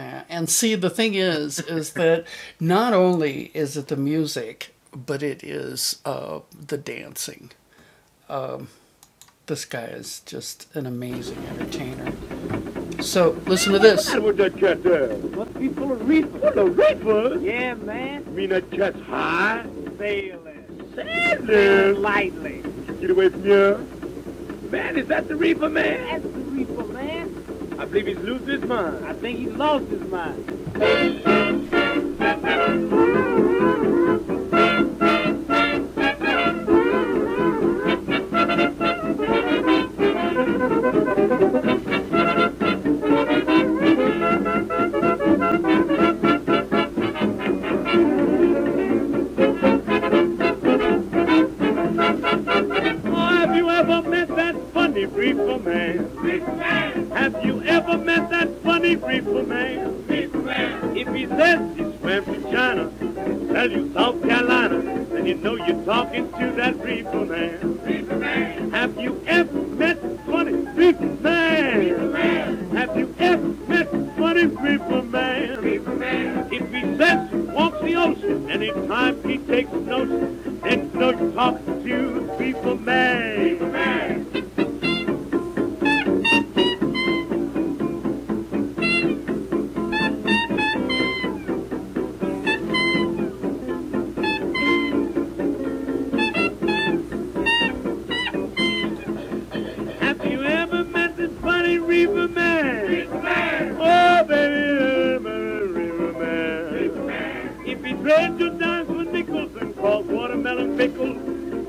Speaker 8: Just high, sailing, live lightly. Uh, Have you ever met that funny reefer man? Reefer man. Have you ever met that funny reefer man? Reefer man. If he says he swam to China, tell you South Carolina, then you know you're talking to that reefer man. Reefer man. man? Have you ever met funny people, man? man? Have you ever met funny people, man? People, man. If he says he walks the ocean, anytime he takes notion, then no talk to people, man. People, man. Have you ever met this funny reaper man? Reaper man. Oh, baby, I'm reaper man. Reaper man. If he dared to dance with nickels and cross watermelon pickles,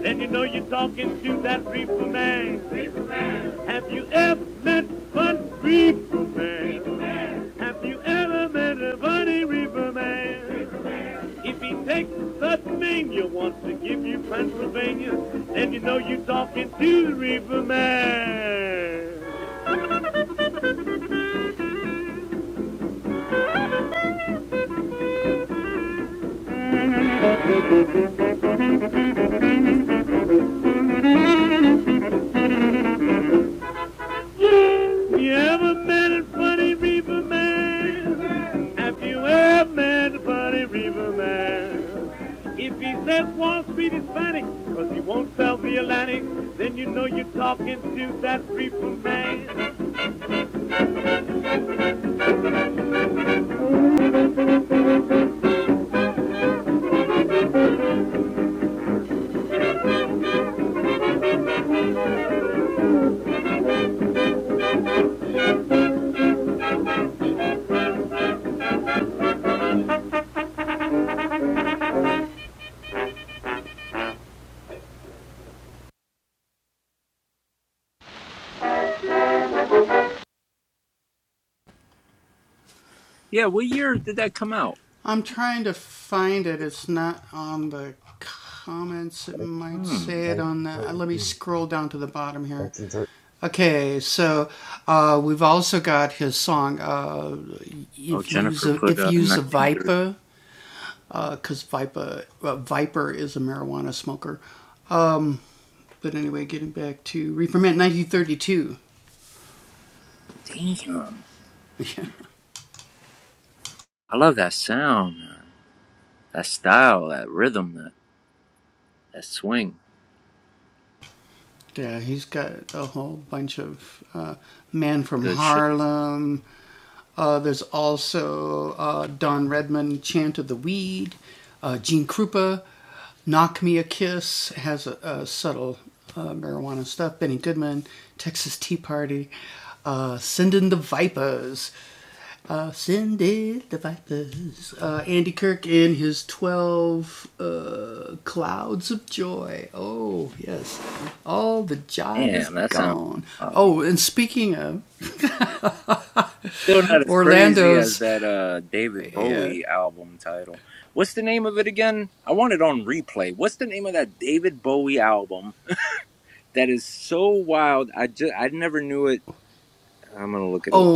Speaker 8: then you know you're talking to that reaper man. Reaper man. Have you ever met funny Reaper Have you ever met a bunny Reaper Man? If he takes Pennsylvania, wants to give you Pennsylvania, then you know you're talking to the Reaper Man. You ever met a funny reaper man? Have you ever met a funny reaper man? If he says Wall Street is funny, cause he won't sell the Atlantic, then you know you're talking to that reaper man.
Speaker 1: yeah. What year did that come out? Hmm.
Speaker 5: 1932. 1930.
Speaker 1: Oh, Jennifer put uh, 1930. Damn. I love that sound. man. That style, that rhythm, that, that swing. That's good shit. Damn, that sounds wow. Still not as crazy as that uh David Bowie album title. What's the name of it again? I want it on replay. What's the name of that David Bowie album that is so wild? I just I never knew it. I'm gonna look it up.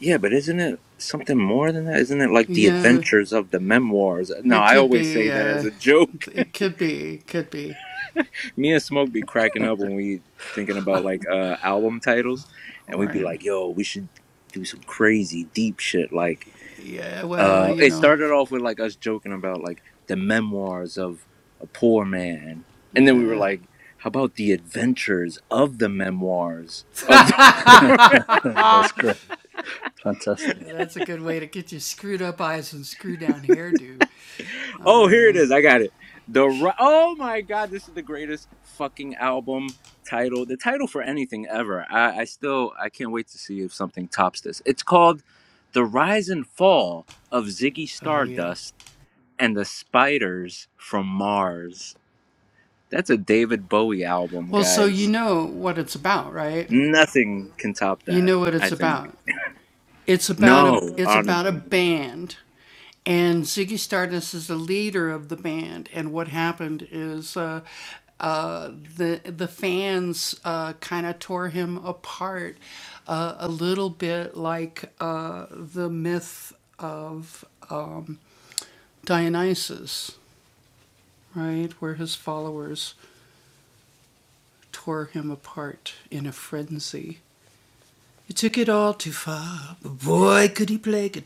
Speaker 1: Yeah, but isn't it something more than that? Isn't it like the adventures of the memoirs? No, I always say that as a joke. me and Smoke be cracking up when we thinking about like uh album titles, and we'd be like, "Yo, we should do some crazy deep shit." Like, uh, it started off with like us joking about like the memoirs of a poor man, and then we were like, "How about the adventures of the memoirs?" of?"
Speaker 10: that's great, fantastic.
Speaker 1: Oh, here it is. I got it. The Ri- oh my god, this is the greatest fucking album title. The title for anything ever. I, I still I can't wait to see if something tops this. It's called "The Rise and Fall of Ziggy Stardust and the Spiders from Mars." That's a David Bowie album, guys. Nothing can top that. I think. No, honestly.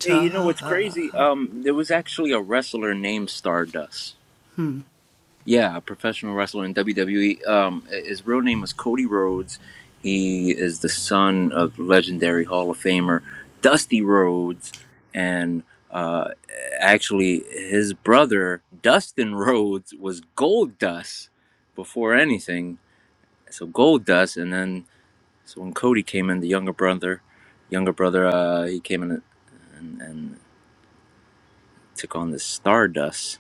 Speaker 1: Hey, you know what's crazy? Um, there was actually a wrestler named Stardust. Yeah, a professional wrestler in WWE. Um, his real name was Cody Rhodes. He is the son of legendary Hall of Famer Dusty Rhodes, and uh, actually, his brother Dustin Rhodes was Gold Dust before anything. So Gold Dust, and then so when Cody came in, the younger brother, younger brother, uh, he came in and, and took on this Stardust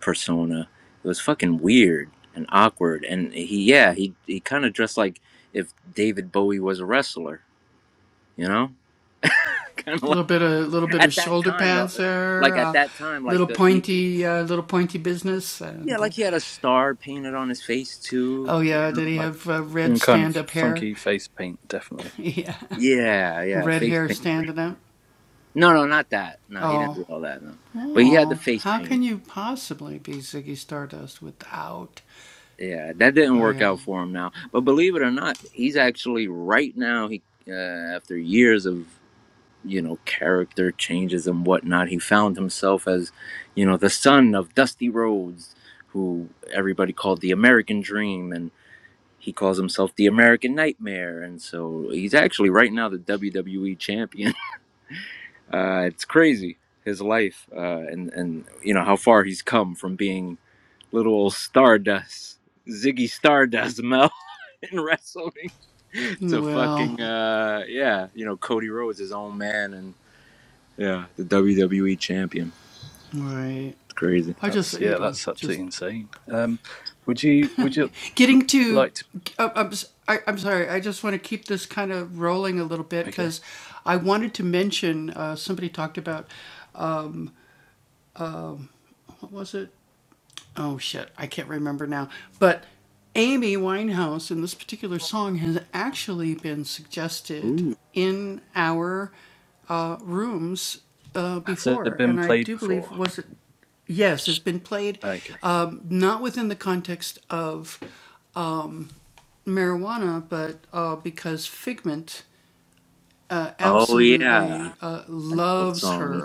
Speaker 1: persona. It was fucking weird and awkward, and he yeah he he kind of dressed like if David Bowie was a wrestler, you know, kind of like at that time though, like at that time like the he, yeah like he had a star painted on his face too, you know, like
Speaker 10: Some kind of funky face paint, definitely.
Speaker 1: yeah yeah face paint for sure. No no not that no he didn't do all that no, but he had the face paint. Yeah, that didn't work out for him now. But believe it or not, he's actually right now. He uh, after years of you know character changes and whatnot, he found himself as you know the son of Dusty Rhodes, who everybody called the American Dream, and he calls himself the American Nightmare. And so he's actually right now the WWE champion. Uh, it's crazy his life uh, and and you know how far he's come from being little old Stardust. Ziggy Stardust Mel. in wrestling to fucking uh yeah, you know, Cody Rhodes, his own man and yeah, the WWE champion. It's crazy.
Speaker 10: That's yeah, that's absolutely insane. Um, would you would you Liked. Okay. Has it been played before? Okay.
Speaker 1: Oh yeah. I know what song.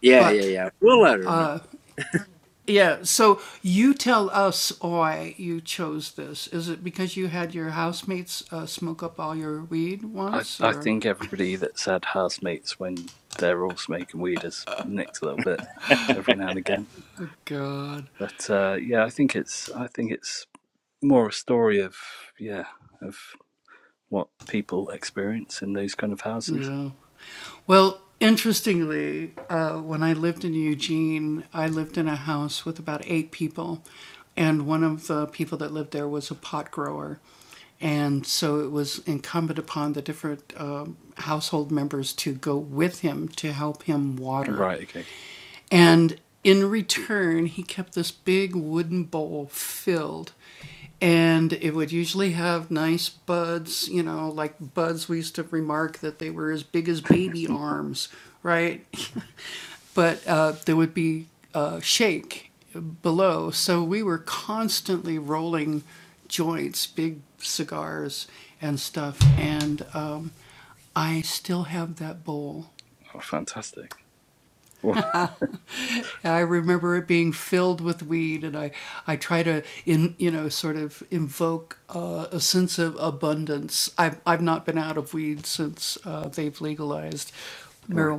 Speaker 1: Yeah, yeah, yeah. We'll let her know.
Speaker 10: I I think everybody that's had housemates when they're all smoking weed has nicked a little bit every now and again. But uh, yeah, I think it's I think it's more a story of yeah of what people experience in those kind of houses. Right. Okay. Oh, fantastic. Right.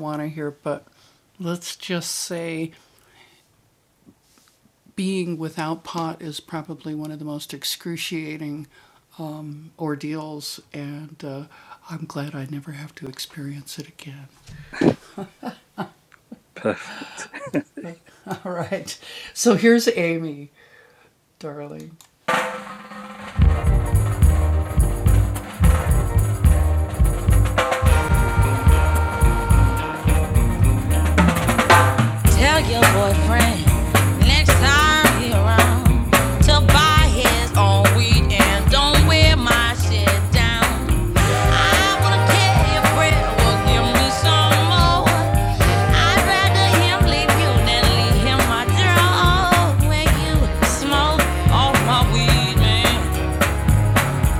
Speaker 10: Perfect.
Speaker 8: Little biscuit, hear my draw. when you smoke all my weed, man.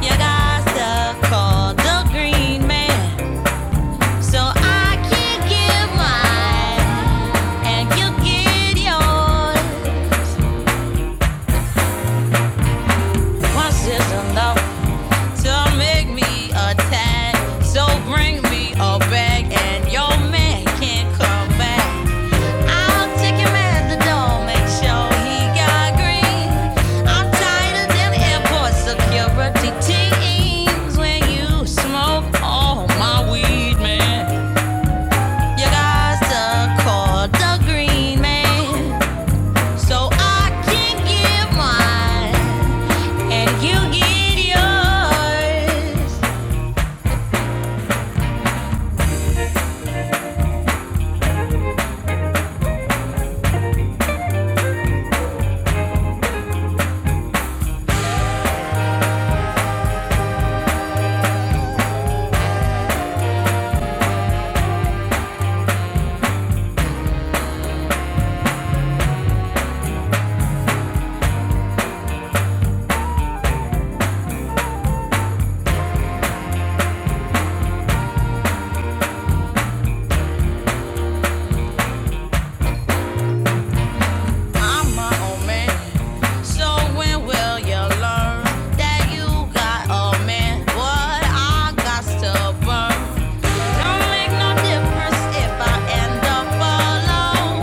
Speaker 8: You got stuff called the green man. So I can give mine, and you get yours. Once is enough to make me a So bring me a bag, and your man can't come back. I'll take him at the door, make sure he got green. I'm tighter than airport security teams when you smoke all my weed, man. You guys are called the Green Man, so I can give mine, and you get yours. I'm my own man. So when will you learn that you got a man? What I got to Don't make no difference if I end up alone.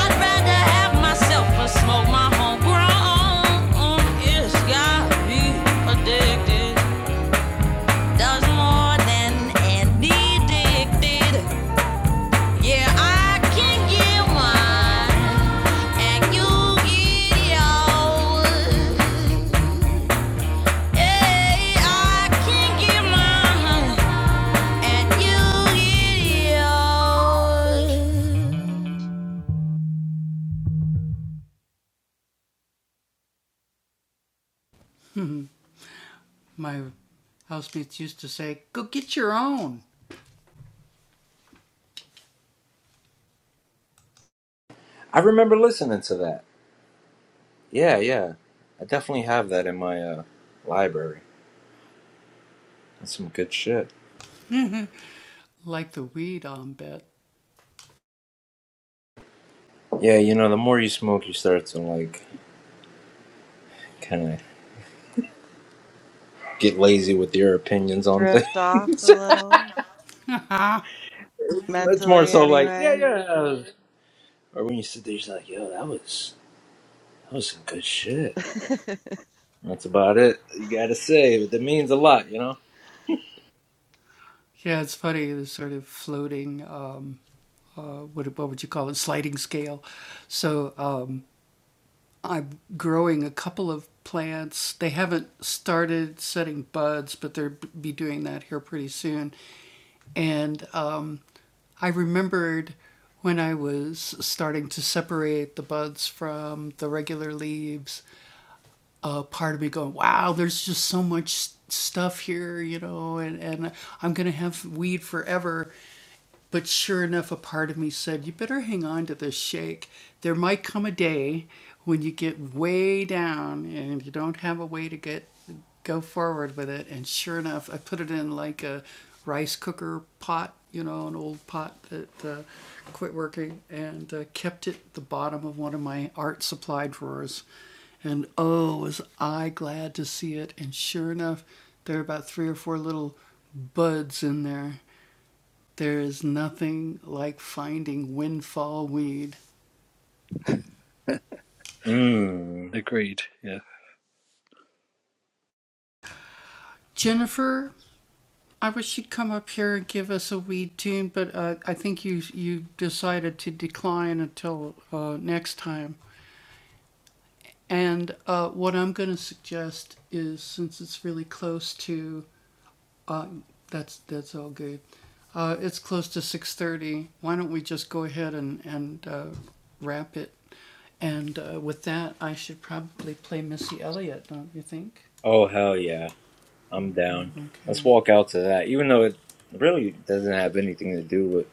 Speaker 8: I'd rather have myself and smoke my homegrown. It's gotta addicted. Does more than any addicted. Yeah, I can get mine, and you get yours. Hey, I can get mine, and you get yours.
Speaker 1: I remember listening to that. Yeah, yeah. I definitely have that in my uh library. That's some good shit. Yeah, you know, the more you smoke you start to like kinda get lazy with your opinions on things.
Speaker 2: Drift off a little
Speaker 1: it's more
Speaker 2: mentally
Speaker 1: so like, yeah,
Speaker 2: anyway.
Speaker 1: yeah. Or when you sit there, you're like, yo, that was That was some good shit. That's about it. You gotta say, but that means a lot, you know. Mmm.
Speaker 10: Agreed. Yeah.
Speaker 1: Oh hell yeah, I'm down. Let's walk out to that, even though it really doesn't have anything to do with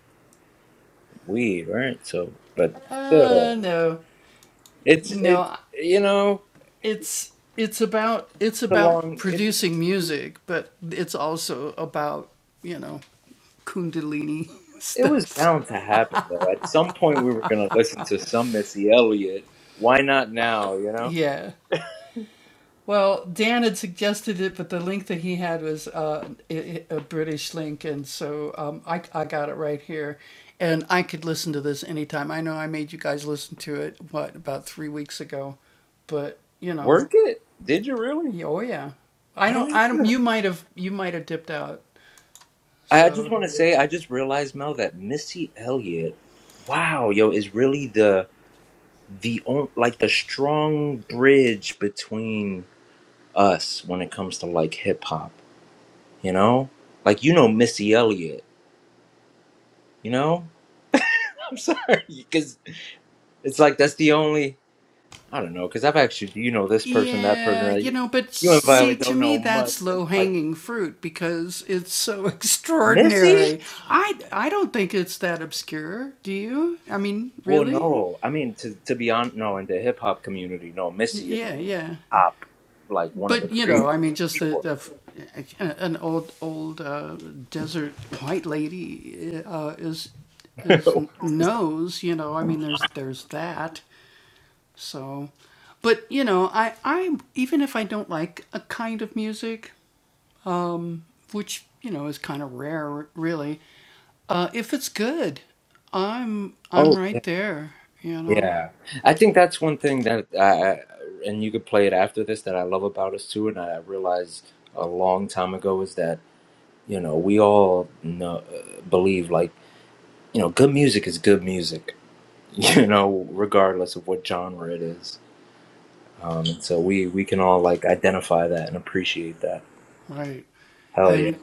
Speaker 1: weed, right? So, but still, it's it. You know, it was bound to happen though. At some point, we were gonna listen to some Missy Elliott. Why not now? You know, work it. Did you really? I don't. I just want to say, I just realized, Mel, that Missy Elliott Wow, yo, is really the the on- like the strong bridge between us when it comes to like hip hop, you know? Like you know Missy Elliott, you know? I'm sorry, because it's like that's the only I don't know, because I've actually you know this person, that person, that you and Violet don't know much. And I'm like Missy? Well, no, I mean to to be honest, no, in the hip hop community, no, Missy is top, like one of the greatest. Sure. Yeah, I think that's one thing that, I, and you could play it after this, that I love about us too. And I realized a long time ago is that, you know, we all know, uh, believe like, you know, good music is good music, you know, regardless of what genre it is. Um, and so we, we can all like identify that and appreciate that. Hell yeah.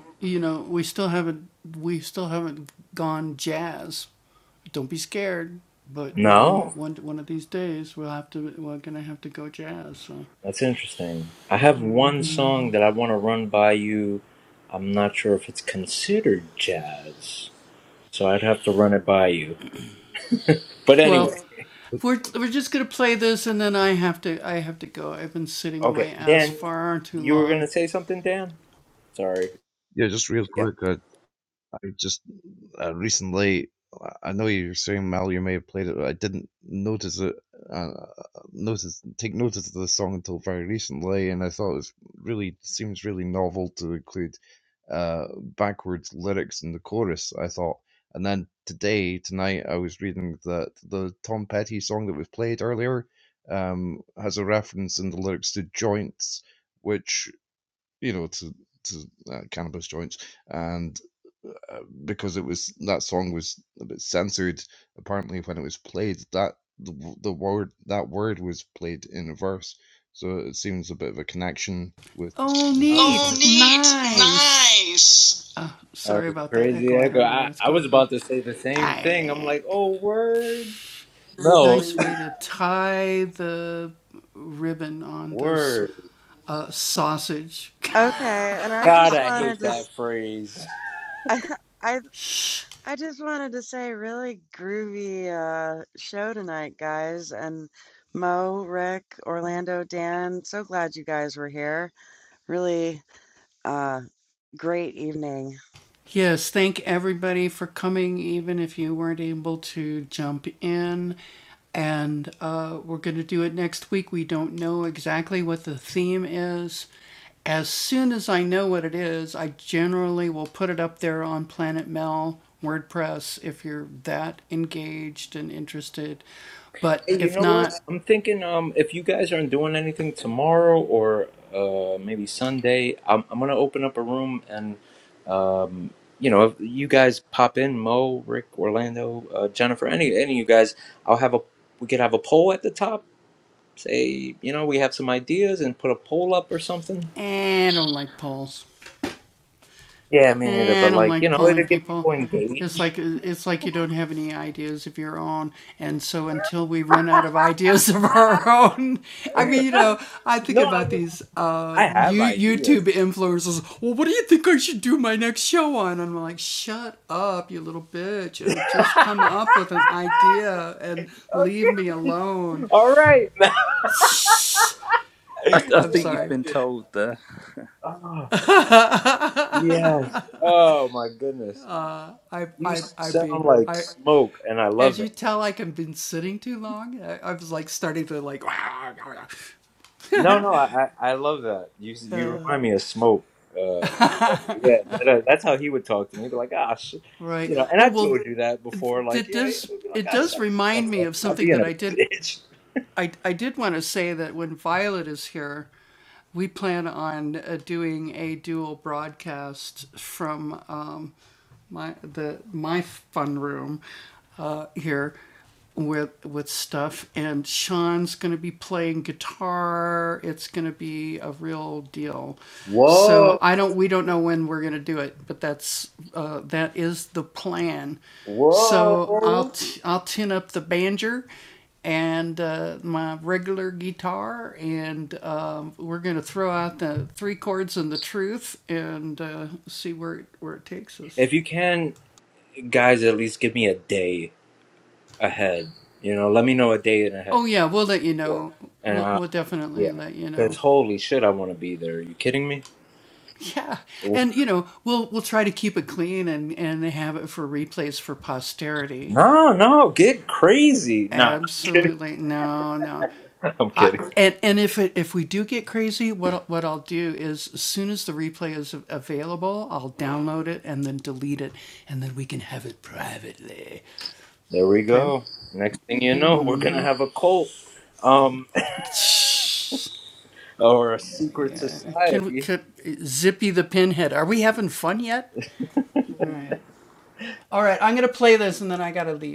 Speaker 1: No, that's interesting. I have one song that I want to run by you. I'm not sure if it's considered jazz, so I'd have to run it by you. But anyway, Dan, you were gonna say something, Dan? Sorry.
Speaker 5: Yeah, just real quick, I, I just uh, recently. I know you're saying Mal, you may have played it, but I didn't notice it. Uh, uh, notice take notice of the song until very recently, and I thought it was really seems really novel to include uh, backwards lyrics in the chorus. I thought, and then today tonight I was reading that the Tom Petty song that was played earlier um, has a reference in the lyrics to joints, which you know, to to uh, cannabis joints, and uh, because it was that song was a bit censored. Apparently, when it was played, that the, w- the word that word was played in a verse, so it seems a bit of a connection with. The, the oh, song. neat! Yeah. Nice.
Speaker 1: Uh, no, sure.
Speaker 2: Okay, and I
Speaker 1: God,
Speaker 2: just
Speaker 1: I
Speaker 2: wanted
Speaker 1: hate
Speaker 2: to s-
Speaker 1: that phrase.
Speaker 2: I I I just wanted to say really groovy uh show tonight, guys, and Mo, Rick, Orlando, Dan, so glad you guys were here. Really uh great evening.
Speaker 1: Hey, you know what? I'm thinking um if you guys aren't doing anything tomorrow or uh maybe Sunday, I'm I'm gonna open up a room and um you know, if you guys pop in, Mo, Rick, Orlando, uh, Jennifer, any any of you guys, I'll have a we could have a poll at the top. Say, you know, we have some ideas and put a poll up or something. Yeah, me neither. But like, you know, it'll get people engaged. No, I mean, I have ideas. All right.
Speaker 10: I
Speaker 1: yeah.
Speaker 10: I think you've been told there.
Speaker 1: Oh, yes. Oh my goodness. You sound like smoke, and I love it. No, no, I I, I love that. You you remind me of smoke. Uh, yeah, that, uh, that's how he would talk to me. He'd be like, gosh, you know. And I told you that before. Like, yeah, yeah, he'd be like, gosh, shut the fuck up. Stop being a bitch. If you can, guys, at least give me a day ahead. You know, let me know a date ahead. And uh, yeah, because holy shit, I want to be there. Are you kidding me? No, no, get crazy. Nah, I'm kidding. There we go. Next thing you know, we're gonna have a cult, um, or a secret society.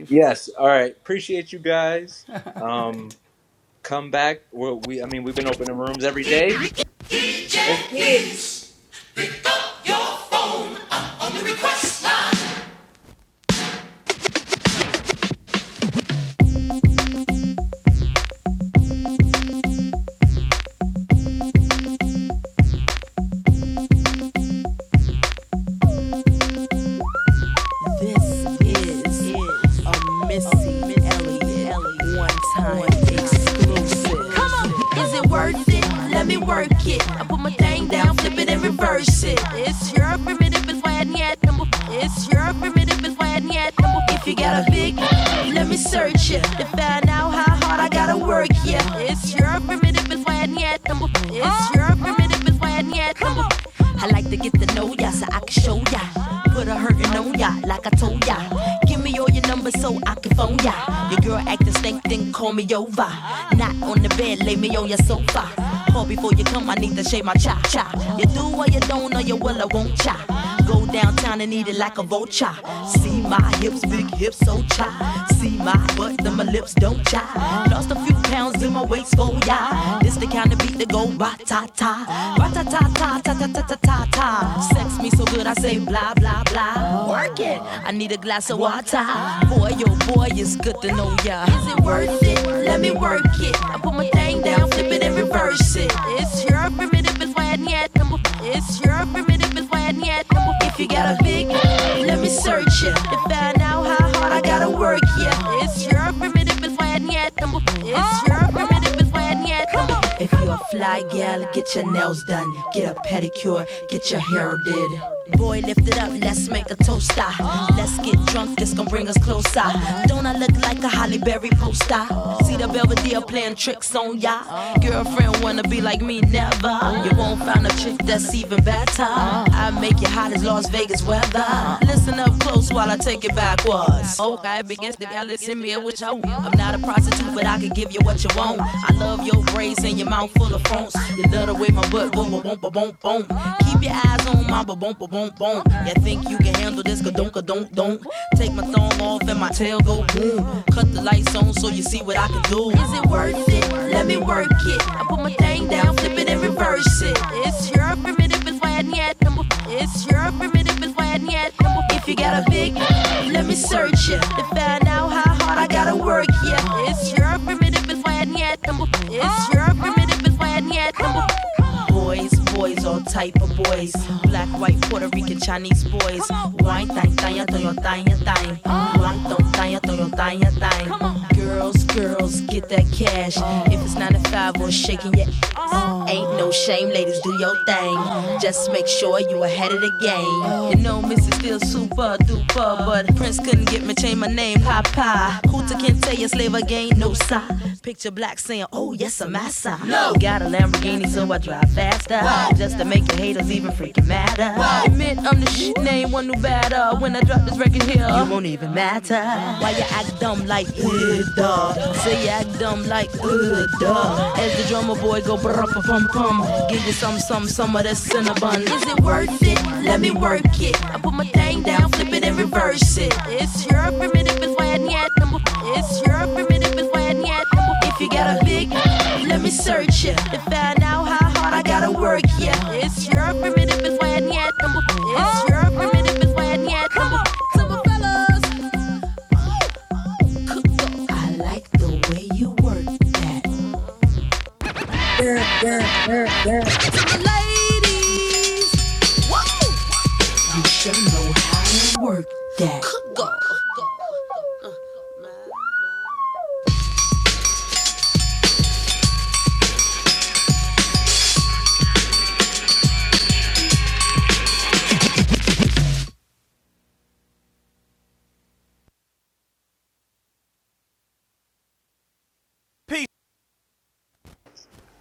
Speaker 1: Yes. All right. Appreciate you guys. Um, come back. We're, we, I mean, we've been opening rooms every day. Let's get it.
Speaker 8: This is a Missy Elliott one time exclusive. Come on, is it worth it? Let me work it. I put my thing down, flip it and reverse it. It's your primitive, it's why I need that number. It's your primitive, it's why I need that number. If you got a big, let me search it to find out how hard I gotta work. Yeah, it's your primitive, it's why I need that number. It's your primitive, it's why I on ya. Come on. I like to get to know ya so I can show ya. Put a hurtin' on ya like I told ya. Give me all your numbers so I can phone ya. Your girl actin' stank, then call me over. Not on the bed, lay me on your sofa. Call before you come, I need to shave my cha cha. You do or you don't, or you will or won't cha. Go downtown and eat it like a vulture. See my hips, big hips, so cha. See my butt, then my lips don't cha. Lost a few pounds in my waist for ya. This the kind of beat that go ba ta ta, ba ta ta ta ta ta ta ta ta ta. Sex me so good I say blah blah blah. Work it. I need a glass of water. Boy, oh boy, it's good to know ya. Is it worth it? Let me work it. I put my thing down, flip it and reverse it. It's your primitive, it's why I need it. It's your primitive, it's why I need it. If you got a big, let me search it. To find out how hard I gotta work, yeah. It's your primitive. If you're a fly gal, get your nails done, get a pedicure, get your hair did. Boy, lift it up, let's make a toaster. Let's get drunk, this gon' bring us closer. Don't I look like a Holly Berry poster? See the Belvedere playing tricks on ya. Girlfriend wanna be like me, never. You won't find a chick that's even better. I make you hot as Las Vegas weather. Listen up close while I take it backwards was. Oh God, begins the Alice in me, which I will. I'm not a prostitute, but I can give you what you want. I love your braids and your mouth full of phones. You love the way my butt boom, boom, boom, boom, boom. Keep your eyes on my boom, boom, boom, boom. You think you can handle this? Don't, don't, don't. Take my thumb off and my tail go boom. Cut the lights on so you see what I can do. Is it worth it? Let me work it. I put my thing down, flip it and reverse it. It's your primitive, it's why I need number. If you're primitive, it's why I need it. If you got a big, let me search it to find out how hard I gotta work. Yeah, if you're primitive, it's why I need it. If you're primitive, it's why I need it. Boys, boys, all type of boys. Black, white, Puerto Rican, Chinese boys. Wine, thang, thang, thang, thang, thang. Wine, thang, thang, thang, thang, thang. Girls, girls, get that cash. If it's 9 to 5 we're shaking your ass, ain't no shame, ladies, do your everything. Just make sure you ahead of the game. You know, Missy Still super duper, but Prince couldn't get me change my name, Papa. Hooter can't tell you slave again, no sign. Picture black saying, Oh yes, I'm massa. No, got a Lamborghini, so I drive faster, wow. just to make your haters even freaking madder. wow. Admit I'm the shit name, one who better. When I drop this record here, you won't even matter. Why you act dumb like uh, duh? Say you act dumb like uh, duh. As the drummer boy go brr Rum, rum. Give you some, some, some of that cinnabon. Is it worth it? Let me work it. I put my thing down, flip it and reverse it. It's your primitive, it's why I need number. It's your primitive, it's why I need number. If you got a big, let me search it to find out how hard I gotta work. Yeah, it's your primitive, it's why I need number. It's your primitive, it's why I need number. Some of fellas, I like the way you work that ladies. Whoa! You should know how to work that. Good God.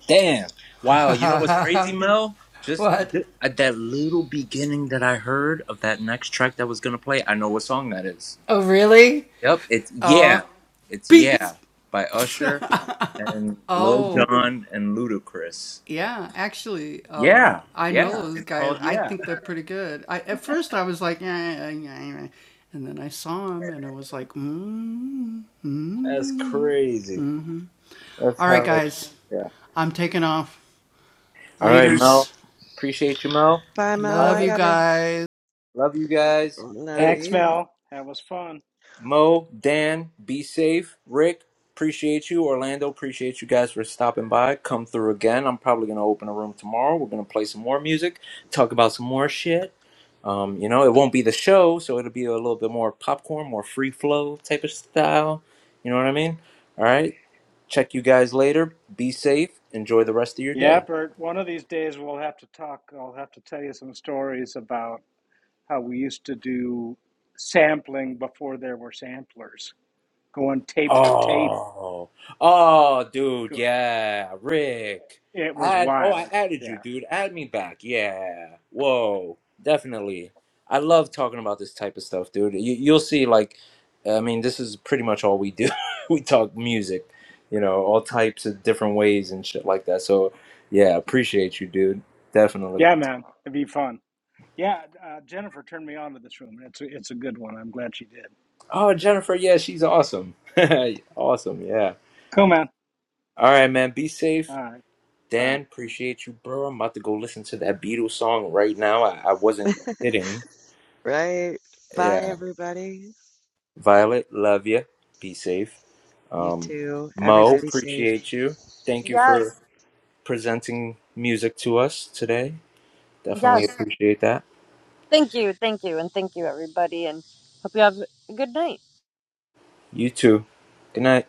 Speaker 1: Damn. Wow. You know what's crazy, Mel? Just th- at that little beginning that I heard of that next track that was gonna play, I know what song that is. Yep, it's Yeah. It's Yeah by Usher and Lil Jon and Ludacris. Yeah, yeah. It's called Yeah. That's crazy. That's how yeah. All right, Mel. Appreciate you, Mel.
Speaker 2: Bye Mel, I
Speaker 1: Violet,
Speaker 2: gotta
Speaker 1: Love you guys.
Speaker 2: love
Speaker 1: Hey,
Speaker 9: Thanks,
Speaker 2: you.
Speaker 9: Mel. That was fun.
Speaker 1: Mo, Dan, be safe. Rick, appreciate you. Orlando, appreciate you guys for stopping by. Come through again. I'm probably going to open a room tomorrow. We're going to play some more music, talk about some more shit. Um, you know, it won't be the show, so it'll be a little bit more popcorn, more free flow type of style. You know what I mean? All right. Check you guys later. Be safe. Enjoy the rest of your day.
Speaker 9: Yeah, Bert, one of these days we'll have to talk. I'll have to tell you some stories about how we used to do sampling before there were samplers, going tape to tape.
Speaker 1: Oh, oh, dude,
Speaker 9: Go-
Speaker 1: yeah, Rick.
Speaker 9: It was
Speaker 1: Add, oh, I
Speaker 9: wild.
Speaker 1: added you,
Speaker 9: Yeah.
Speaker 1: dude. Add me back. Yeah. Whoa, definitely. I love talking about this type of stuff, dude. You, you'll see, like, I mean, this is pretty much all we do. we talk music, you know, all types of different ways and shit like that. So, yeah, appreciate you, dude. Definitely.
Speaker 9: Yeah, man. It'd be fun. Yeah, uh, Jennifer turned me on to this room. It's a, it's a good one. I'm glad she did.
Speaker 1: Oh, Jennifer, yeah, she's awesome. awesome, yeah.
Speaker 9: Cool, man.
Speaker 1: All right, man. Be safe.
Speaker 9: All right. Bye.
Speaker 1: Dan, appreciate you, bro. I'm about to go listen to that Beatles song right now. I, I wasn't kidding.
Speaker 2: Right. Bye,
Speaker 1: Yeah.
Speaker 2: everybody.
Speaker 1: Violet, love you. Be safe.
Speaker 2: You
Speaker 1: Um,
Speaker 2: too.
Speaker 1: Mo,
Speaker 2: Everybody safe.
Speaker 1: appreciate you. Thank you for
Speaker 3: Yes.
Speaker 1: presenting music to us today. Definitely
Speaker 3: Yes.
Speaker 1: appreciate that.
Speaker 3: Thank you, thank you, and thank you, everybody, and hope you have a good night.
Speaker 1: You too. Good night.